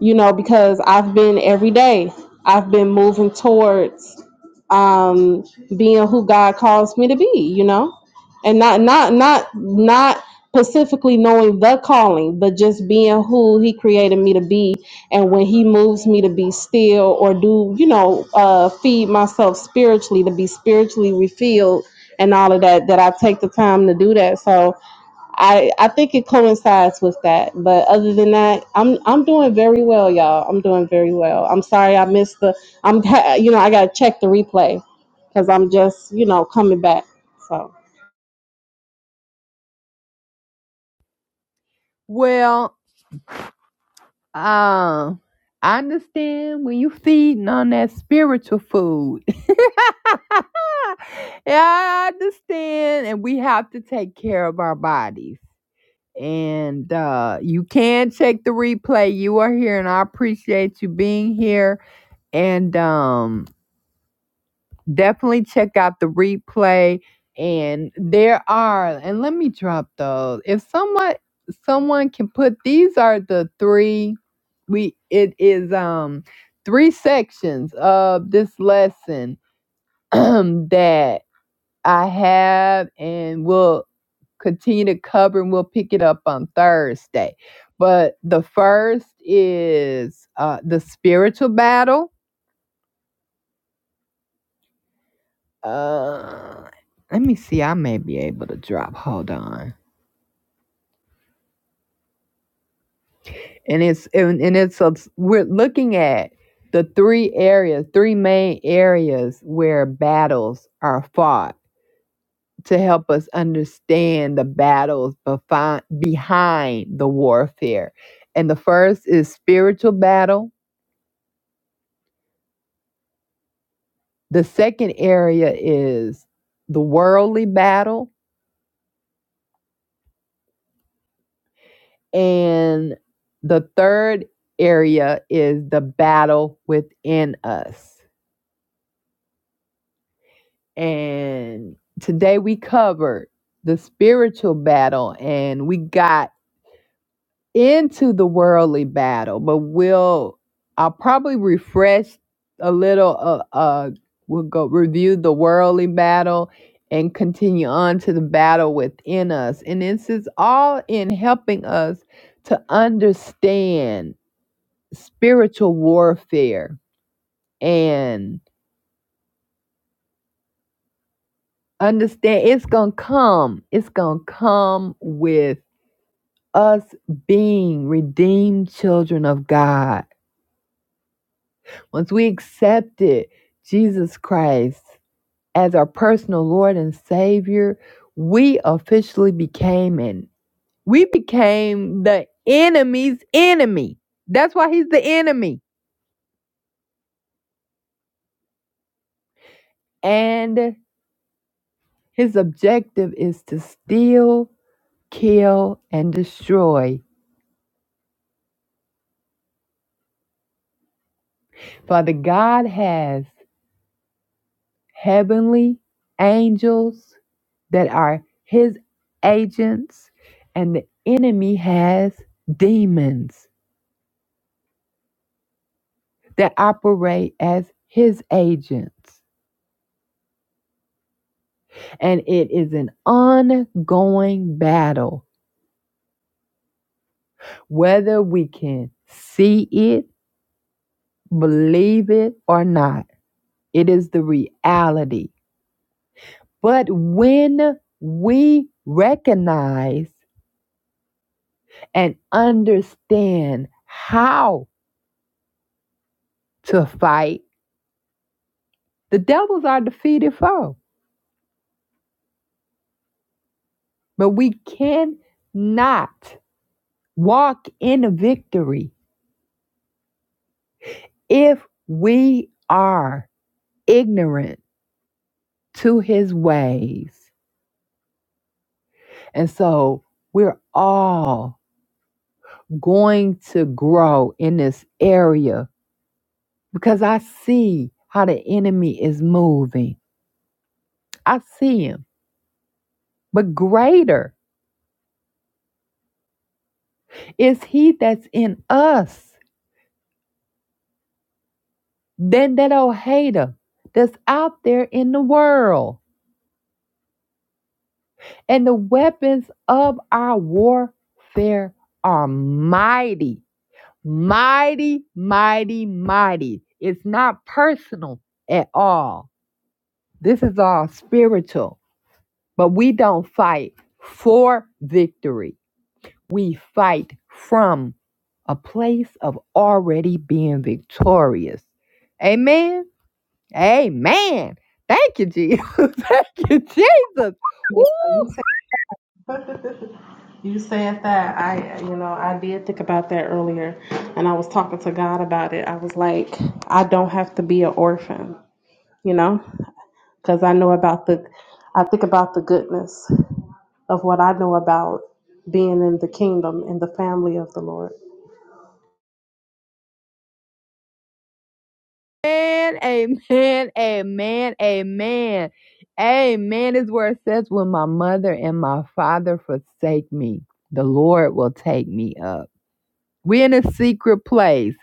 Speaker 4: you know, because I've been every day, I've been moving towards um, being who God calls me to be, you know, and not not not not specifically knowing the calling, but just being who He created me to be, and when He moves me to be still or do, you know, uh, feed myself spiritually to be spiritually refilled and all of that, that I take the time to do that. So I I think it coincides with that. But other than that, I'm I'm doing very well, y'all. I'm doing very well. I'm sorry I missed the. I'm [laughs] you know I gotta check the replay because I'm just you know coming back. So
Speaker 1: Well, Um, I understand when you feeding on that spiritual food. [laughs] yeah, I understand, and we have to take care of our bodies. And uh, you can check the replay. You are here, and I appreciate you being here. And um, definitely check out the replay and there are and let me drop those if someone someone can put these are the three we it is um three sections of this lesson [clears throat] that i have and will continue to cover and we'll pick it up on thursday but the first is uh the spiritual battle Uh, let me see. I may be able to drop. Hold on. And it's and, and it's a, we're looking at the three areas, three main areas where battles are fought to help us understand the battles befi- behind the warfare. And the first is spiritual battle. The second area is the worldly battle And the third area is the battle within us. And today we covered the spiritual battle and we got into the worldly battle, but we'll, I'll probably refresh a little, uh, uh, we'll go review the worldly battle and continue on to the battle within us. And this is all in helping us to understand spiritual warfare and understand it's gonna come it's gonna come with us being redeemed children of god once we accepted jesus christ as our personal lord and savior we officially became an we became the enemy's enemy that's why he's the enemy and his objective is to steal kill, and destroy. Father God has heavenly angels that are his agents, and the enemy has demons that operate as his agents. And it is an ongoing battle, whether we can see it, believe it, or not. It is the reality. But when we recognize and understand how to fight, the devils are defeated foe. But we cannot walk in a victory if we are ignorant to his ways. And so we're all going to grow in this area because I see how the enemy is moving. I see him. But greater is he that's in us than that old hater that's out there in the world. And the weapons of our warfare are mighty, mighty, mighty, mighty. It's not personal at all. This is all spiritual, but we don't fight for victory. We fight from a place of already being victorious. Amen. Amen. Thank you, Jesus. [laughs] Thank you, Jesus.
Speaker 4: Yeah, You
Speaker 1: Woo!
Speaker 4: said, [laughs] you said that. I, you know, I did think about that earlier, and I was talking to God about it. I was like, I don't have to be an orphan, you know, because I know about the, I think about the goodness. of what I know about being in the kingdom and the family of the Lord.
Speaker 1: Amen. Amen. Amen. Amen. Amen is where it says, When my mother and my father forsake me, the Lord will take me up. We're in a secret place.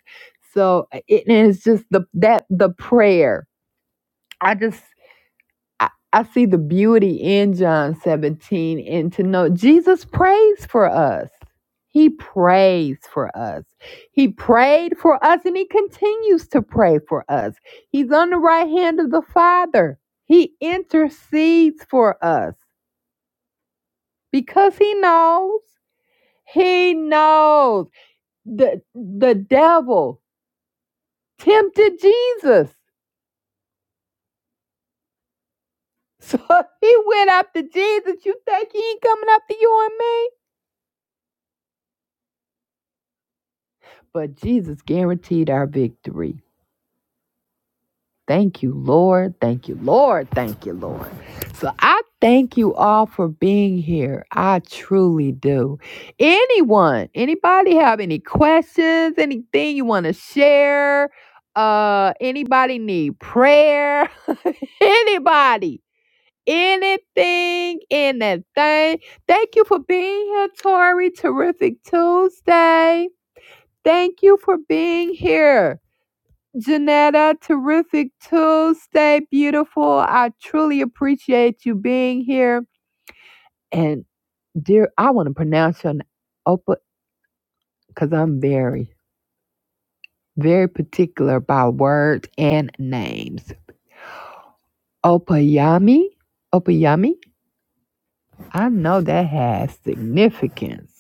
Speaker 1: So it is just the that the prayer. I just I, I see the beauty in John 17 and to know Jesus prays for us. He prays for us. He prayed for us and he continues to pray for us. He's on the right hand of the Father. He intercedes for us because he knows. He knows. The, the devil tempted Jesus. So [laughs] he went after Jesus. You think he ain't coming after you and me? But Jesus guaranteed our victory. Thank you, Lord. Thank you, Lord. Thank you, Lord. So I thank you all for being here. I truly do. Anyone, anybody have any questions, anything you want to share? Uh, anybody need prayer? [laughs] anybody, anything in that thing? Thank you for being here, Tori. Terrific Tuesday. Thank you for being here. Janetta, terrific too. Stay beautiful. I truly appreciate you being here. And dear, I want to pronounce your name Opa because I'm very, very particular about words and names. Opayami, Opayami. I know that has significance.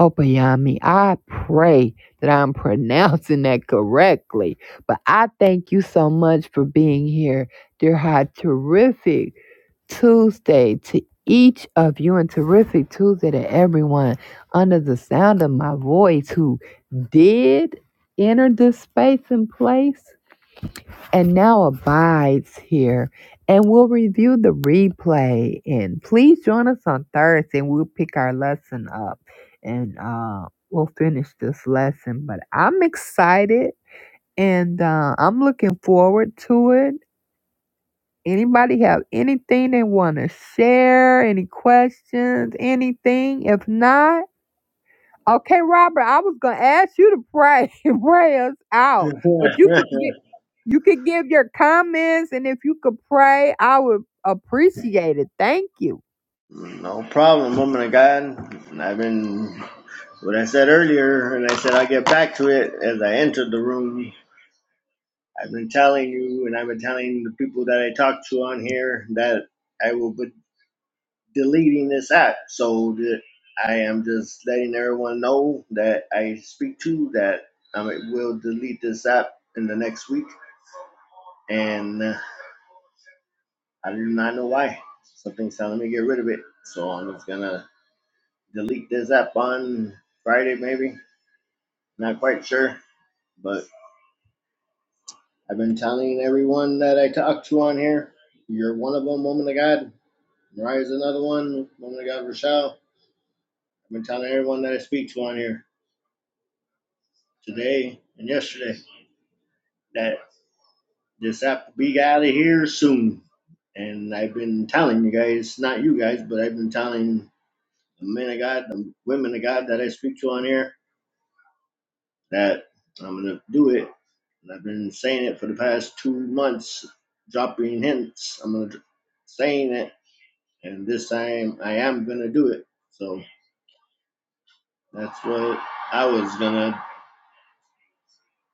Speaker 1: Opayami, I pray that I'm pronouncing that correctly. But I thank you so much for being here. Dear how terrific Tuesday to each of you and terrific Tuesday to everyone under the sound of my voice who did enter this space and place and now abides here. And we'll review the replay. And please join us on Thursday and we'll pick our lesson up and uh, we'll finish this lesson. But I'm excited and uh, I'm looking forward to it. Anybody have anything they want to share? Any questions? Anything? If not, okay, Robert, I was gonna ask you to pray [laughs] pray us out, but you could
Speaker 2: [laughs]
Speaker 1: get you could give your comments, and if you could pray, I would appreciate it. Thank you.
Speaker 2: No problem, woman of God. I've been What I said earlier, and I said I'll get back to it as I entered the room. I've been telling you, and I've been telling the people that I talked to on here that I will be deleting this app. So that I am just letting everyone know that I speak to that I will delete this app in the next week. And uh, I do not know why. Something's telling me to get rid of it. So I'm just going to delete this app on Friday, maybe. Not quite sure, but. I've been telling everyone that I talk to on here, you're one of them, woman of God. Mariah's another one, woman of God, Rochelle. I've been telling everyone that I speak to on here today and yesterday that this app will be out of here soon. And I've been telling you guys, not you guys, but I've been telling the men of God, the women of God that I speak to on here that I'm going to do it. And I've been saying it for the past two months, dropping hints. I'm going to saying it and this time I am gonna do it. So that's what I was gonna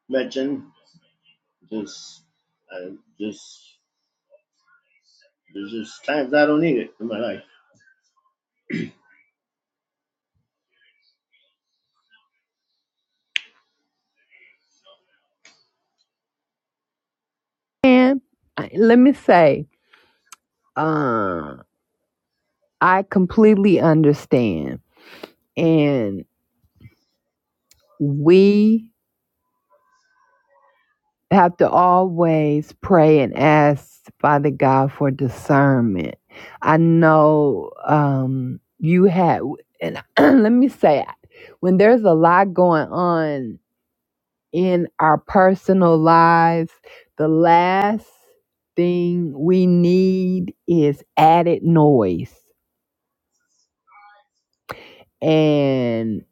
Speaker 2: mention. Just, I just there's just times I don't need it in my life.
Speaker 1: And I- let me say, uh, I completely understand, and we have to always pray and ask Father God for discernment. I know um, you had, and [clears throat] let me say, when there's a lot going on in our personal lives, the last thing we need is added noise. And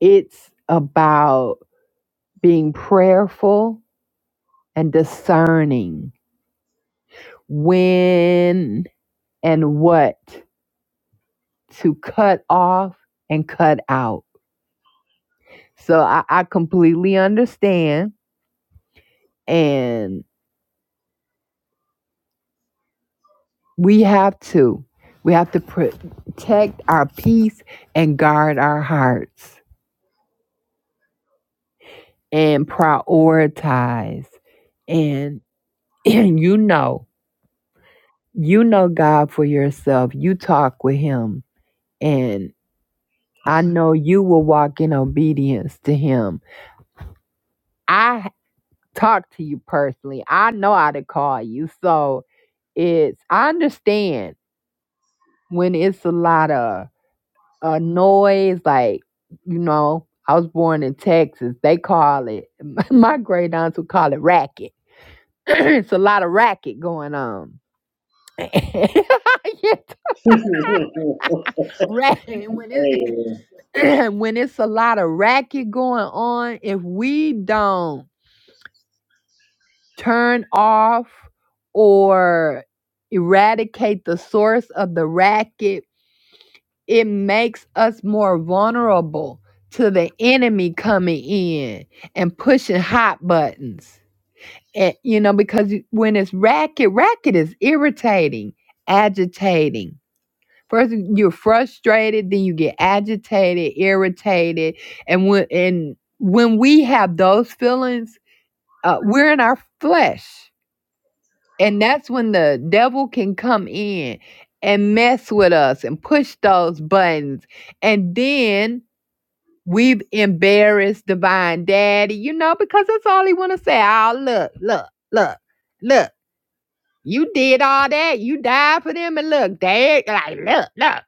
Speaker 1: it's about being prayerful and discerning when and what to cut off and cut out. So I, I completely understand. And we have to. We have to protect our peace and guard our hearts and prioritize. And, [clears throat] and you know, you know God for yourself. You talk with Him. And I know you will walk in obedience to Him. I talk to you personally. I know how to call you. So, It's I understand when it's a lot of uh, noise, like you know, I was born in Texas. They call it [laughs] my great aunts would call it racket. [clears throat] it's a lot of racket going on. [laughs] yes, racket. When
Speaker 2: [laughs]
Speaker 1: it [clears throat] when it's a lot of racket going on, if we don't turn off or eradicate the source of the racket it makes us more vulnerable to the enemy coming in and pushing hot buttons. And, you know, because when it's racket, racket is irritating, agitating. First, you're frustrated, then you get agitated, irritated, and when and when we have those feelings, uh, we're in our flesh, and that's when the devil can come in and mess with us and push those buttons, and then We've embarrassed Divine Daddy, you know, because that's all he want to say. Oh, look, look, look, look. You did all that. You died for them, and look, Dad, like, look, look.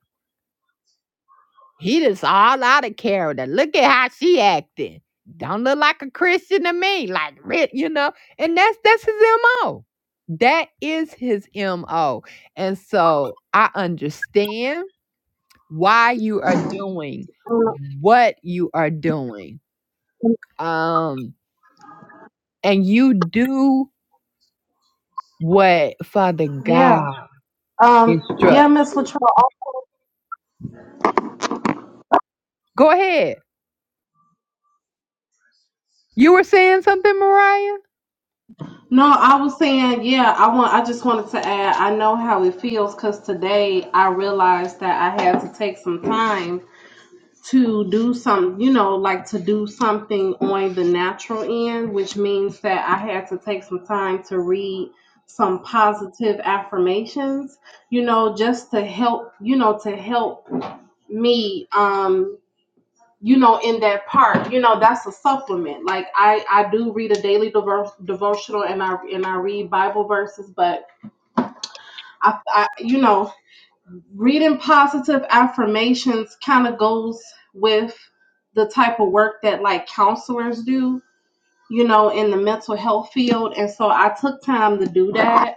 Speaker 1: He just all out of character. Look at how she acting. Don't look like a Christian to me. Like, re- you know, and that's that's his mo. That is his mo. And so I understand why you are doing
Speaker 4: Uh,
Speaker 1: what you are doing. Um and you do what Father
Speaker 4: yeah.
Speaker 1: God
Speaker 4: Um, yeah,
Speaker 1: instructs.
Speaker 4: Miss Latrell.
Speaker 1: Go ahead. You were saying something, Mariah?
Speaker 4: No, I was saying, yeah, I want I just wanted to add, I know how it feels because today I realized that I had to take some time to do some, you know, like to do something on the natural end, which means that I had to take some time to read some positive affirmations, you know, just to help, you know, to help me um you know in that part you know that's a supplement like i i do read a daily devo- devotional and i and i read bible verses but i, I you know reading positive affirmations kind of goes with the type of work that like counselors do you know in the mental health field and so i took time to do that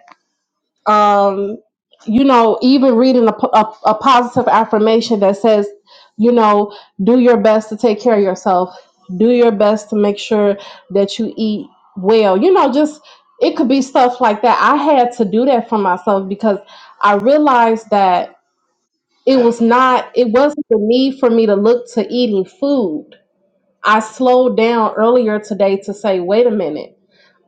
Speaker 4: um, you know, even reading a, po- a, a positive affirmation that says, you know, do your best to take care of yourself, do your best to make sure that you eat well, you know, just it could be stuff like that. I had to do that for myself because I realized that it was not, it wasn't the need for me to look to eating food. I slowed down earlier today to say, wait a minute.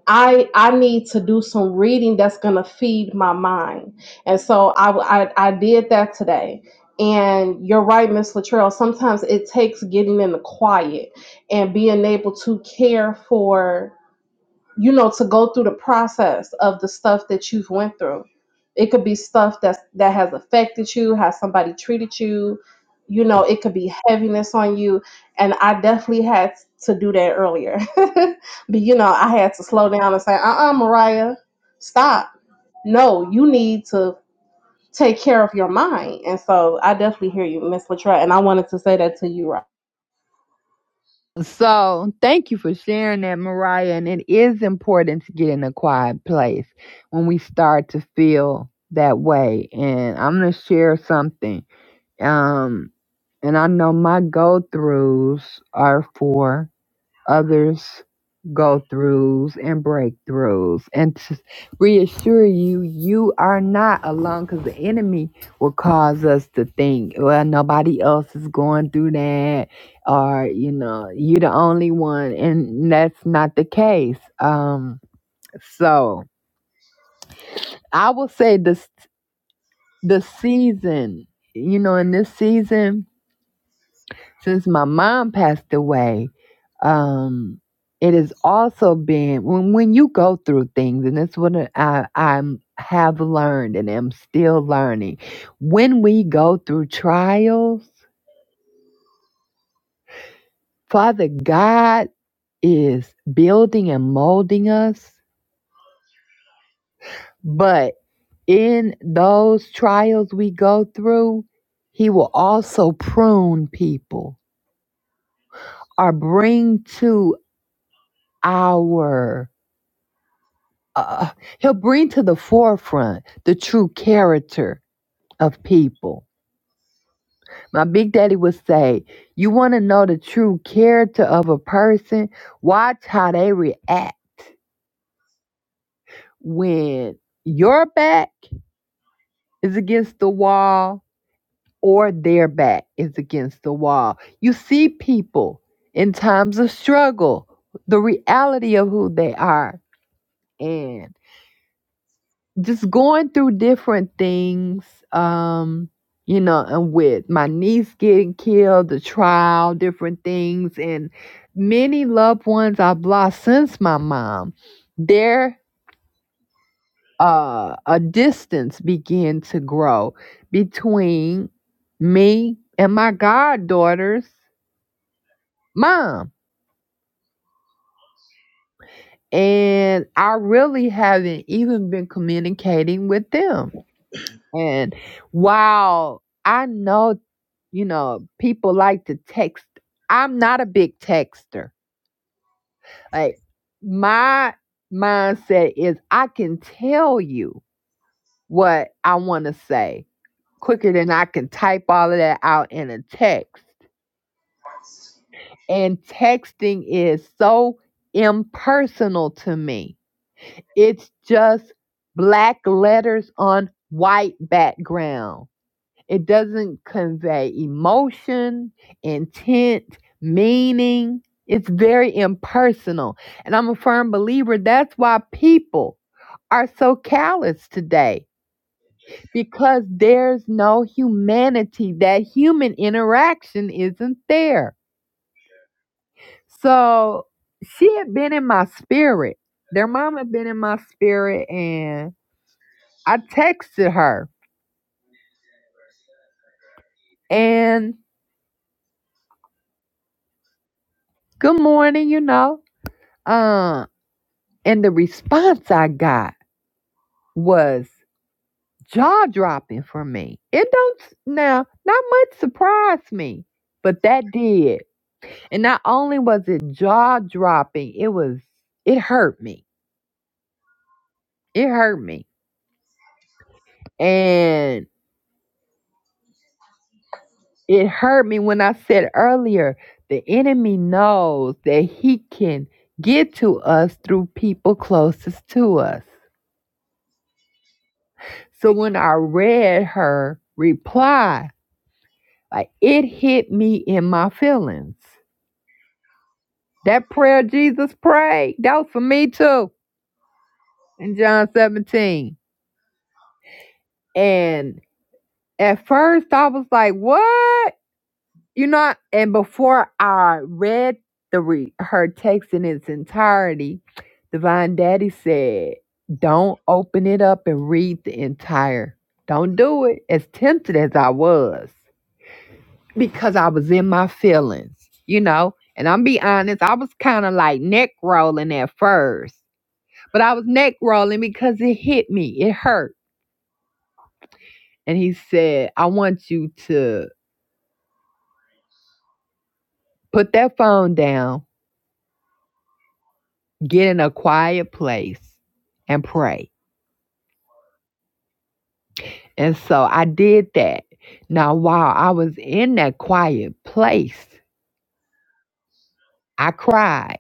Speaker 4: I I need to do some reading that's gonna feed my mind, and so I I, I did that today. And you're right, Miss Latrell. Sometimes it takes getting in the quiet and being able to care for you know to go through the process of the stuff that you've went through it could be stuff that's that has affected you how somebody treated you you know it could be heaviness on you and i definitely had to do that earlier [laughs] but you know i had to slow down and say uh-uh mariah stop no you need to take care of your mind and so i definitely hear you miss latra and i wanted to say that to you right
Speaker 1: So thank you for sharing that, Mariah. And it is important to get in a quiet place when we start to feel that way. And I'm gonna share something. Um, and I know my go throughs are for others go throughs and breakthroughs and to reassure you you are not alone because the enemy will cause us to think well nobody else is going through that or you know you're the only one and that's not the case um so i will say this the season you know in this season since my mom passed away, um, it has also been when when you go through things, and that's what I i have learned and am still learning. When we go through trials, Father God is building and molding us, but in those trials we go through, He will also prune people or bring to our uh, he'll bring to the forefront the true character of people. My big daddy would say, You want to know the true character of a person? Watch how they react when your back is against the wall or their back is against the wall. You see people in times of struggle, the reality of who they are. and. just going through different things um you know and with my niece getting killed the trial different things and many loved ones i've lost since my mom there uh a distance began to grow between me and my goddaughter's mom and i really haven't even been communicating with them and while I know You know, people like to text. I'm not a big texter. Like my mindset is I can tell you what I want to say quicker than I can type all of that out in a text. And texting is so impersonal to me. It's just black letters on white background It doesn't convey emotion, intent, meaning. It's very impersonal. And I'm a firm believer that's why people are so callous today because there's no humanity. That human interaction isn't there. So she had been in my spirit. Their mom had been in my spirit, and I texted her and good morning, you know. uh. And the response I got was jaw dropping for me. It don't now not much surprised me, but that did. And not only was it jaw dropping, it was it hurt me. It hurt me. And it hurt me when I said earlier the enemy knows that he can get to us through people closest to us. So when I read her reply, Like it hit me in my feelings. That prayer Jesus prayed, that was for me too in John 17. And at first I was like, what? You know, and before I read the re- her text in its entirety, Divine Daddy said, don't open it up and read the entire. Don't do it. As tempted as I was. because I was in my feelings, you know. And I'm be honest, I was kind of like neck rolling at first, but I was neck rolling because it hit me, it hurt. And he said, I want you to put that phone down, get in a quiet place, and pray. And so I did that. Now, while I was in that quiet place, I cried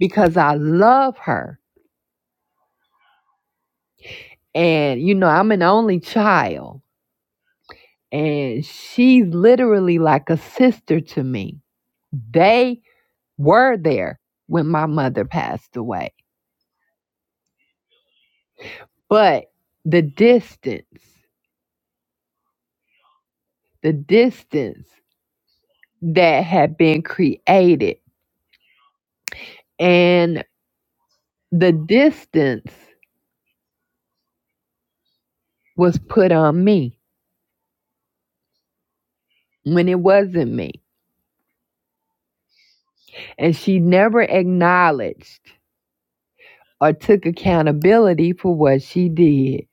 Speaker 1: because I love her. And, you know, I'm an only child. and she's literally like a sister to me. They were there when my mother passed away, but the distance, the distance that had been created, and the distance was put on me when it wasn't me. And she never acknowledged or took accountability for what she did.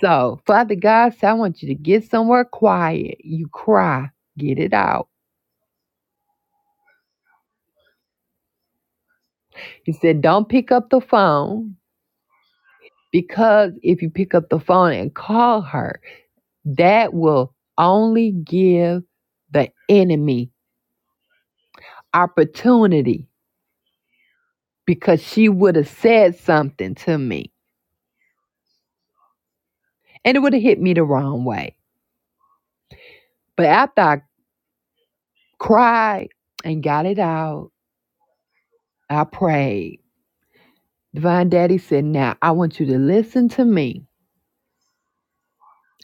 Speaker 1: So, Father God said, I want you to get somewhere quiet. You cry, get it out. He said, Don't pick up the phone because if you pick up the phone and call her, that will only give the enemy opportunity because she would have said something to me and it would have hit me the wrong way. But after I cried and got it out, I prayed. Divine Daddy said, Now I want you to listen to me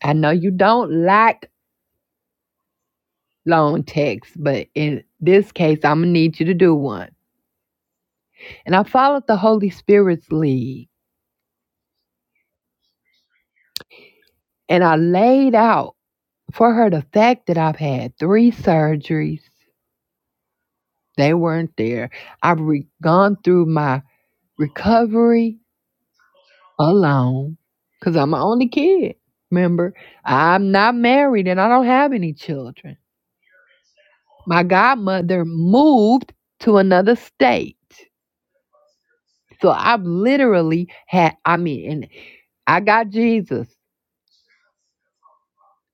Speaker 1: I know you don't like long texts, but in this case, I'm gonna need you to do one. And I followed the Holy Spirit's lead and I laid out for her the fact that I've had three surgeries. They weren't there. I've re- gone through my recovery alone because I'm my only kid. Remember, I'm not married and I don't have any children. My godmother moved to another state. So I've literally had, I mean, and I got Jesus.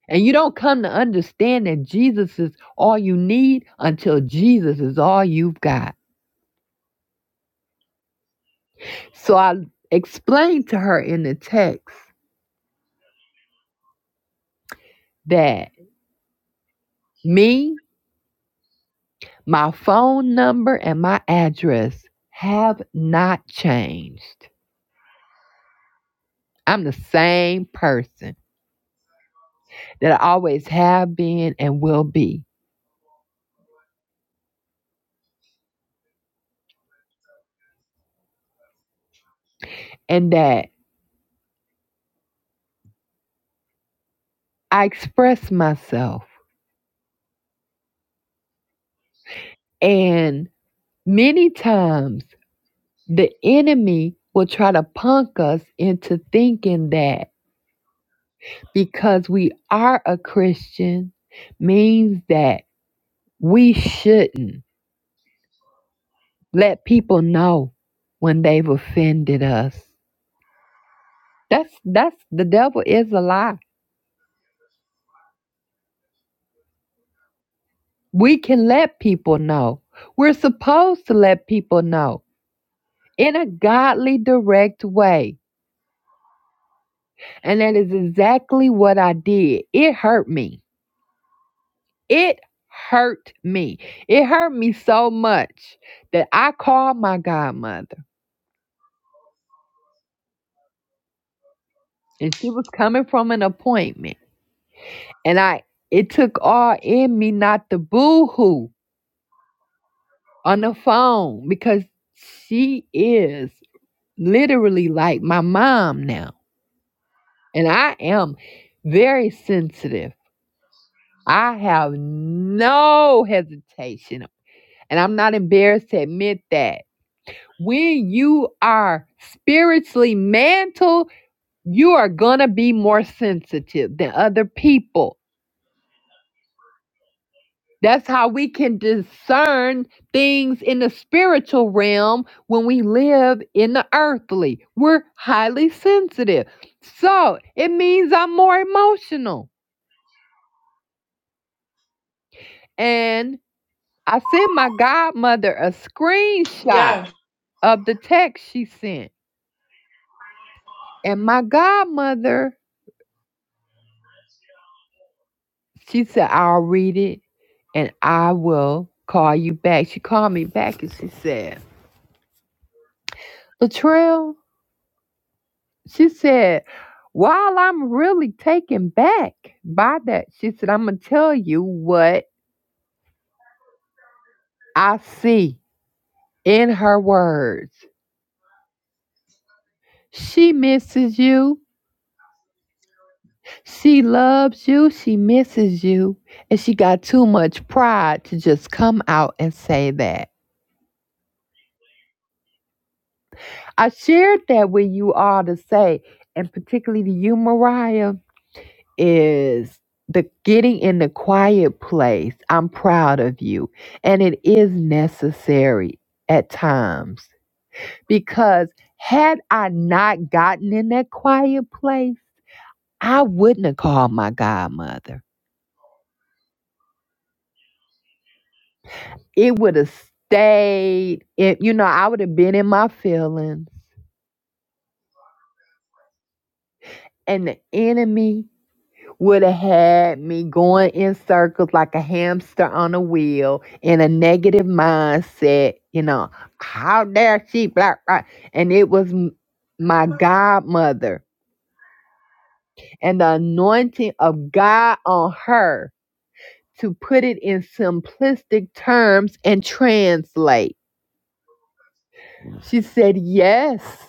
Speaker 1: And you don't come to understand that Jesus is all you need until Jesus is all you've got. So I explained to her in the text that me, my phone number, and my address have not changed. I'm the same person that I always have been and will be. And that I express myself. and. Many times the enemy will try to punk us into thinking that because we are a Christian means that we shouldn't let people know when they've offended us. That's that's the devil is a lie. We can let people know. We're supposed to let people know in a godly direct way. And that is exactly what I did. It hurt me. It hurt me. It hurt me so much that I called my godmother and she was coming from an appointment. And I it took all in me not to boo hoo on the phone because she is literally like my mom now. And I am very sensitive. I have no hesitation. And I'm not embarrassed to admit that when you are spiritually mantled, you are going to be more sensitive than other people. That's how we can discern things in the spiritual realm when we live in the earthly. We're highly sensitive. So it means I'm more emotional. And I sent my godmother a screenshot of the text she sent. And my godmother, she said, I'll read it and I will call you back. She called me back and she said, Latrell, she said, while I'm really taken back by that, she said, I'm going to tell you what I see in her words. She misses you. She loves you. She misses you. And she got too much pride to just come out and say that. I shared that with you all to say, and particularly to you, Mariah is the getting in the quiet place. I'm proud of you. And it is necessary at times because had I not gotten in that quiet place, I wouldn't have called my godmother. It would have stayed, it, you know, I would have been in my feelings and the enemy. would have had me going in circles like a hamster on a wheel in a negative mindset. You know, how dare she, black, right? And it was m- my godmother and the anointing of God on her to put it in simplistic terms and translate. She said, Yes.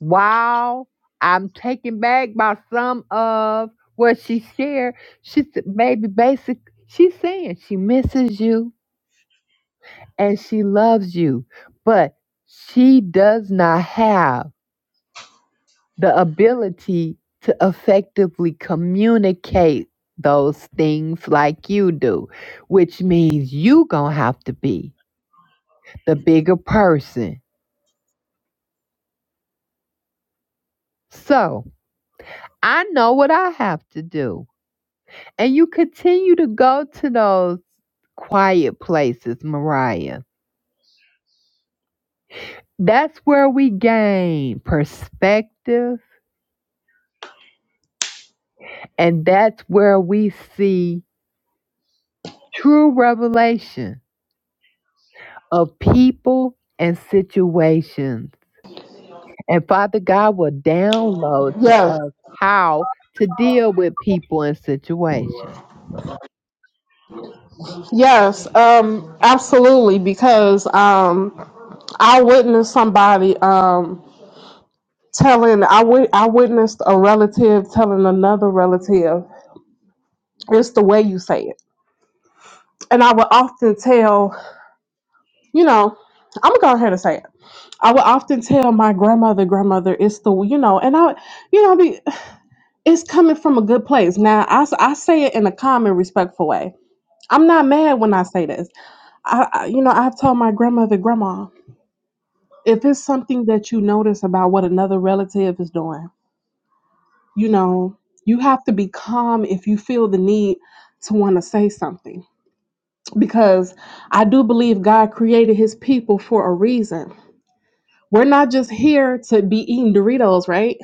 Speaker 1: Wow, I'm taken back by some of what she shared. She said, baby, basic, she's saying she misses you and she loves you, but she does not have the ability to effectively communicate those things like you do, which means you gonna have to be the bigger person. So I know what I have to do. And you continue to go to those quiet places, Mariah. That's where we gain perspective, and that's where we see true revelation of people and situations. And Father God will download to
Speaker 4: yeah
Speaker 1: us how to deal with people and situations.
Speaker 4: yes um absolutely because um I witnessed somebody um telling I wit- I witnessed a relative telling another relative. It's the way you say it. And I would often tell, you know, I'm gonna go ahead and say it. I would often tell my grandmother, grandmother, it's the you know, and I you know, be it's coming from a good place. Now I, s- I say it in a calm and respectful way. I'm not mad when I say this. I, I you know, I've told my grandmother, grandma, if it's something that you notice about what another relative is doing, you know, you have to be calm if you feel the need to want to say something because I do believe God created his people for a reason. We're not just here to be eating Doritos, right?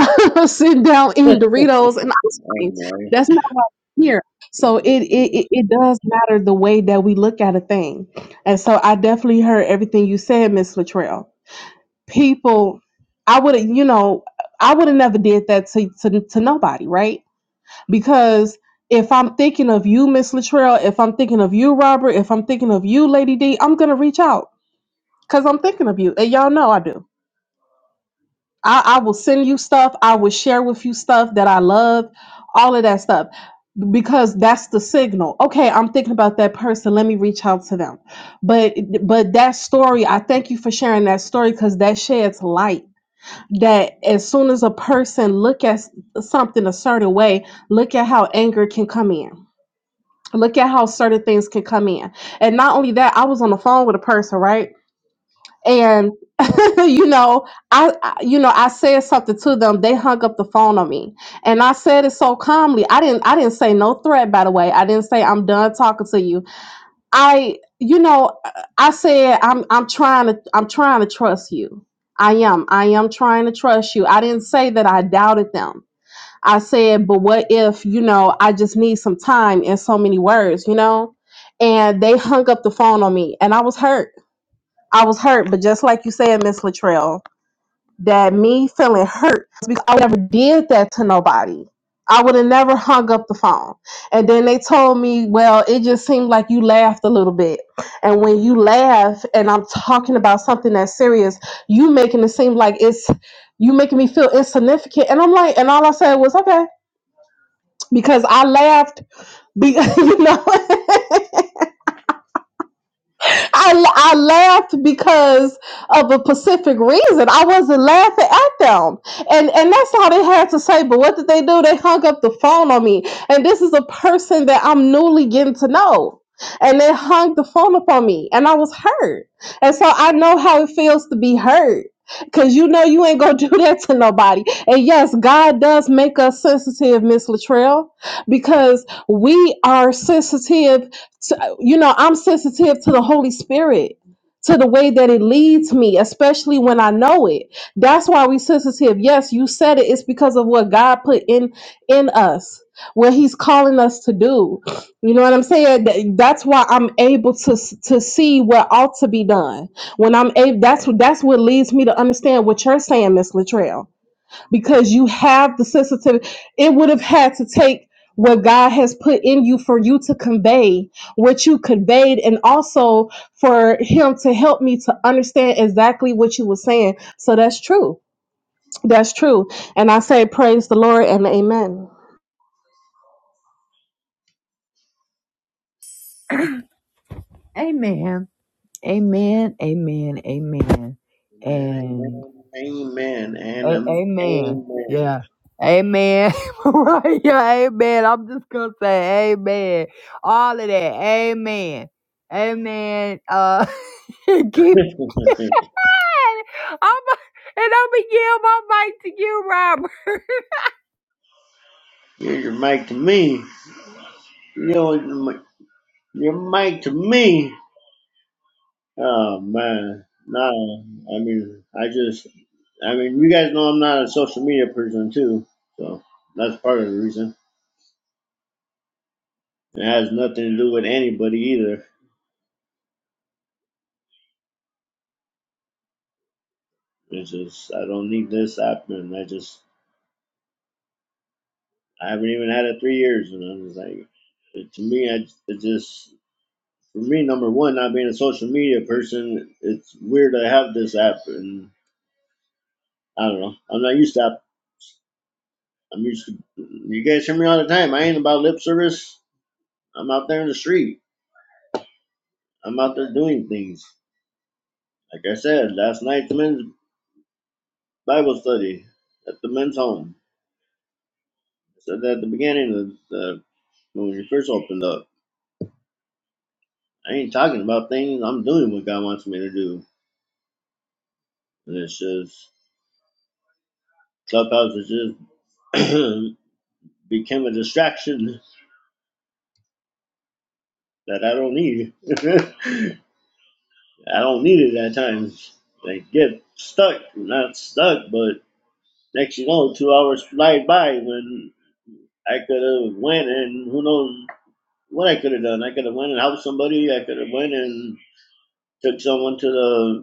Speaker 4: [laughs] Sitting down
Speaker 2: Hey,
Speaker 4: eating
Speaker 2: [laughs]
Speaker 4: Doritos and ice cream.
Speaker 2: Amen.
Speaker 4: That's not why we're here. So it,
Speaker 2: Amen,
Speaker 4: it it it does matter the way that we look at a thing. And so I definitely heard everything you said, Miss Latrell. People I would have, you know, I would have never did that to, to to nobody, right? because if I'm thinking of you, Miss Latrell, if I'm thinking of you, Robert, if I'm thinking of you, Lady D, I'm gonna reach out because I'm thinking of you, and y'all know I do. I, I will send you stuff. I will share with you stuff that I love, all of that stuff, because that's the signal. Okay, I'm thinking about that person. Let me reach out to them. But but that story, I thank you for sharing that story because that sheds light. That as soon as a person look at something a certain way, look at how anger can come in Look at how certain things can come in. And not only that, I was on the phone with a person, right? And [laughs] you know, I, I you know, I said something to them. They hung up the phone on me. And I said it so calmly. I didn't I didn't say no threat by the way. I didn't say I'm done talking to you. I you know, I said I'm I'm trying to I'm trying to trust you. I am. I am trying to trust you. I didn't say that I doubted them. I said, but what if, you know, I just need some time and so many words, you know? And they hung up the phone on me and I was hurt. I was hurt, but just like you said, Miss Latrell, that me feeling hurt is because I never did that to nobody. I would have never hung up the phone. And then they told me, well, it just seemed like you laughed a little bit. And when you laugh and I'm talking about something that's serious, you making it seem like it's you making me feel insignificant. And I'm like, and all I said was, okay because I laughed. Be, [laughs] you know, [laughs] I, I laughed because of a specific reason. I wasn't laughing at them. And and that's all they had to say. But what did they do? They hung up the phone on me. And this is a person that I'm newly getting to know. And they hung the phone up on me. And I was hurt. And so I know how it feels to be hurt. Cause you know you ain't gonna [laughs] do that to nobody. And yes, God does make us sensitive, Miss Latrell, because we are sensitive you know, I'm sensitive to the Holy Spirit, to the way that it leads me, especially when I know it. That's why we sensitive. Yes, you said it. It's because of what God put in in us, what He's calling us to do. You know what I'm saying? Th- That's why I'm able to s- to see what ought to be done. When I'm able, that's what that's what leads me to understand what you're saying, Miss Latrell because you have the sensitivity. It would have had to take what God has put in you for you to convey what you conveyed, and also for Him to help me to understand exactly what you were saying. So that's true. That's true. And I say, praise the Lord and amen.
Speaker 1: Amen. Amen. Amen. Amen.
Speaker 2: amen,
Speaker 1: And
Speaker 2: amen, and
Speaker 1: A-
Speaker 2: um,
Speaker 1: amen.
Speaker 2: amen.
Speaker 1: Yeah. Amen. [laughs] right. Yeah. Amen. I'm just gonna say amen. All of that. Amen. Amen. Uh, [laughs] keep.
Speaker 2: [laughs]
Speaker 1: I'm and I'm gonna give my mic to you, Robert. [laughs]
Speaker 2: Here's your mic to me. You know, your your mic to me. Oh man, nah. I mean, I just I mean, you guys know I'm not a social media person too, so that's part of the reason. It has nothing to do with anybody either. It's just I don't need this app, and I just I haven't even had it three years, and I'm just like, it- to me, I it just for me number one, not being a social media person, it's weird to have this app, and I don't know, I'm not used to app. I'm used to you guys hear me all the time. I ain't about lip service. I'm out there in the street. I'm out there doing things. Like I said, last night, Bible study at the men's home. I said that at the beginning of the, when you first opened up. I ain't talking about things. I'm doing what God wants me to do. And it's just Clubhouse is just [clears throat] became a distraction that I don't need. [laughs] I don't need it at times. They get stuck, not stuck, but next you know, two hours fly by when I could have went and who knows what I could have done. I could have went and helped somebody. I could have went and took someone to the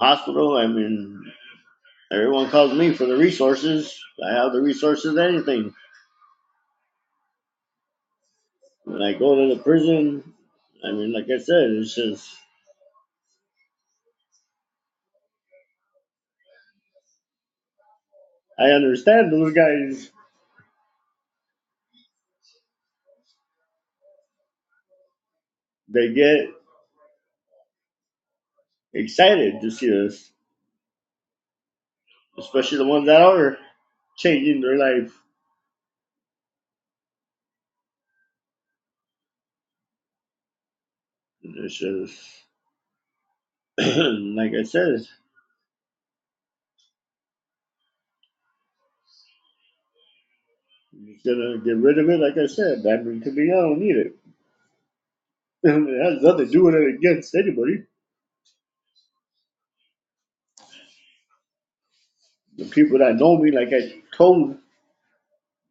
Speaker 2: hospital. I mean, everyone calls me for the resources. I have the resources, anything. When I go to the prison, I mean, like I said, it's just, I understand those guys, they get excited to see us, especially the ones that are changing their life. It's just, [clears throat] like I said, he's gonna get rid of it, like I said. I mean, to me, I don't need it. [laughs] it has nothing to do with it against anybody. The people that know me, like I told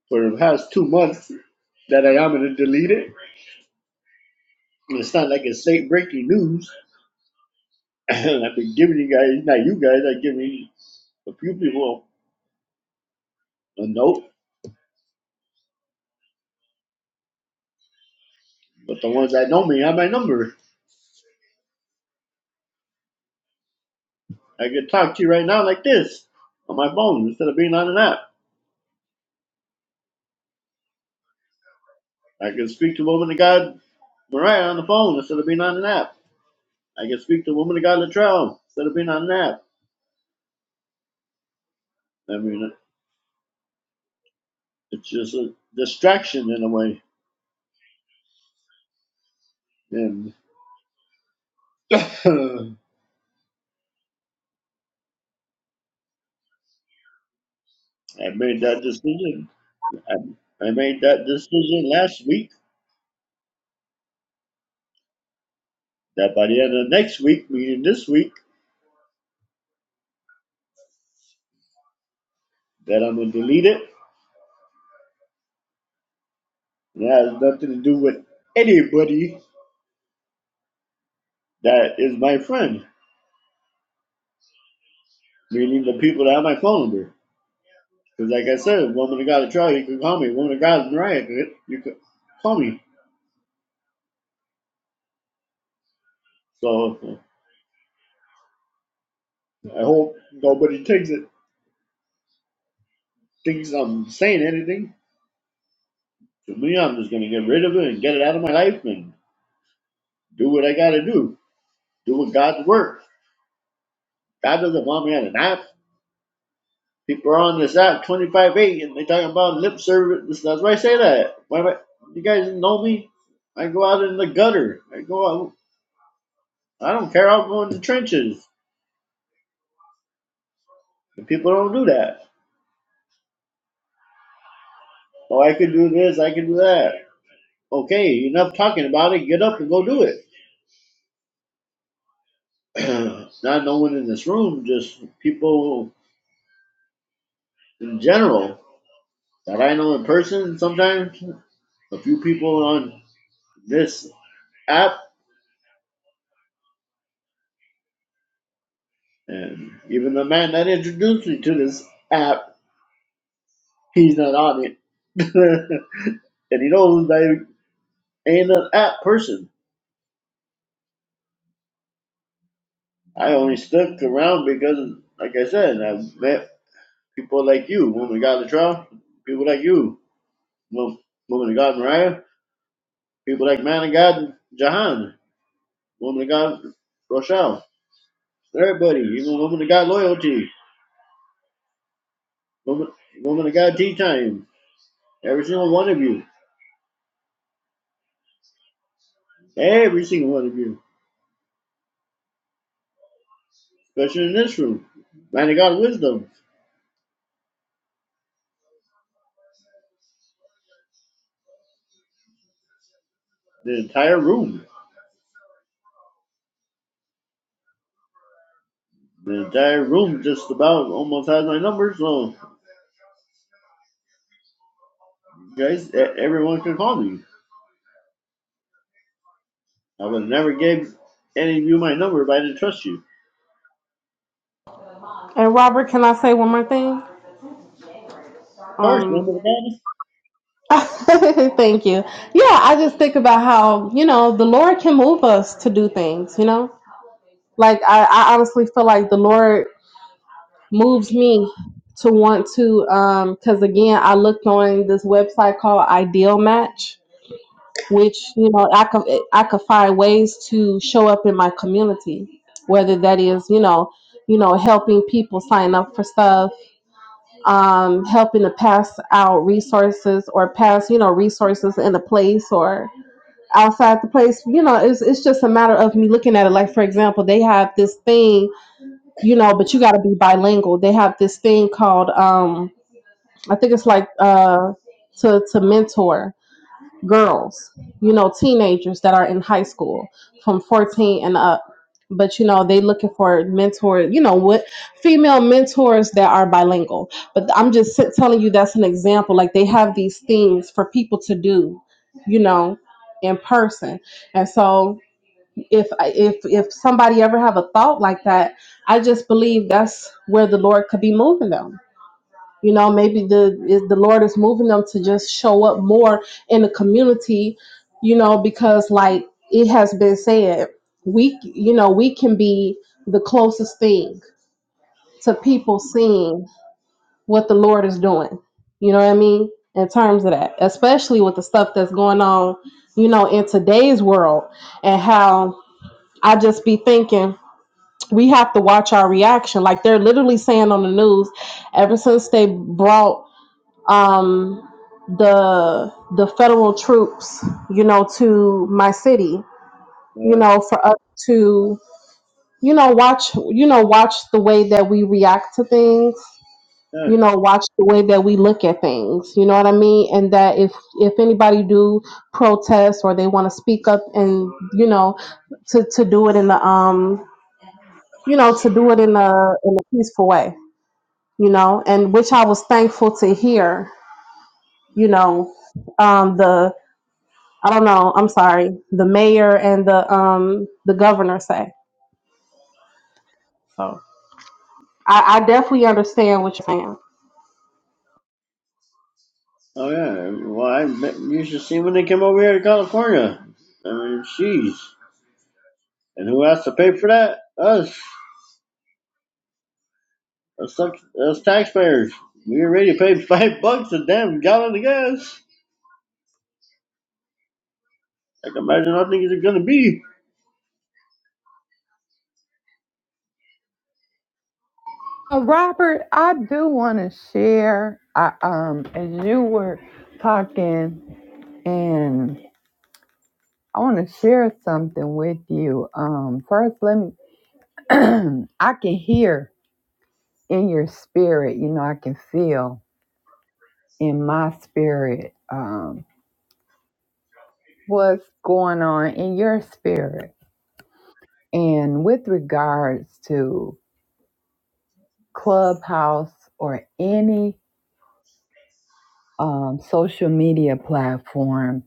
Speaker 2: for the past two months, that I am going to delete it. It's not like it's late breaking news. [clears throat] I've been giving you guys, not you guys, I've given a few people a note, but the ones that know me have my number. I can talk to you right now like this on my phone instead of being on an app. I can speak to woman of God Mariah on the phone instead of being on an app. I can speak to woman of God Latrell instead of being on an app. I mean, it's just a distraction in a way. And [clears throat] [laughs] I made that decision. I, I made that decision last week That by the end of next week, meaning this week, that I'm gonna delete it. And it has nothing to do with anybody that is my friend, meaning the people that have my phone number. Because like I said, woman of God is Charlie, you can call me. Woman of God is Mariah, you can call me. So I hope nobody takes it thinks I'm saying anything. To me, I'm just gonna get rid of it and get it out of my life and do what I gotta do. Do what God's work. God doesn't want me on an app. People are on this app 25-8 and they talking about lip service. That's why I say that. Why am I, you guys know me? I go out in the gutter. I go out. I don't care. I'll go in the trenches. And people don't do that. Oh, I could do this. I could do that. Okay, enough talking about it. Get up and go do it. [clears throat] Not no one in this room, just people in general that I know in person sometimes. A few people on this app and even the man that introduced me to this app He's not on it. [laughs] and he knows I ain't an app person. I only stuck around because, like I said, I met people like you, woman of God Latrell, people like you, woman of God Mariah, people like man of God Jahan, woman of God Rochelle, everybody, even woman of God Loyalty, woman, woman of God Tea Time, every single one of you, every single one of you, especially in this room, man of God Wisdom, the entire room The entire room just about almost has my number, so guys, e- everyone can call me. I would never gave any of you my number if I didn't trust you. Of
Speaker 4: And Robert, can I say one more thing?
Speaker 2: course,
Speaker 4: Um,
Speaker 2: remember that?
Speaker 4: [laughs] thank you. Yeah, I just think about how, you know, the Lord can move us to do things, you know? Like, I, I honestly feel like the Lord. moves me to want to um because again i looked on this website called ideal match which you know i could i could find ways to show up in my community whether that is you know you know helping people sign up for stuff um helping to pass out resources or pass you know resources in a place or outside the place you know it's, it's just a matter of me looking at it like for example they have this thing you know, but you got to be bilingual. They have this thing called, um, I think it's like uh, to to mentor girls, you know, teenagers that are in high school from fourteen and up. But you know, they looking for mentors, you know, what female mentors that are bilingual. But I'm just s- telling you that's an example. Like they have these things for people to do, you know, in person, and so if I- if if somebody ever have a thought like that i just believe that's where the lord could be moving them you know maybe the is- the lord is moving them to just show up more in the community you know because like it has been said we you know we can be the closest thing to people seeing what the lord is doing you know what i mean in terms of that especially with the stuff that's going on you know in today's world and how i just be thinking we have to watch our reaction. Like they're literally saying on the news, ever since they brought um, the the federal troops, you know, to my city, you
Speaker 2: Yeah.
Speaker 4: know, for us to, you know, watch, you know, watch the way that we react to things,
Speaker 2: yeah.
Speaker 4: you know, watch the way that we look at things. You know what I mean? And that if if anybody do protest or they want to speak up and you know to to do it in the um you know, to do it in a in a peaceful way, you know, and which I was thankful to hear, you know, um, the I don't know, I'm sorry, the mayor and the um the governor say. So I, I definitely understand what you're saying.
Speaker 2: Oh yeah. Well, I bet you should see when they came over here to California. I mean, jeez. And who has to pay for that? Us. Us, us taxpayers. We already paid [laughs] five bucks a damn gallon of gas. I can imagine how things are gonna be.
Speaker 1: Uh, Robert, I do want to share. I, um, as you were talking, and I want to share something with you. Um, first, let me. [clears throat] I can hear. in your spirit, you know, I can feel in my spirit um, what's going on in your spirit. And with regards to Clubhouse or any um, social media platform,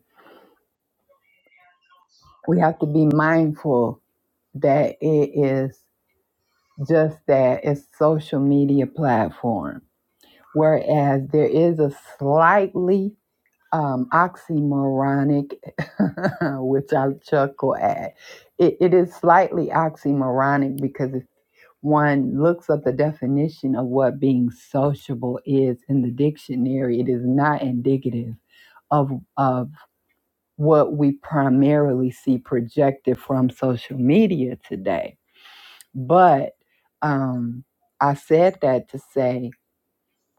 Speaker 1: we have to be mindful that it is just that it's social media platform. Whereas there is a slightly um, oxymoronic, [laughs] which I chuckle at. It, it is slightly oxymoronic because if one looks up the definition of what being sociable is in the dictionary, it is not indicative of of what we primarily see projected from social media today. But um, I said that to say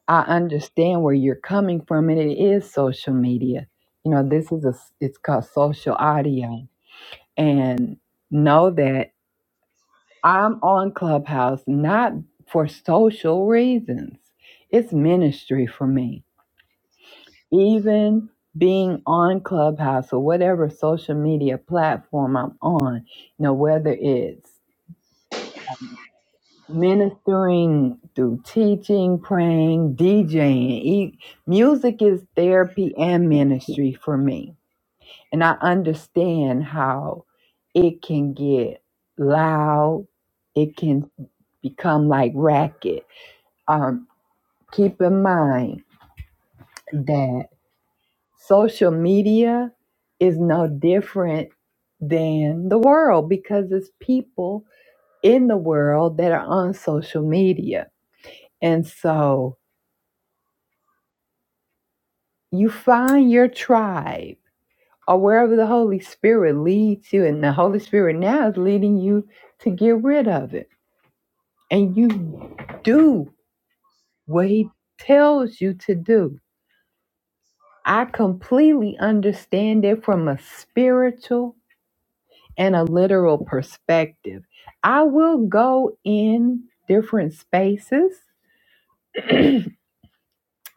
Speaker 1: I understand where you're coming from, and it is social media. You know, this is a s- it's called social audio, and know that I'm on Clubhouse not for social reasons. It's ministry for me. Even being on Clubhouse or whatever social media platform I'm on, you know, whether it's ministering through teaching, praying, DJing. E- Music is therapy and ministry for me. And I understand how it can get loud, it can become like racket. Um, keep in mind that social media is no different than the world because it's people in the world that are on social media. And so you find your tribe or wherever the Holy Spirit leads you, and the Holy Spirit now is leading you to get rid of it. And you do what He tells you to do. I completely understand it from a spiritual and a literal perspective. I will go in different spaces [clears throat]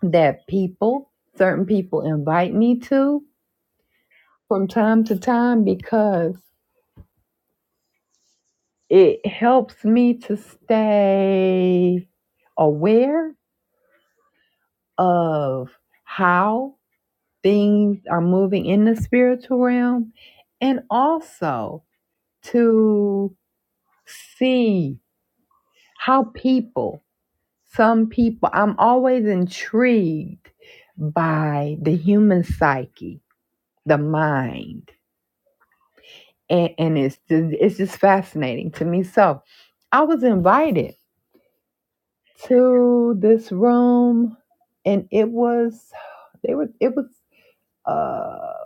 Speaker 1: that people, certain people, invite me to from time to time because. It helps me to stay aware of how things are moving in the spiritual realm and also to see how people, some people, I'm always intrigued by the human psyche, the mind. And, and it's just, it's just fascinating to me. So I was invited to this room and it was they were it was a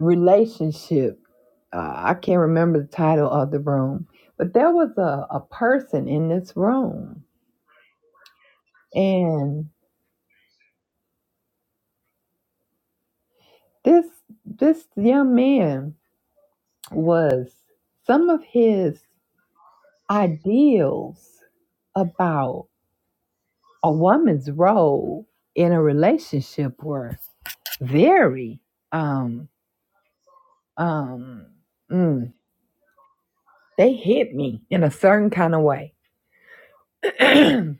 Speaker 1: relationship uh, i can't remember the title of the room but there was a, a person in this room and this this young man was some of his ideals about a woman's role in a relationship were very um um mm, they hit me in a certain kind of way. [clears throat] and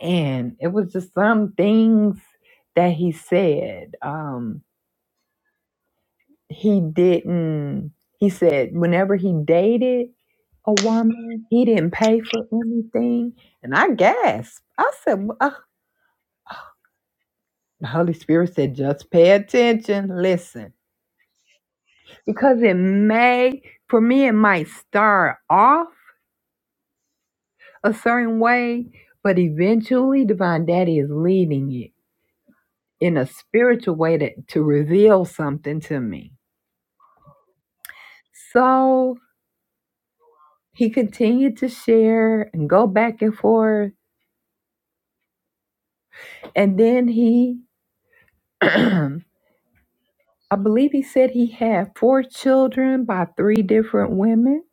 Speaker 1: it was just some things that he said. Um, he didn't, he said, whenever he dated a woman, he didn't pay for anything. And I gasped. I said, "Wha- uh, the Holy Spirit said, just pay attention, listen. Because it may, for me, it might start off a certain way, but eventually Divine Daddy is leading it in a spiritual way to, to reveal something to me. So he continued to share and go back and forth. And then he, [clears throat] I believe he said he had four children by three different women.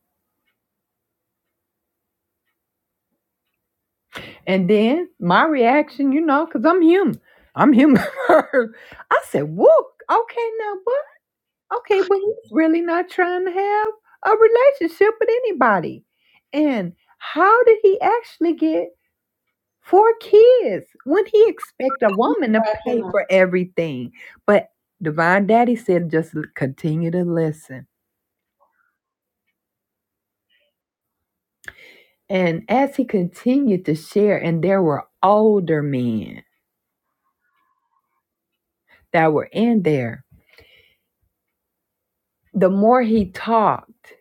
Speaker 1: And then my reaction, you know, because I'm human, I'm human. [laughs] I said, whoop, okay, now what? Okay, but he's really not trying to have a relationship with anybody. And how did he actually get? Four kids. When he expect a woman to pay
Speaker 4: Cracking up.
Speaker 1: for everything. But Divine Daddy said just l- continue to listen. And as he continued to share, and there were older men that were in there, the more he talked,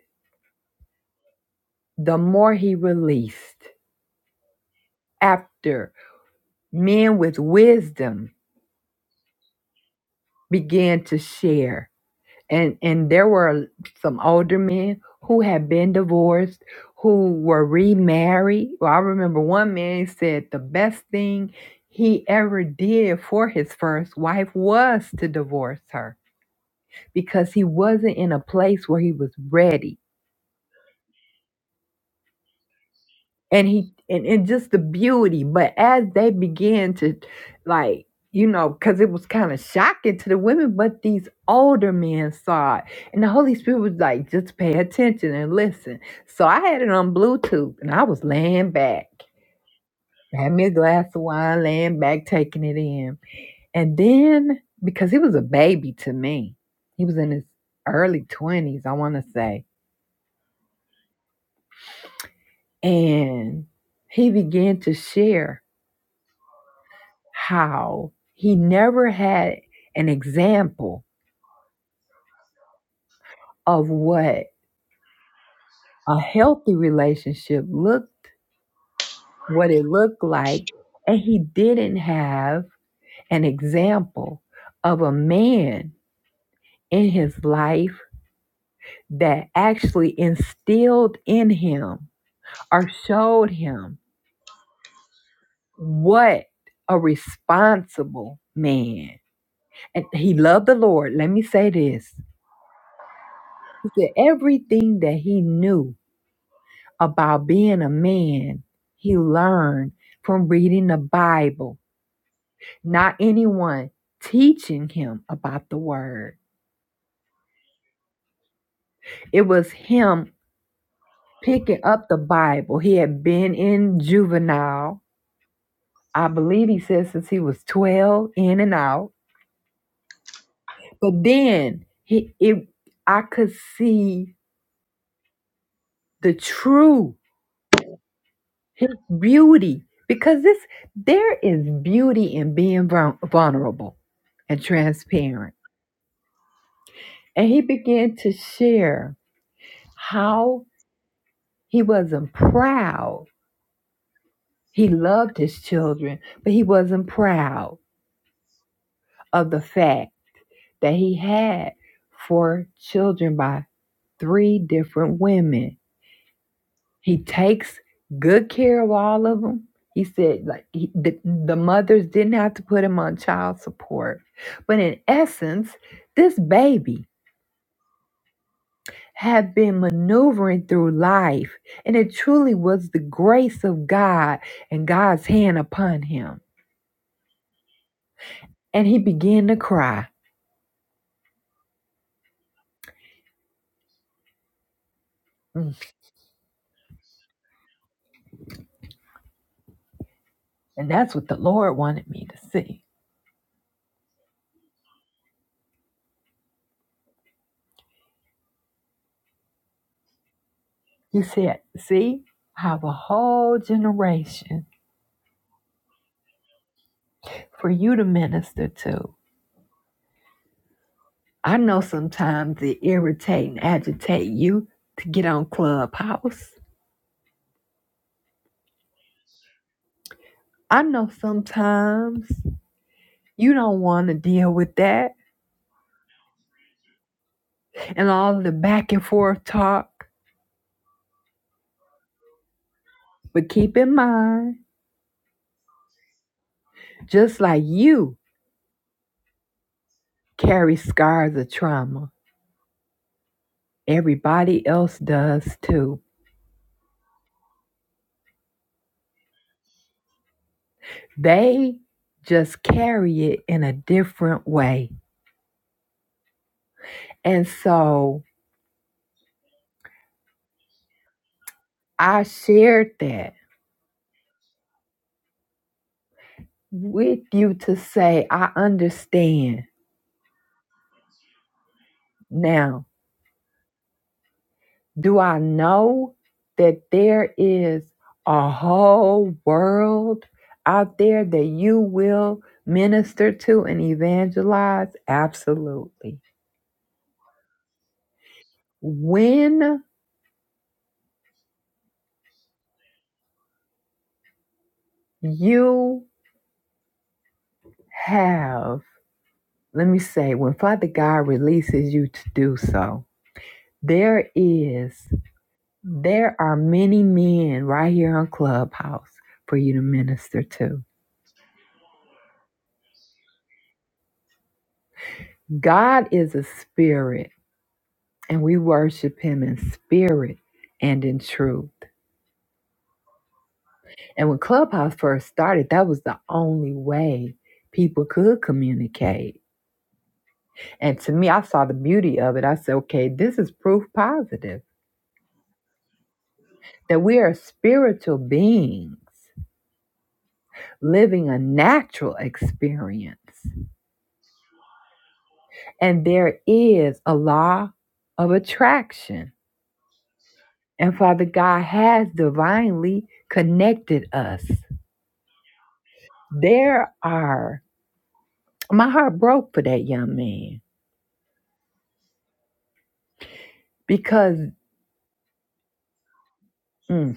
Speaker 1: the more he released. After men with wisdom began to share and and there were some older men who had been divorced who were remarried well i remember one man said the best thing he ever did for his first wife was to divorce her because he wasn't in a place where he was ready and he and, and just the beauty but as they began to like you know because it was kind of shocking to the women but these older men saw it and the holy spirit was like just pay attention and listen so i had it on bluetooth and i was laying back had me a glass of wine laying back taking it in and then because he was a baby to me he was in his early 20s i want to say and he began to share how he never had an example of what a healthy relationship looked, what it looked like, and he didn't have an example of a man in his life that actually instilled in him or showed him what a responsible man. And he loved the Lord. Let me say this. He said everything that he knew about being a man. He learned from reading the Bible, not anyone teaching him about the word. It was him picking up the Bible. He had been in juvenile, I believe he said since he was 12, in and out. But then he it I could see the true his beauty because this there is beauty in being vulnerable and transparent And he began to share how he wasn't proud. He loved his children, but he wasn't proud of the fact that he had four children by three different women. He takes good care of all of them. He said, like, he, the, the mothers didn't have to put him on child support. But in essence, this baby have been maneuvering through life, and it truly was the grace of God and God's hand upon him. And he began to cry. Mm. And that's what the Lord wanted me to see. He said, See I have a whole generation for you to minister to. I know sometimes it irritate and agitate you to get on Clubhouse. I know sometimes you don't want to deal with that and all of the back and forth talk. But keep in mind, just like you carry scars of trauma, everybody else does too. They just carry it in a different way. And so I shared that with you to say, I understand. Now, do I know that there is a whole world out there that you will minister to and evangelize? Absolutely. When you have, let me say, when Father God releases you to do so, there is, there are many men right here on Clubhouse for you to minister to. God is a spirit, and we worship him in spirit and in truth. And when Clubhouse first started, that was the only way people could communicate. And to me, I saw the beauty of it. I said, okay, this is proof positive that we are spiritual beings living a natural experience. And there is a law of attraction. And Father God has divinely connected us. There are, my heart broke for that young man because mm,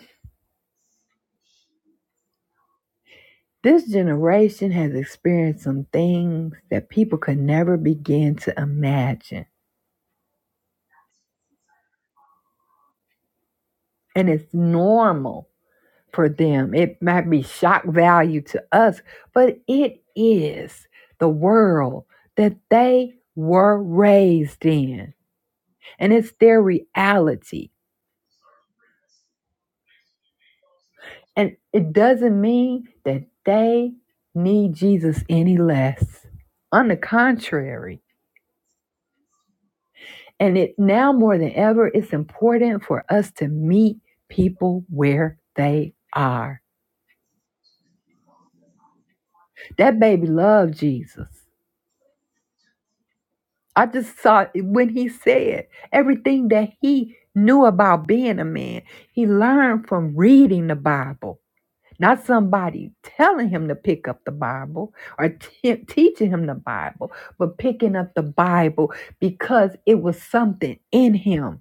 Speaker 1: this generation has experienced some things that people could never begin to imagine. And it's normal for them. It might be shock value to us, but it is the world that they were raised in, and it's their reality. And it doesn't mean that they need Jesus any less. On the contrary, and it now more than ever, it's important for us to meet people where they are. That baby loved Jesus. I just saw it when he said everything that he knew about being a man, he learned from reading the Bible, not somebody telling him to pick up the Bible or te- teaching him the Bible, but picking up the Bible because it was something in him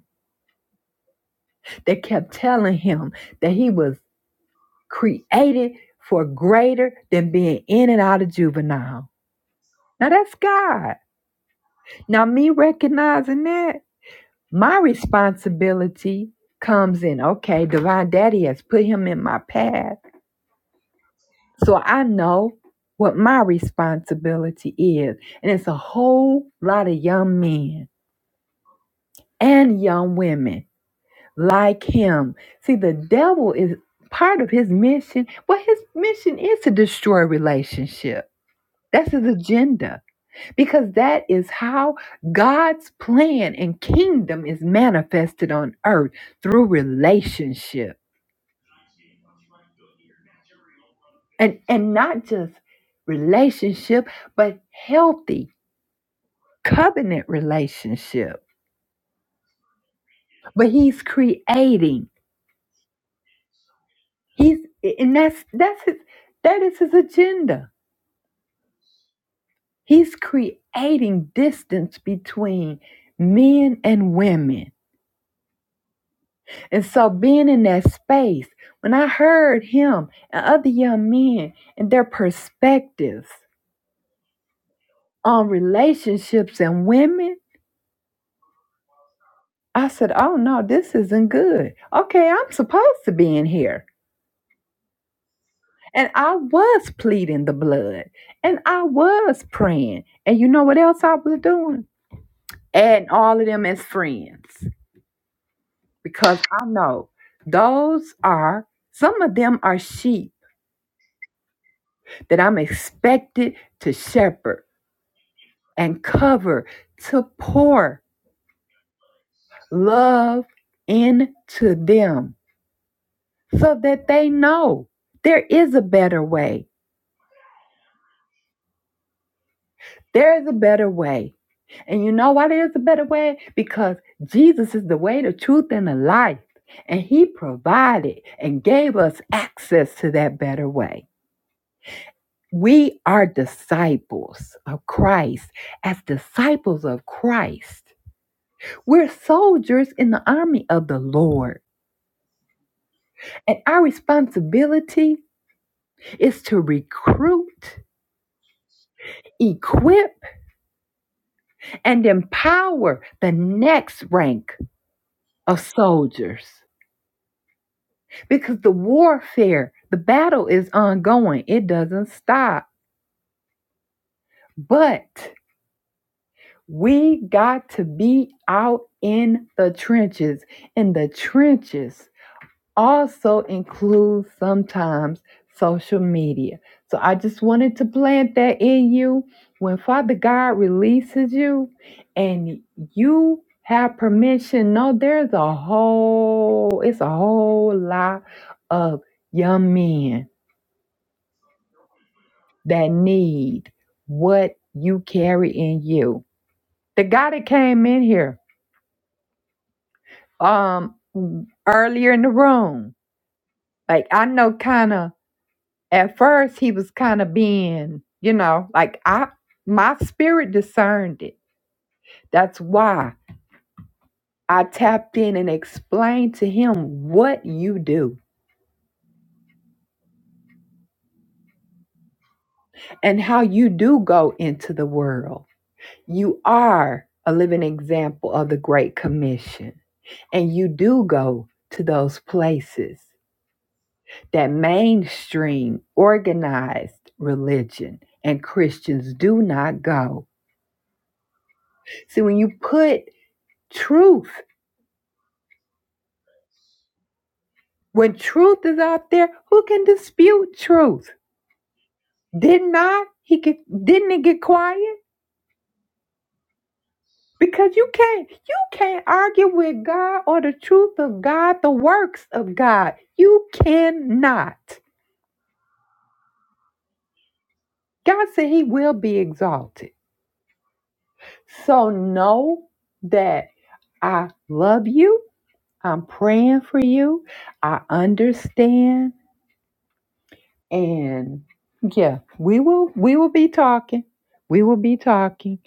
Speaker 1: that kept telling him that he was created for greater than being in and out of juvenile. Now that's God. Now me recognizing that. My responsibility comes in, okay, Divine Daddy has put him in my path. So I know what my responsibility is. And it's a whole lot of young men and young women like him. See, the devil is part of his mission. Well, his mission is to destroy relationship. That's his agenda because that is how God's plan and kingdom is manifested on earth through relationships. and and not just relationship but healthy covenant relationship but he's creating he's and that's that's his that is his agenda he's creating distance between men and women and so being in that space when i heard him and other young men and their perspectives on relationships and women I said, Oh no, this isn't good. Okay, I'm supposed to be in here. And I was pleading the blood and I was praying. And you know what else I was doing? Adding all of them as friends because I know those are, some of them are sheep that I'm expected to shepherd and cover, to pour love into them so that they know there is a better way There's a better way. And you know why there's a better way? Because Jesus is the way, the truth, and the life. And he provided and gave us access to that better way. We are disciples of Christ. As disciples of Christ, we're soldiers in the army of the Lord. And our responsibility is to recruit, equip, and empower the next rank of soldiers. because the warfare, the battle is ongoing. It doesn't stop. But we got to be out in the trenches. And the trenches also include sometimes social media. So I just wanted to plant that in you. When Father God releases you and you have permission, no, there's a whole, it's a whole lot of young men that need what you carry in you. The guy that came in here um earlier in the room, like I know kind of at first he was kind of being, you know, like I my spirit discerned it. That's why I tapped in and explained to him what you do and how you do go into the world You are a living example of the Great Commission, and you do go to those places that mainstream organized religion and Christians do not go. See, when you put truth, when truth is out there, who can dispute truth? Did not he get, didn't it get quiet? Because you can't you can't argue with God or the truth of God, the works of God. You cannot. God said he will be exalted. So know that I love you. I'm praying for you. I understand. And yeah, we will we will be talking. We will be talking.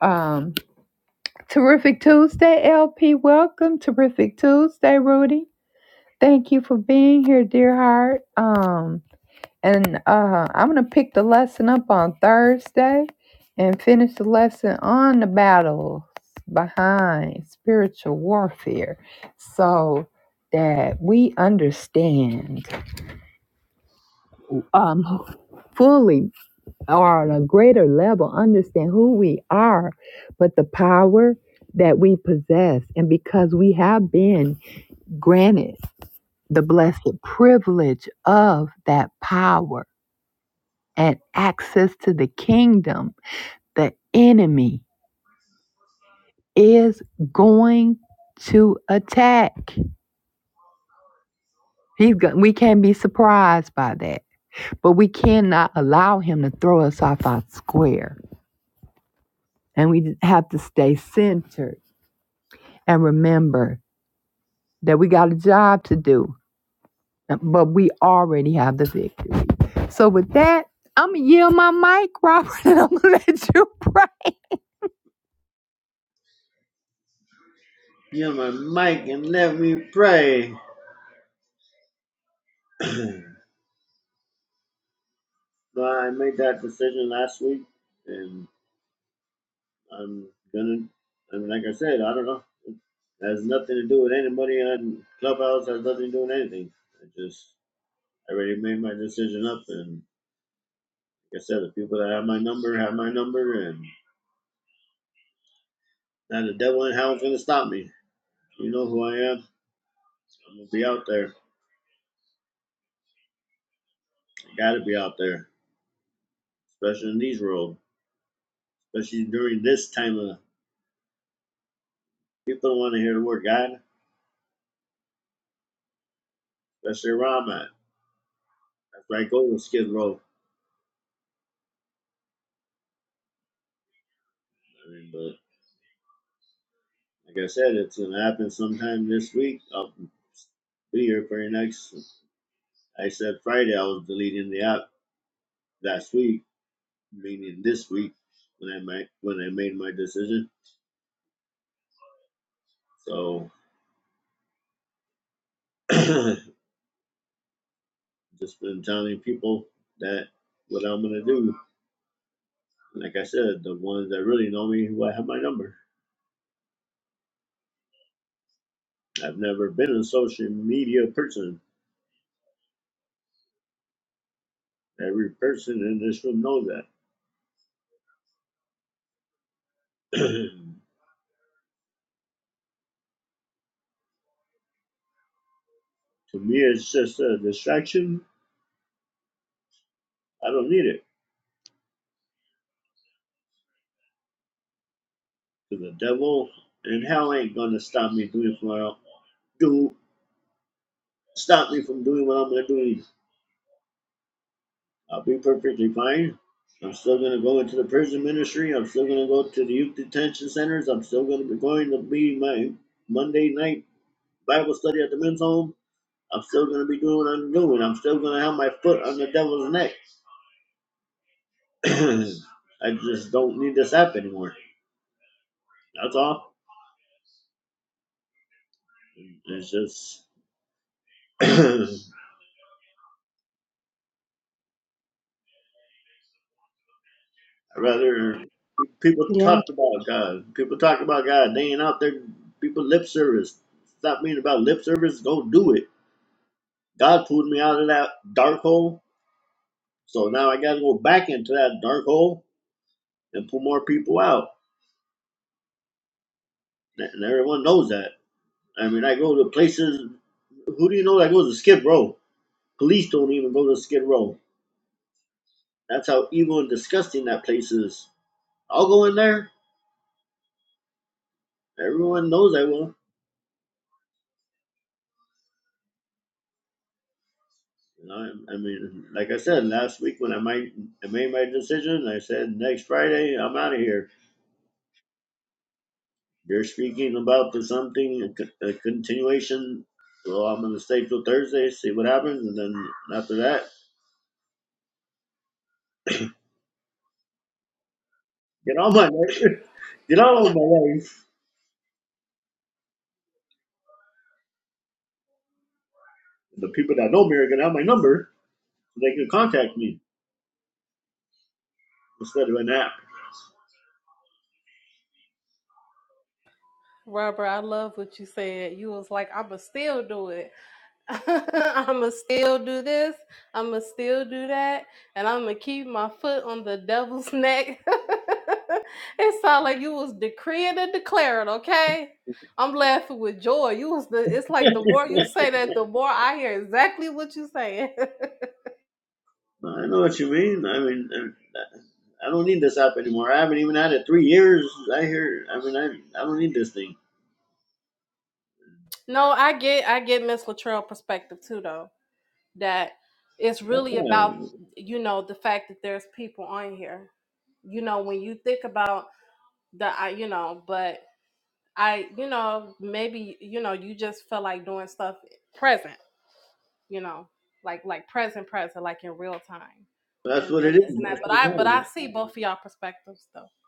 Speaker 1: Um terrific Tuesday, LP. Welcome. Terrific Tuesday, Rudy. Thank you for being here, dear heart. Um And uh, I'm going to pick the lesson up on Thursday and finish the lesson on the battles behind spiritual warfare so that we understand um, fully or on a greater level understand who we are, but the power that we possess. And because we have been granted the blessed privilege of that power and access to the kingdom the enemy is going to attack. He's go- we can't be surprised by that, but we cannot allow him to throw us off our square. And we have to stay centered and remember that we got a job to do, but we already have the victory. So with that, I'm gonna yield my mic, Robert, and I'm gonna [laughs] let you pray.
Speaker 2: You're my mic and let me pray. [clears throat] No, I made that decision last week, and I'm gonna. I mean, like I said, I don't know. It has nothing to do with anybody on Clubhouse. Has nothing to do with anything. I just I already made my decision up, and like I said, the people that have my number have my number, and now the devil in hell is gonna stop me. You know who I am. I'm gonna be out there. I gotta be out there, especially in these world, especially during this time of people don't want to hear the word God, especially where I'm at. That's where I go with Skid Row. I mean, but Like I said, it's going to happen sometime this week. I'll be here for your next. I said Friday I was deleting the app last week, meaning this week when I made when I made my decision. So [clears throat] just been telling people that what I'm gonna do. Like I said, the ones that really know me who I have my number. I've never been a social media person. Every person in this room knows that. [clears throat] to me, it's just a distraction. I don't need it. to the devil, and hell ain't gonna stop me doing what I'll do. Stop me from doing what I'm gonna do. I'll be perfectly fine. I'm still gonna go into the prison ministry. I'm still gonna go to the youth detention centers. I'm still gonna be going to be my Monday night Bible study at the men's home. I'm still gonna be doing what I'm doing. I'm still gonna have my foot on the devil's neck. [clears throat] I just don't need this app anymore. That's all. It's just [clears throat] I rather people
Speaker 4: Yeah.
Speaker 2: talk about God. People talk about God. They ain't out there. People lip service. Stop being about lip service. Go do it. God pulled me out of that dark hole, so now I got to go back into that dark hole and pull more people out. And everyone knows that. I mean, I go to places. Who do you know that goes to Skid Row? Police don't even go to Skid Row. That's how evil and disgusting that place is. I'll go in there. Everyone knows I will You know, I mean, like I said last week when I made I made my decision, I said next Friday I'm out of here. You're speaking about the something a continuation. Well, I'm gonna stay till Thursday, see what happens, and then after that, get on my [laughs] get on with my life. The people that know me are gonna have my number, so they can contact me instead of an app.
Speaker 4: Robert, I love what you said. You was like, I'ma still do it. [laughs] I'ma still do this. I'ma still do that, and I'ma keep my foot on the devil's neck. [laughs] it sounded like you was decreeing and declaring. Okay, I'm laughing with joy. You was the. It's like the more you say that, the more I hear exactly what you saying.
Speaker 2: I know what you mean. I mean, I I don't need this app anymore. I haven't even had it three years. I hear. I mean, I I don't need this thing.
Speaker 4: [laughs] no, I get, I get Miss Latrell perspective too, though. That it's really about
Speaker 2: Yeah,
Speaker 4: you know the fact that there's people on here. You know when you think about the, I you know, but. I, you know, maybe, you know, you just feel like doing stuff present, you know, like like present, present, like in real time.
Speaker 2: That's
Speaker 4: And
Speaker 2: what it
Speaker 4: and
Speaker 2: is
Speaker 4: this and that.
Speaker 2: most
Speaker 4: But
Speaker 2: of
Speaker 4: I but
Speaker 2: the
Speaker 4: I
Speaker 2: time.
Speaker 4: see both of y'all perspectives though.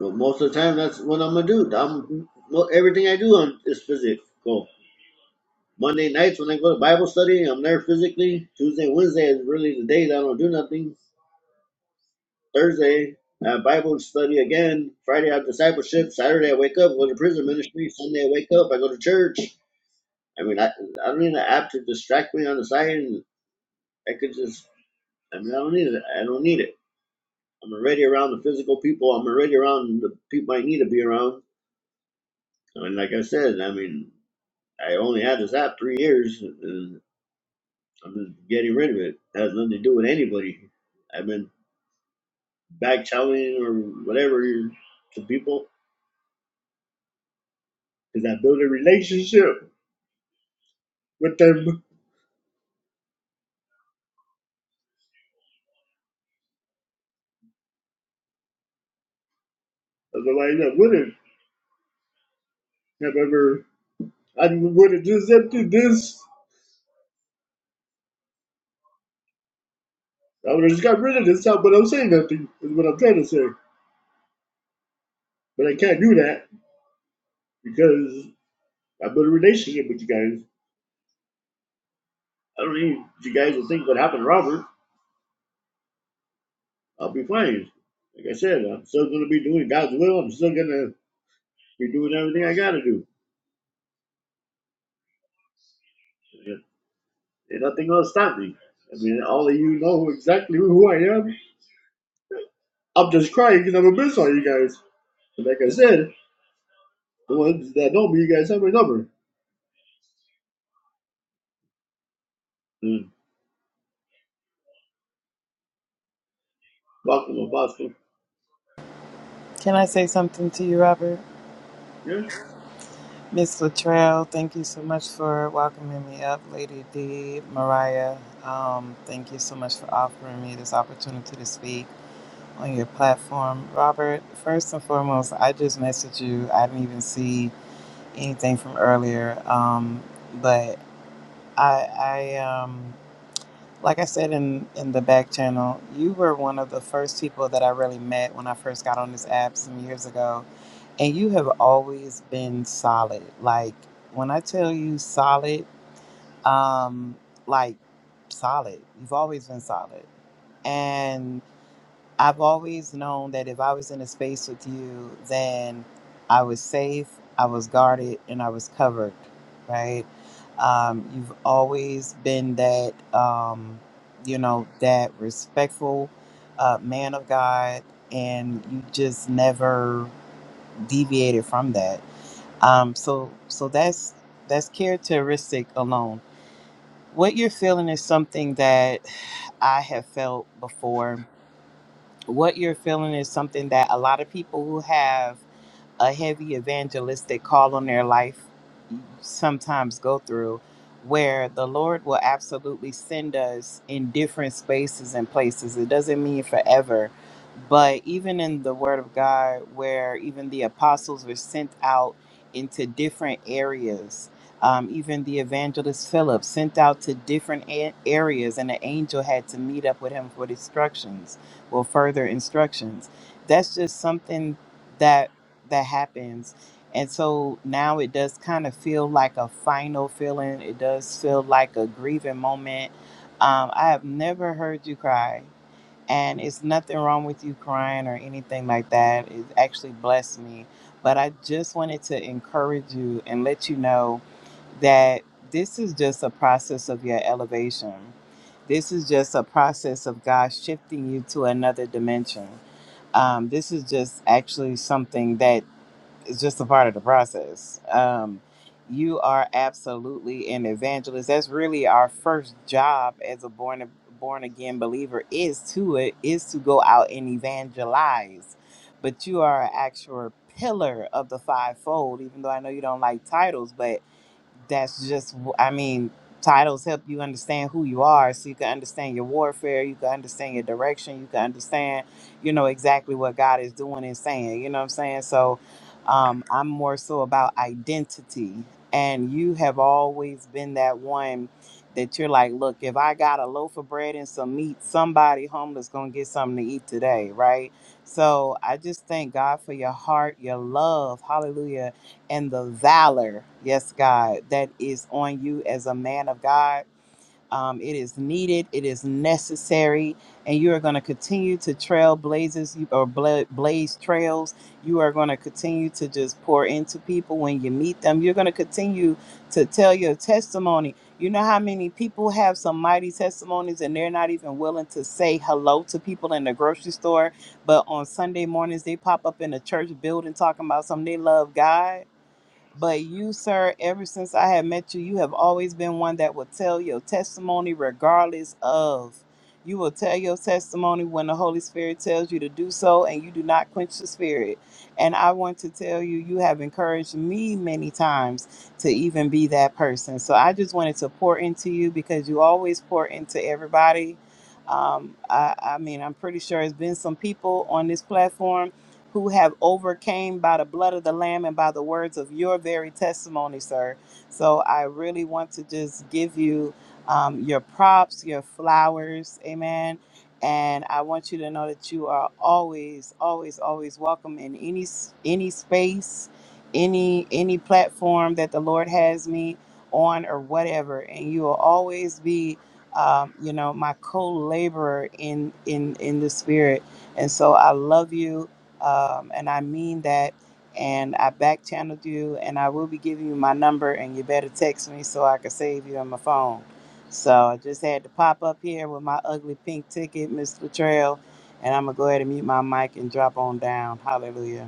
Speaker 2: But most of the time, that's what I'm gonna do. I'm well, everything I do on is physical. So, Monday nights when I go to Bible study, I'm there physically. Tuesday, and Wednesday is really the days I don't do nothing. Thursday, I have Bible study again. Friday, I have discipleship. Saturday, I wake up, go to prison ministry. Sunday, I wake up, I go to church. I mean, I, I don't need an app to distract me on the side, and I could just. I mean, I don't need it. I don't need it. I'm already around the physical people. I'm already around the people I need to be around. I mean, like I said, I mean, I only had this app three years, and I'm just getting rid of it. It has nothing to do with anybody. I've been back channeling or whatever to people because I built a relationship with them. Otherwise, I wouldn't have ever. I would have just emptied this. I would have just got rid of this app, but I'm saying nothing. Is what I'm trying to say. But I can't do that because I built a relationship with you guys. I don't need you guys to think what happened to Robert. I'll be fine. Like I said, I'm still going to be doing God's will. I'm still going to be doing everything I got to do. And nothing going to stop me. I mean, all of you know exactly who I am. I'm just crying because I'm a miss on you guys. But like I said, the ones that know me, you guys have my number. Mm. Welcome, Apostle.
Speaker 5: Can I say something to you, Robert?
Speaker 2: Yes.
Speaker 5: Miss Latrell, thank you so much for welcoming me up. Lady D, Mariah, um, thank you so much for offering me this opportunity to speak on your platform. Robert, first and foremost, I just messaged you. I didn't even see anything from earlier, um, but I, I um, like I said in in the back channel, you were one of the first people that I really met when I first got on this app some years ago, and you have always been solid. Like when I tell you solid, um, like solid, you've always been solid, and. I've always known that if I was in a space with you, then I was safe, I was guarded, and I was covered, right? Um, you've always been that, um, you know, that respectful uh, man of God, and you just never deviated from that. Um, so, so that's that's characteristic alone. What you're feeling is something that I have felt before what you're feeling is something that a lot of people who have a heavy evangelistic call on their life sometimes go through where the lord will absolutely send us in different spaces and places it doesn't mean forever but even in the word of god where even the apostles were sent out into different areas um, even the evangelist philip sent out to different a- areas and the angel had to meet up with him for instructions or further instructions that's just something that that happens. And so now it does kind of feel like a final feeling. It does feel like a grieving moment. Um, I have never heard you cry, and it's nothing wrong with you crying or anything like that. It actually blessed me. But I just wanted to encourage you and let you know that this is just a process of your elevation. This is just a process of God shifting you to another dimension. Um, this is just actually something that it's just a part of the process. Um, you are absolutely an evangelist. That's really our first job as a born born again believer is to it is to go out and evangelize. But you are an actual pillar of the fivefold. Even though I know you don't like titles, but that's just i mean titles help you understand who you are so you can understand your warfare you can understand your direction you can understand you know exactly what god is doing and saying you know what i'm saying so um, i'm more so about identity and you have always been that one that you're like look if i got a loaf of bread and some meat somebody homeless gonna get something to eat today right so i just thank god for your heart your love hallelujah and the valor, yes, God, that is on you as a man of God. Um, it is needed, it is necessary, and you are going to continue to trail blazes you- or bla- blaze trails. You are going to continue to just pour into people when you meet them. You're going to continue to tell your testimony. You know how many people have some mighty testimonies and they're not even willing to say hello to people in the grocery store, but on Sunday mornings they pop up in a church building talking about something they love God but you, sir, ever since I have met you, you have always been one that will tell your testimony regardless of. You will tell your testimony when the Holy Spirit tells you to do so, and you do not quench the Spirit. And I want to tell you, you have encouraged me many times to even be that person. So I just wanted to pour into you because you always pour into everybody. Um, I, I mean, I'm pretty sure it's been some people on this platform who have overcame by the blood of the lamb and by the words of your very testimony sir so i really want to just give you um, your props your flowers amen and i want you to know that you are always always always welcome in any s- any space any any platform that the lord has me on or whatever and you will always be um, you know my co-laborer in in in the spirit and so i love you um, and I mean that. And I back channeled you, and I will be giving you my number, and you better text me so I can save you on my phone. So I just had to pop up here with my ugly pink ticket, Miss Latrell, and I'm gonna go ahead and mute my mic and drop on down. Hallelujah.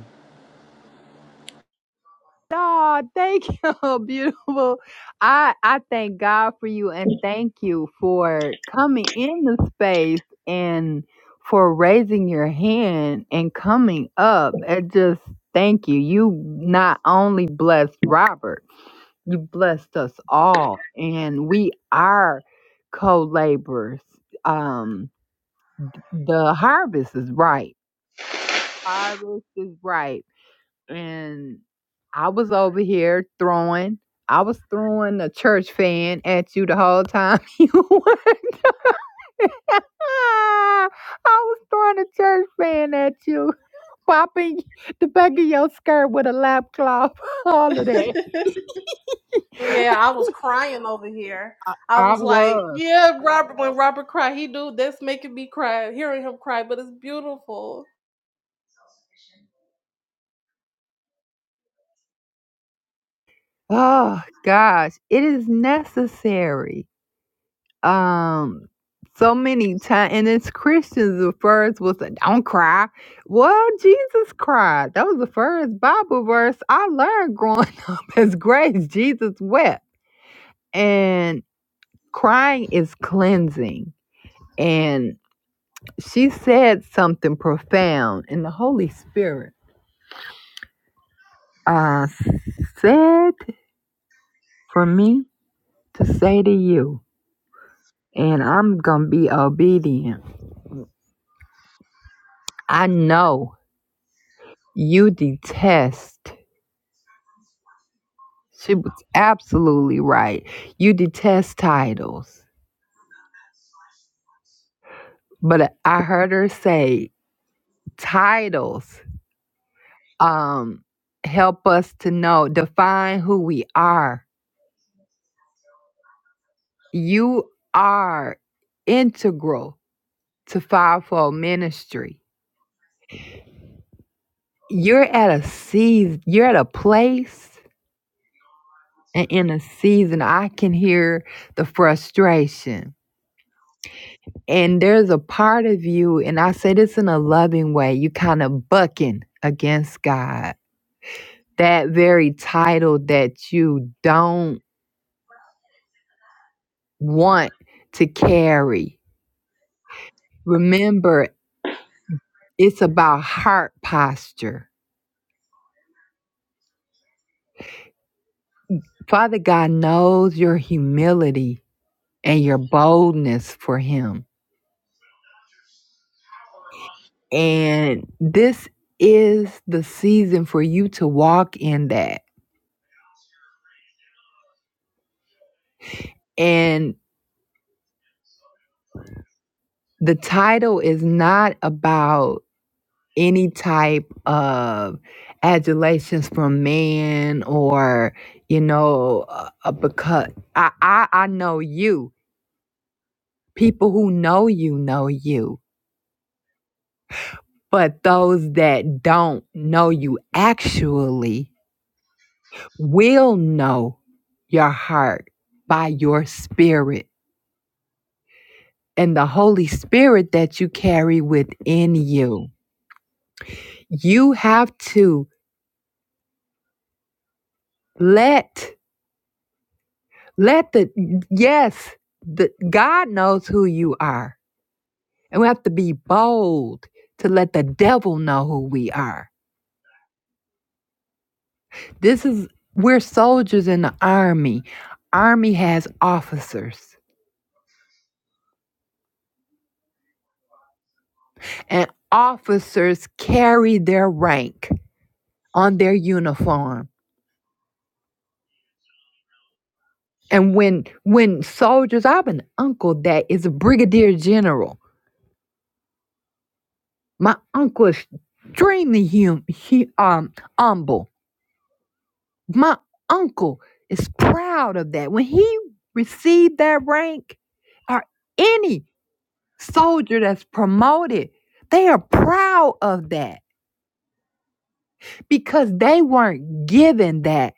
Speaker 1: Oh, thank you, [laughs] beautiful. I I thank God for you and thank you for coming in the space and for raising your hand and coming up. And just thank you. You not only blessed Robert, you blessed us all. And we are co-laborers. Um the harvest is right. Harvest is ripe and I was over here throwing. I was throwing a church fan at you the whole time [laughs] you were. I was throwing a church fan at you, popping [laughs] the back of your skirt with a lap cloth, [laughs] all of that.
Speaker 4: [laughs] Yeah, I was crying over here. I
Speaker 1: I
Speaker 4: was like,
Speaker 1: was.
Speaker 4: yeah, Robert when Robert cried, he do this making me cry, hearing him cry, but it's beautiful.
Speaker 1: Oh gosh, it is necessary. um so many times and it's christians the first was a, don't cry well jesus cried that was the first bible verse i learned growing [laughs] up as grace jesus wept and crying is cleansing and she said something profound and the holy spirit uh said for me to say to you and i'm gonna be obedient i know you detest She was absolutely right. You detest titles, but I heard her say titles um help us to know, define who we are. You are integral to fivefold ministry. You're at a season, you're at a place and in a season I can hear the frustration And there's a part of you, and I say this in a loving way, you kind of bucking against God. That very title that you don't want to carry. Remember, it's about heart posture. Father God knows your humility and your boldness for Him. And this is the season for you to walk in that. And the title is not about any type of adulations from man or you know uh, uh, because I, I i know you people who know you know you but those that don't know you actually will know your heart by your spirit and the holy spirit that you carry within you you have to let Let the yes, the God knows who you are. And we have to be bold to let the devil know who we are. This is we're soldiers in the army. Army has officers. And officers carry their rank on their uniform. And when when soldiers, I have an uncle that is a brigadier general. My uncle is extremely hum, he, um, humble My uncle is proud of that. When he received that rank, or any soldier that's promoted, they are proud of that because they weren't given that.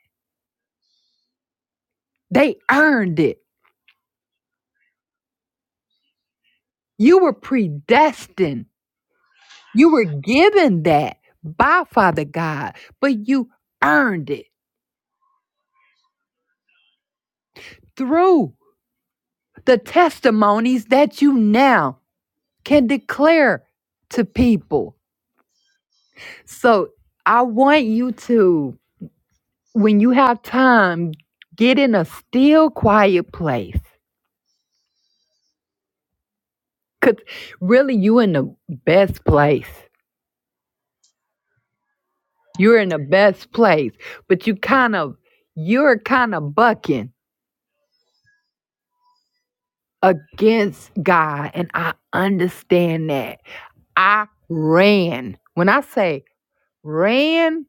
Speaker 1: They earned it. You were predestined. You were given that by Father God, but you earned it through the testimonies that you now can declare to people. So I want you to, when you have time, get in a still quiet place. Cause really you in the best place. You're in the best place. But you kind of you're kind of bucking against God. And I understand that. I ran. When I say ran,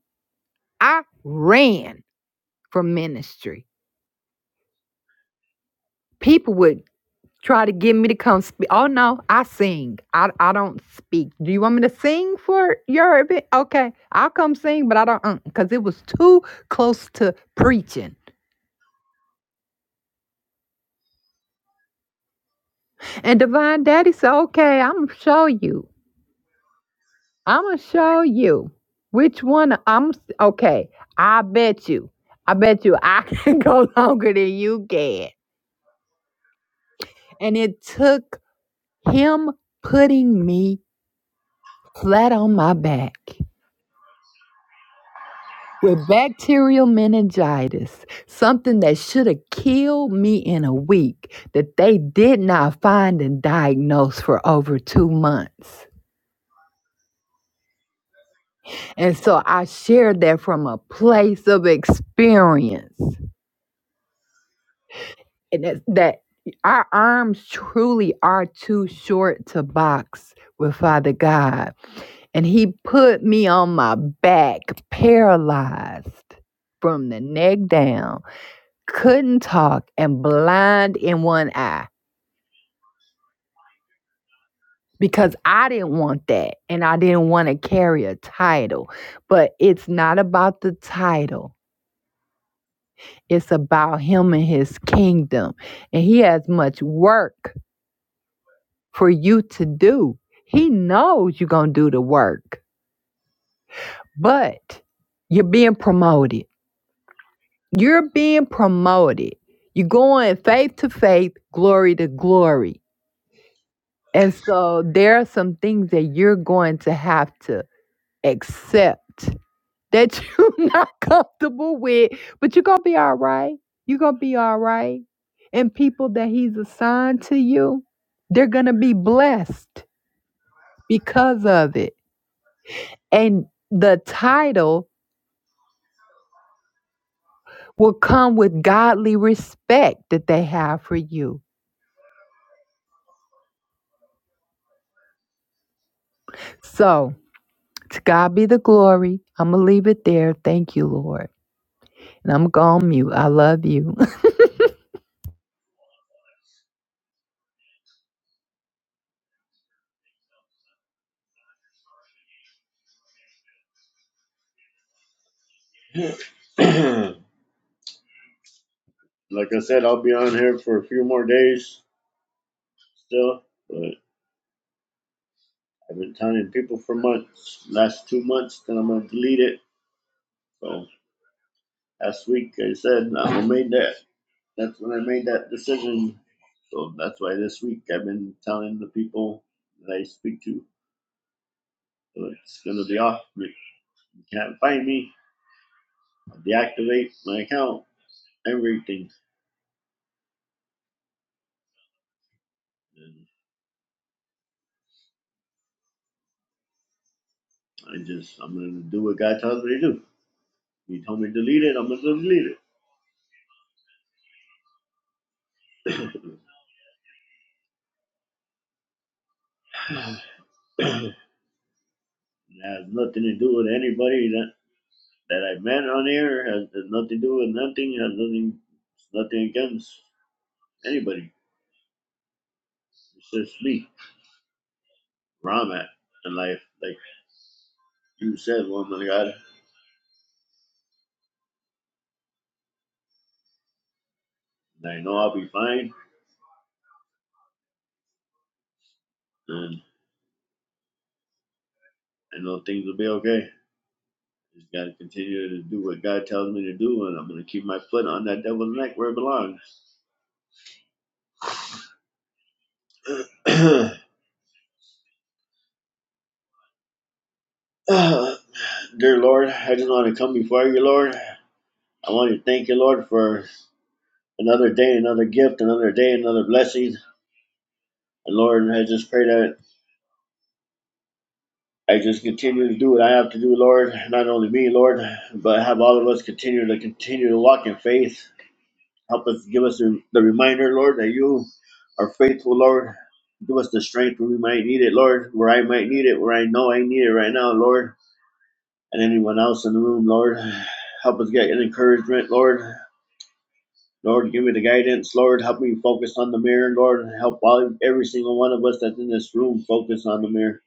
Speaker 1: I ran from ministry. People would try to get me to come speak. Oh no, I sing. I I don't speak. Do you want me to sing for your event? Okay, I'll come sing, but I don't because it was too close to preaching. And Divine Daddy said, "Okay, I'm gonna show you. I'm gonna show you which one. I'm okay. I bet you. I bet you I can [laughs] go longer than you can." And it took him putting me flat on my back with bacterial meningitis, something that should have killed me in a week, that they did not find and diagnose for over two months. And so I shared that from a place of experience. And that, that our arms truly are too short to box with Father God. And He put me on my back, paralyzed from the neck down couldn't talk and blind in one eye because I didn't want that and I didn't want to carry a title. But it's not about the title, it's about him and his kingdom. And he has much work for you to do. He knows you're going to do the work, but you're being promoted. You're being promoted. You're going faith to faith, glory to glory And so there are some things that you're going to have to accept that [laughs] you're not comfortable with, but you're going to be all right. You're going to be all right. And people that he's assigned to you, they're going to be blessed because of it. And the title will come with godly respect that they have for you. So to God be the glory. I'm going to leave it there. Thank you, Lord. And I'm going to mute. I love you. [laughs]
Speaker 2: [clears throat] like I said, I'll be on here for a few more days still. But I've been telling people for months, last two months, that I'm going to delete it. So last week I said I am gonna make that That's when I made that decision. So that's why this week I've been telling the people that I speak to so it's gonna be off. You can't find me. I'll deactivate my account. Everything. And I just I'm gonna do what God tells me to do. He told me to delete it. I'm gonna delete it. [clears throat] it has nothing to do with anybody that that I met on air. It Has, has nothing to do with nothing. It Has nothing. nothing against anybody. It's just me. Where I'm at in life. Like you said, woman of God. And I know I'll be fine, and I know things will be okay. Just gotta continue to do what God tells me to do, and I'm gonna keep my foot on that devil's neck where it belongs. [clears throat] Dear Lord, I just want to come before you, Lord. I want to thank you, Lord, for another day, another gift, another day, another blessing. And Lord, I just pray that I just continue to do what I have to do, Lord. Not only me, Lord, but have all of us continue to continue to walk in faith Help us, give us the, the reminder, Lord, that you are faithful, Lord. Give us the strength where we might need it, Lord, where I might need it, where I know I need it right now, Lord, and anyone else in the room, Lord. Help us get an encouragement, Lord. Lord, give me the guidance, Lord. Help me focus on the mirror, Lord. Help all, every single one of us that's in this room focus on the mirror.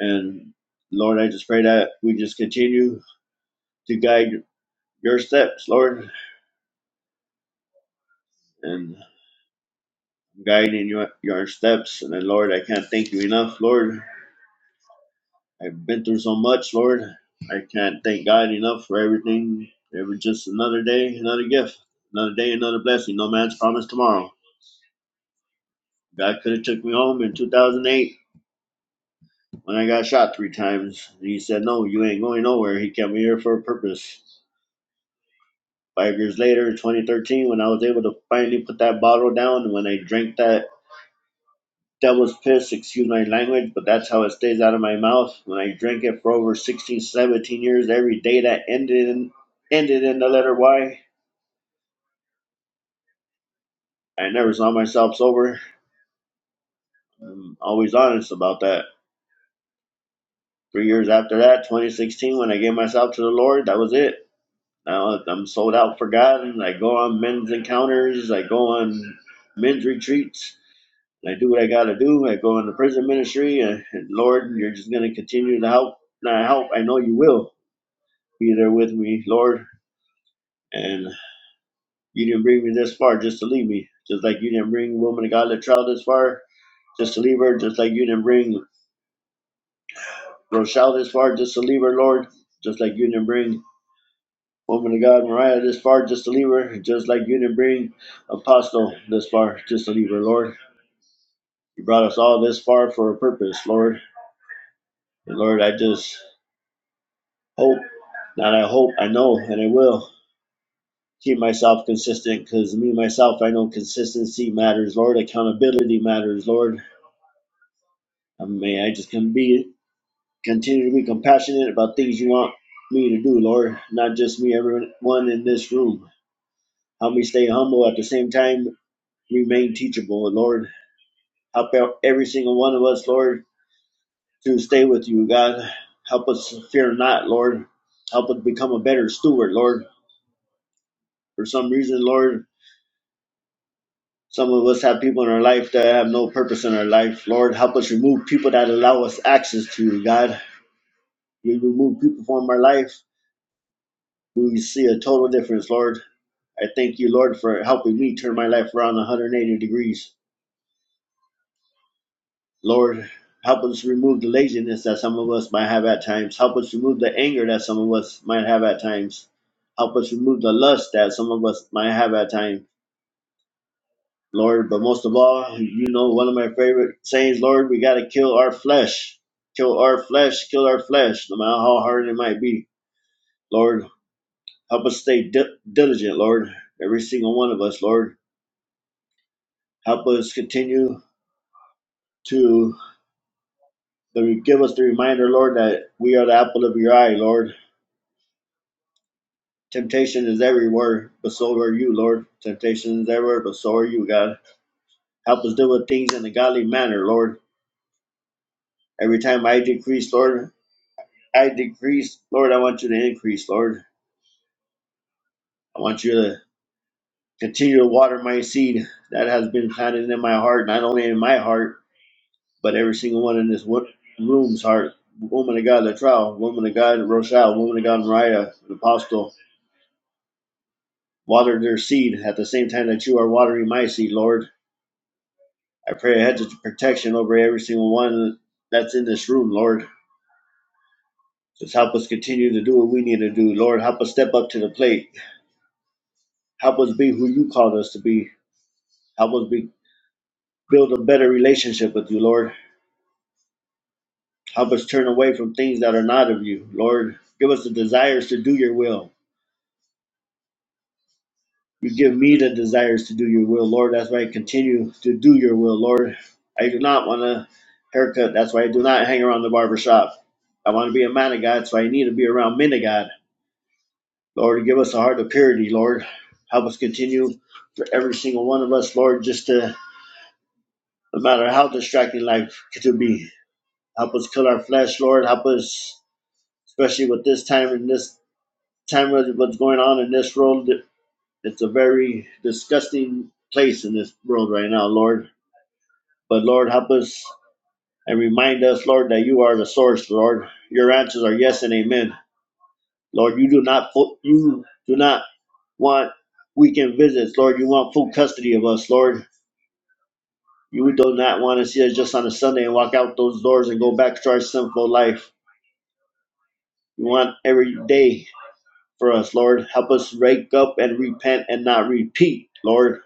Speaker 2: And Lord, I just pray that we just continue to guide your steps, Lord, and guiding your, your steps. And then, Lord, I can't thank you enough, Lord, I've been through so much, Lord. I can't thank God enough for everything. It was just another day, another gift, another day, another blessing. No man's promised tomorrow. God could have took me home in 2008 when I got shot three times. He said, "No, you ain't going nowhere." He kept me here for a purpose. Five years later, in 2013, when I was able to finally put that bottle down, when I drank that That was piss, excuse my language, but that's how it stays out of my mouth. When I drank it for over 16, 17 years, every day that ended in, ended in the letter Y. I never saw myself sober. I'm always honest about that. Three years after that, 2016, when I gave myself to the Lord, that was it. Now I'm sold out for God, and I go on men's encounters, I go on men's retreats, I do what I got to do. I go into prison ministry, and, and Lord, you're just going to continue to help. Now, I hope I know you will Be there with me, Lord. And you didn't bring me this far just to leave me. Just like you didn't bring woman of God that child this far just to leave her. Just like you didn't bring Rochelle this far just to leave her, Lord. Just like you didn't bring woman of God Mariah this far just to leave her. Just like you didn't bring Apostle this far just to leave her, Lord. You brought us all this far for a purpose, Lord. And Lord, I just hope, not I hope, I know, and I will. keep myself consistent because me myself i know consistency matters lord accountability matters lord and may i just can be continue to be compassionate about things you want me to do lord not just me everyone in this room help me stay humble at the same time remain teachable lord help out every single one of us lord to stay with you god help us fear not lord help us become a better steward lord for some reason lord Some of us have people in our life that have no purpose in our life. Lord, help us remove people that allow us access to you, God. You remove people from our life. We see a total difference, Lord. I thank you, Lord, for helping me turn my life around 180 degrees. Lord, help us remove the laziness that some of us might have at times. Help us remove the anger that some of us might have at times. Help us remove the lust that some of us might have at times. Lord, but most of all, you know, one of my favorite sayings, Lord, we got to kill our flesh. Kill our flesh, kill our flesh, no matter how hard it might be. Lord, help us stay di- diligent, Lord, every single one of us, Lord. Help us continue to to give us the reminder, Lord, that we are the apple of your eye, Lord. Temptation is everywhere, but so are you, Lord. Temptation is everywhere, but so are you, God. Help us deal with things in a godly manner, Lord. Every time I decrease, Lord, I decrease, Lord, I want you to increase, Lord. I want you to continue to water my seed that has been planted in my heart, not only in my heart, but every single one in this wo- room's heart. Woman of God, Latrell, woman of God, Rochelle, woman of God, Mariah, the apostle, water their seed at the same time that you are watering my seed, Lord. I pray a hedge of protection over every single one that's in this room, Lord. Just help us continue to do what we need to do, Lord. Help us step up to the plate. Help us be who you called us to be. Help us be Build a better relationship with you, Lord. Help us turn away from things that are not of you, Lord. Give us the desires to do your will. You give me the desires to do your will, Lord. That's why I continue to do your will, Lord. I do not want a haircut. That's why I do not hang around the barber shop. I want to be a man of God, so I need to be around men of God. Lord, give us a heart of purity, Lord. Help us continue for every single one of us, Lord, just to, no matter how distracting life could be, help us kill our flesh, Lord. Help us especially with this time and this time of what's going on in this world. It's a very disgusting place in this world right now, Lord. But Lord, help us and remind us, Lord, that you are the source, Lord. Your answers are yes and amen, Lord. You do not you do not want weekend visits, Lord. You want full custody of us, Lord. You do not want to see us just on a Sunday and walk out those doors and go back to our sinful life. You want every day for us, Lord. Help us wake up and repent and not repeat, Lord.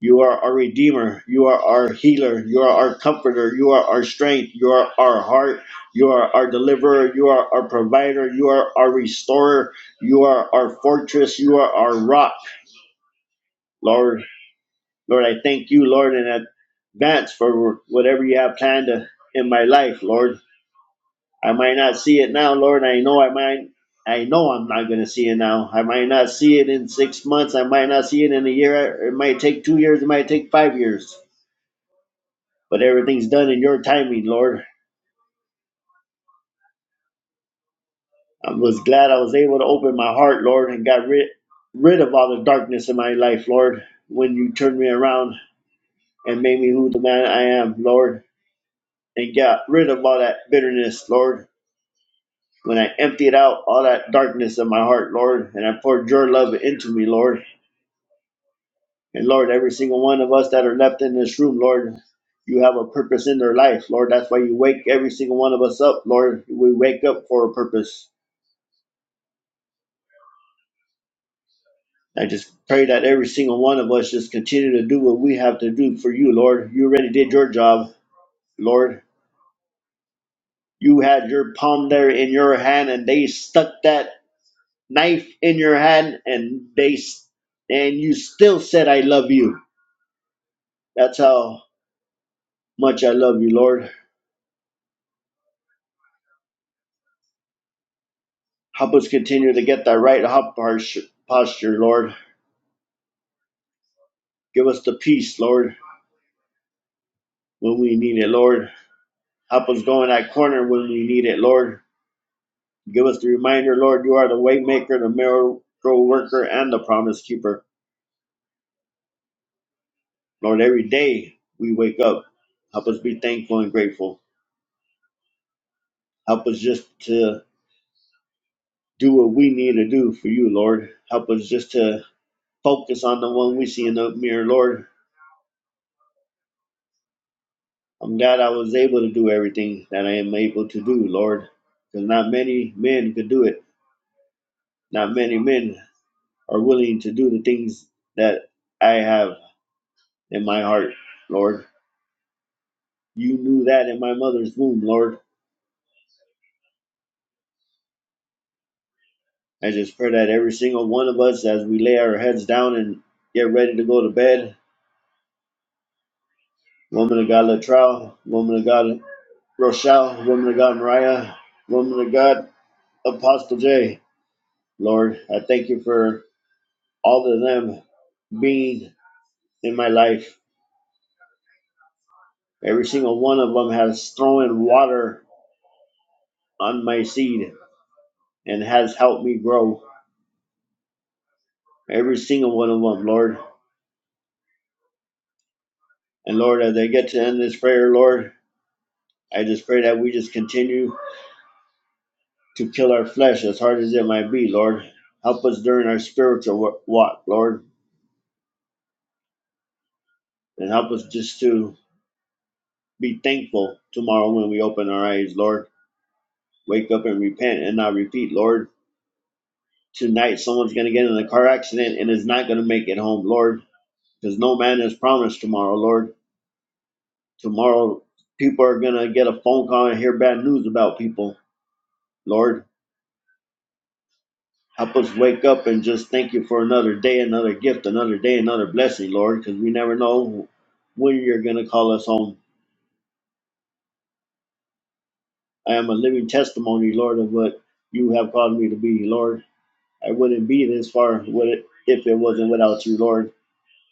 Speaker 2: You are our Redeemer. You are our healer. You are our comforter. You are our strength. You are our heart. You are our deliverer. You are our provider. You are our restorer. You are our fortress. You are our rock, Lord. Lord, I thank you, Lord, in advance for whatever you have planned uh, in my life, Lord. I might not see it now, Lord. I know I might. I know I'm not going to see it now. I might not see it in six months. I might not see it in a year. It might take two years. It might take five years. But everything's done in your timing, Lord. I was glad I was able to open my heart, Lord, and got rid rid of all the darkness in my life, Lord. When you turned me around and made me who the man I am, Lord, and got rid of all that bitterness, Lord. When I emptied out all that darkness in my heart, Lord, and I poured your love into me, Lord. And Lord, every single one of us that are left in this room, Lord, you have a purpose in their life, Lord. That's why you wake every single one of us up, Lord. We wake up for a purpose. I just pray that every single one of us just continue to do what we have to do for you, Lord. You already did your job, Lord. You had your palm there in your hand, and they stuck that knife in your hand, and they and you still said, "I love you." That's how much I love you, Lord. Help us continue to get that right heart posture, Lord. Give us the peace, Lord, when we need it, Lord. Help us go in that corner when we need it, Lord. Give us the reminder, Lord, you are the way maker, the miracle worker, and the promise keeper. Lord, every day we wake up, help us be thankful and grateful. Help us just to do what we need to do for you, Lord. Help us just to focus on the one we see in the mirror, Lord. I'm glad I was able to do everything that I am able to do, Lord, because not many men could do it. Not many men are willing to do the things that I have in my heart, Lord. You knew that in my mother's womb, Lord. I just pray that every single one of us, as we lay our heads down and get ready to go to bed, woman of God Latrell, woman of God Rochelle, woman of God Mariah, woman of God Apostle J, Lord, I thank you for all of them being in my life. Every single one of them has thrown water on my seed and has helped me grow. Every single one of them, Lord. And Lord, as I get to end this prayer, Lord, I just pray that we just continue to kill our flesh as hard as it might be, Lord. Help us during our spiritual walk, Lord, and help us just to be thankful tomorrow when we open our eyes, Lord. Wake up and repent and not repeat, Lord. Tonight, someone's going to get in a car accident and is not going to make it home, Lord. because no man is promised tomorrow, Lord. Tomorrow, people are going to get a phone call and hear bad news about people, Lord. Help us wake up and just thank you for another day, another gift, another day, another blessing, Lord, because we never know when you're going to call us home. I am a living testimony, Lord, of what you have called me to be, Lord. I wouldn't be this far with it if it wasn't without you, Lord.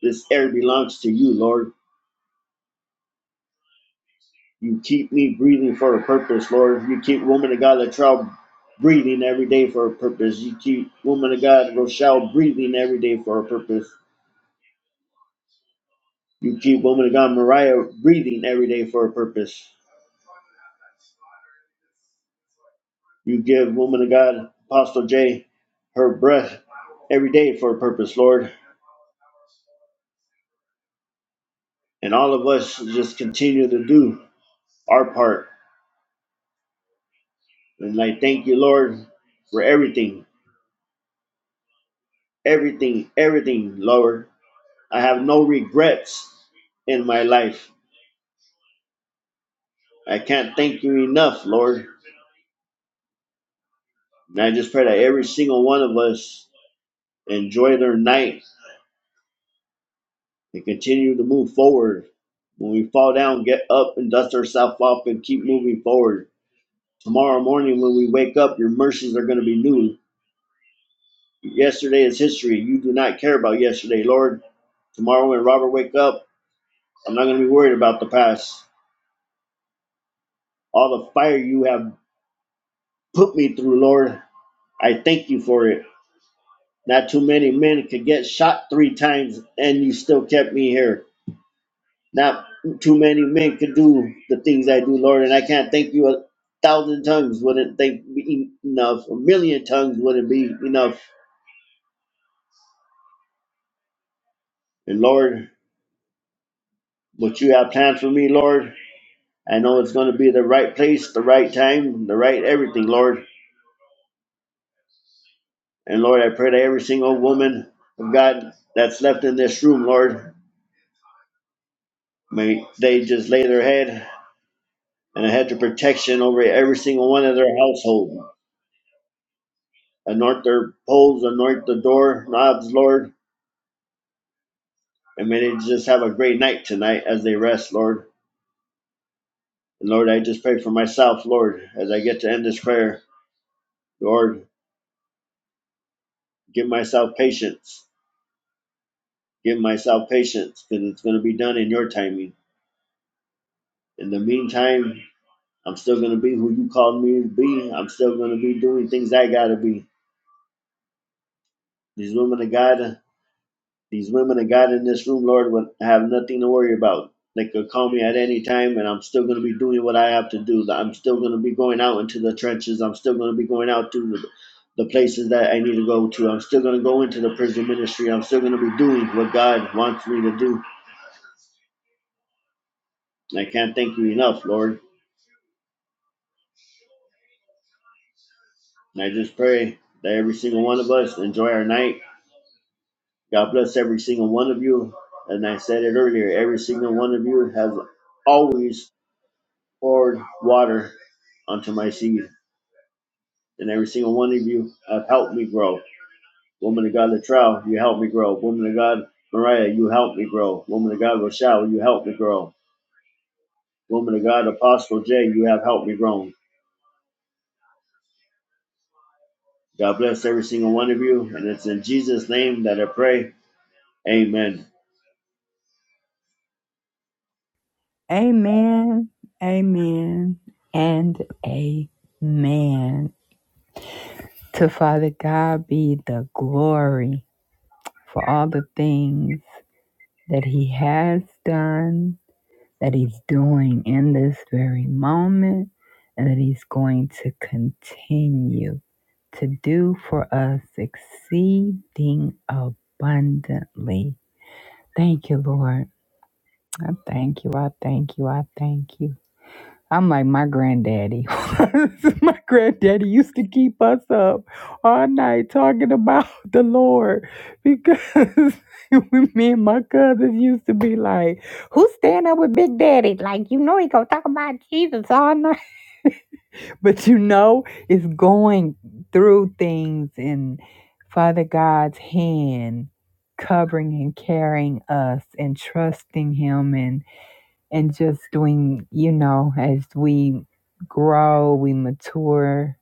Speaker 2: This air belongs to you, Lord. You keep me breathing for a purpose, Lord. You keep woman of God Latrell breathing every day for a purpose. You keep woman of God Rochelle breathing every day for a purpose. You keep woman of God Mariah breathing every day for a purpose. You give woman of God Apostle J her breath every day for a purpose, Lord. And all of us just continue to do our part. And I thank you, Lord, for everything, everything, everything, Lord. I have no regrets in my life. I can't thank you enough, Lord. And I just pray that every single one of us enjoy their night and continue to move forward. When we fall down, get up and dust ourselves off and keep moving forward. Tomorrow morning, when we wake up, your mercies are going to be new. Yesterday is history. You do not care about yesterday, Lord. Tomorrow, when Robert wake up, I'm not going to be worried about the past. All the fire you have put me through, Lord, I thank you for it. Not too many men could get shot three times and you still kept me here. Not too many men could do the things I do, Lord, and I can't thank you a thousand tongues wouldn't thank me enough. A million tongues wouldn't be enough. And Lord, what you have planned for me, Lord, I know it's going to be the right place, the right time, the right everything, Lord. And Lord, I pray that every single woman of God that's left in this room, Lord, may they just lay their head and I had the protection over every single one of their household. Anoint their poles, anoint the door knobs, Lord, and may they just have a great night tonight as they rest, Lord. And Lord, I just pray for myself, Lord, as I get to end this prayer. Lord, give myself patience. Give myself patience because it's going to be done in your timing. In the meantime, I'm still going to be who you called me to be. I'm still going to be doing things I got to be. These women of God, These women that got in this room, Lord, would have nothing to worry about. They could call me at any time, and I'm still going to be doing what I have to do. I'm still going to be going out into the trenches. I'm still going to be going out to the places that I need to go to. I'm still going to go into the prison ministry. I'm still going to be doing what God wants me to do. And I can't thank you enough, Lord. And I just pray that every single one of us enjoy our night. God bless every single one of you. And I said it earlier, every single one of you has always poured water onto my seed. And every single one of you have helped me grow. Woman of God, Latrell, you helped me grow. Woman of God, Mariah, you helped me grow. Woman of God, Rochelle, you helped me grow. Woman of God, Apostle J, you have helped me grow. God bless every single one of you. And it's in Jesus' name that I pray. Amen.
Speaker 1: Amen, amen, and amen. To Father God be the glory for all the things that He has done, that He's doing in this very moment, and that He's going to continue to do for us exceeding abundantly. Thank you, Lord. I thank you. I thank you. I thank you. I'm like my granddaddy. [laughs] my granddaddy used to keep us up all night talking about [laughs] the Lord because [laughs] me and my cousins used to be like, "Who's staying up with Big Daddy?" Like you know he gonna talk about Jesus all night, [laughs] but you know it's going through things and Father God's hand covering and carrying us and trusting Him and and just doing, you know, as we grow, we mature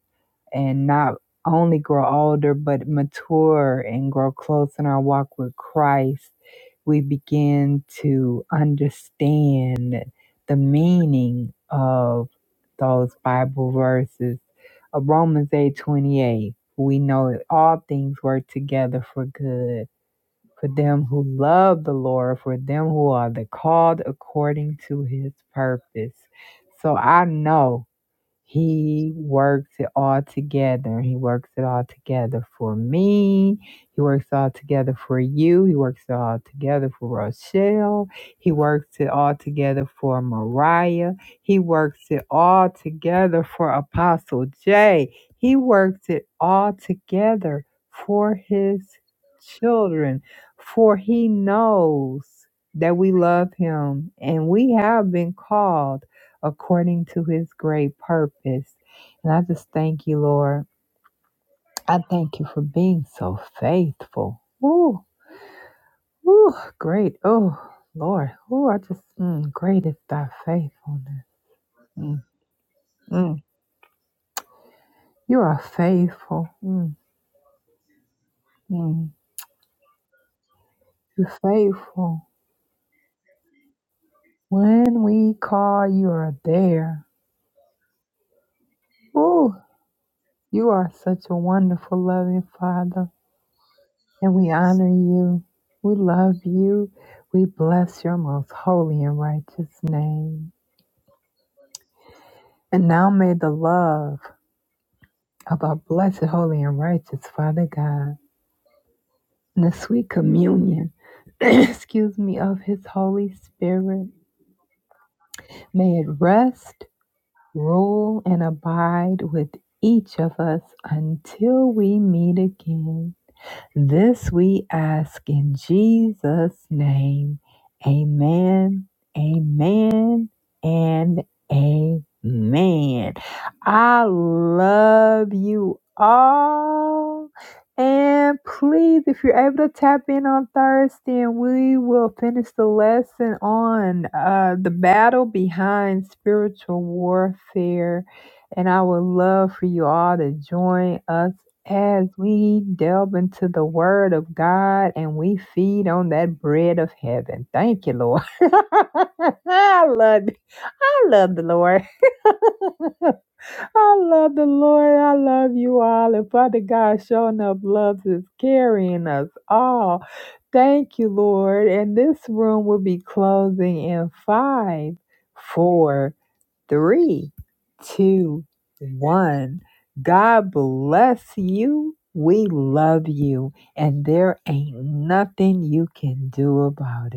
Speaker 1: and not only grow older, but mature and grow close in our walk with Christ, we begin to understand the meaning of those Bible verses. Uh, Romans eight twenty eight. we know that all things work together for good for them who love the Lord, for them who are the called according to his purpose. So I know he works it all together. He works it all together for me. He works it all together for you. He works it all together for Rochelle. He works it all together for Mariah. He works it all together for Apostle Jay. He works it all together for his children, for he knows that we love him and we have been called according to his great purpose. And I just thank you, Lord. I thank you for being so faithful. Ooh, ooh, great. Oh, Lord. Ooh, I just, mm, great is thy faithfulness. Mm, mm. You are faithful. Mm, mm. You're faithful. When we call, you are there. Ooh, you are such a wonderful, loving Father. and we honor you. We love you. We bless your most holy and righteous name. And now may the love of our blessed, holy, and righteous Father God and the sweet communion, [clears throat] excuse me, of his Holy Spirit, may it rest, rule, and abide with each of us until we meet again. This we ask in Jesus' name. Amen, amen, and amen. I love you all. And please, if you're able to tap in on Thursday, and we will finish the lesson on uh, the battle behind spiritual warfare. And I would love for you all to join us as we delve into the Word of God and we feed on that bread of heaven. Thank you, Lord. [laughs] I love, I love the Lord. [laughs] I love the Lord. I love you all. And Father God, showing up loves is carrying us all. Thank you, Lord. And this room will be closing in five, four three, two, one. God bless you. We love you, and there ain't nothing you can do about it.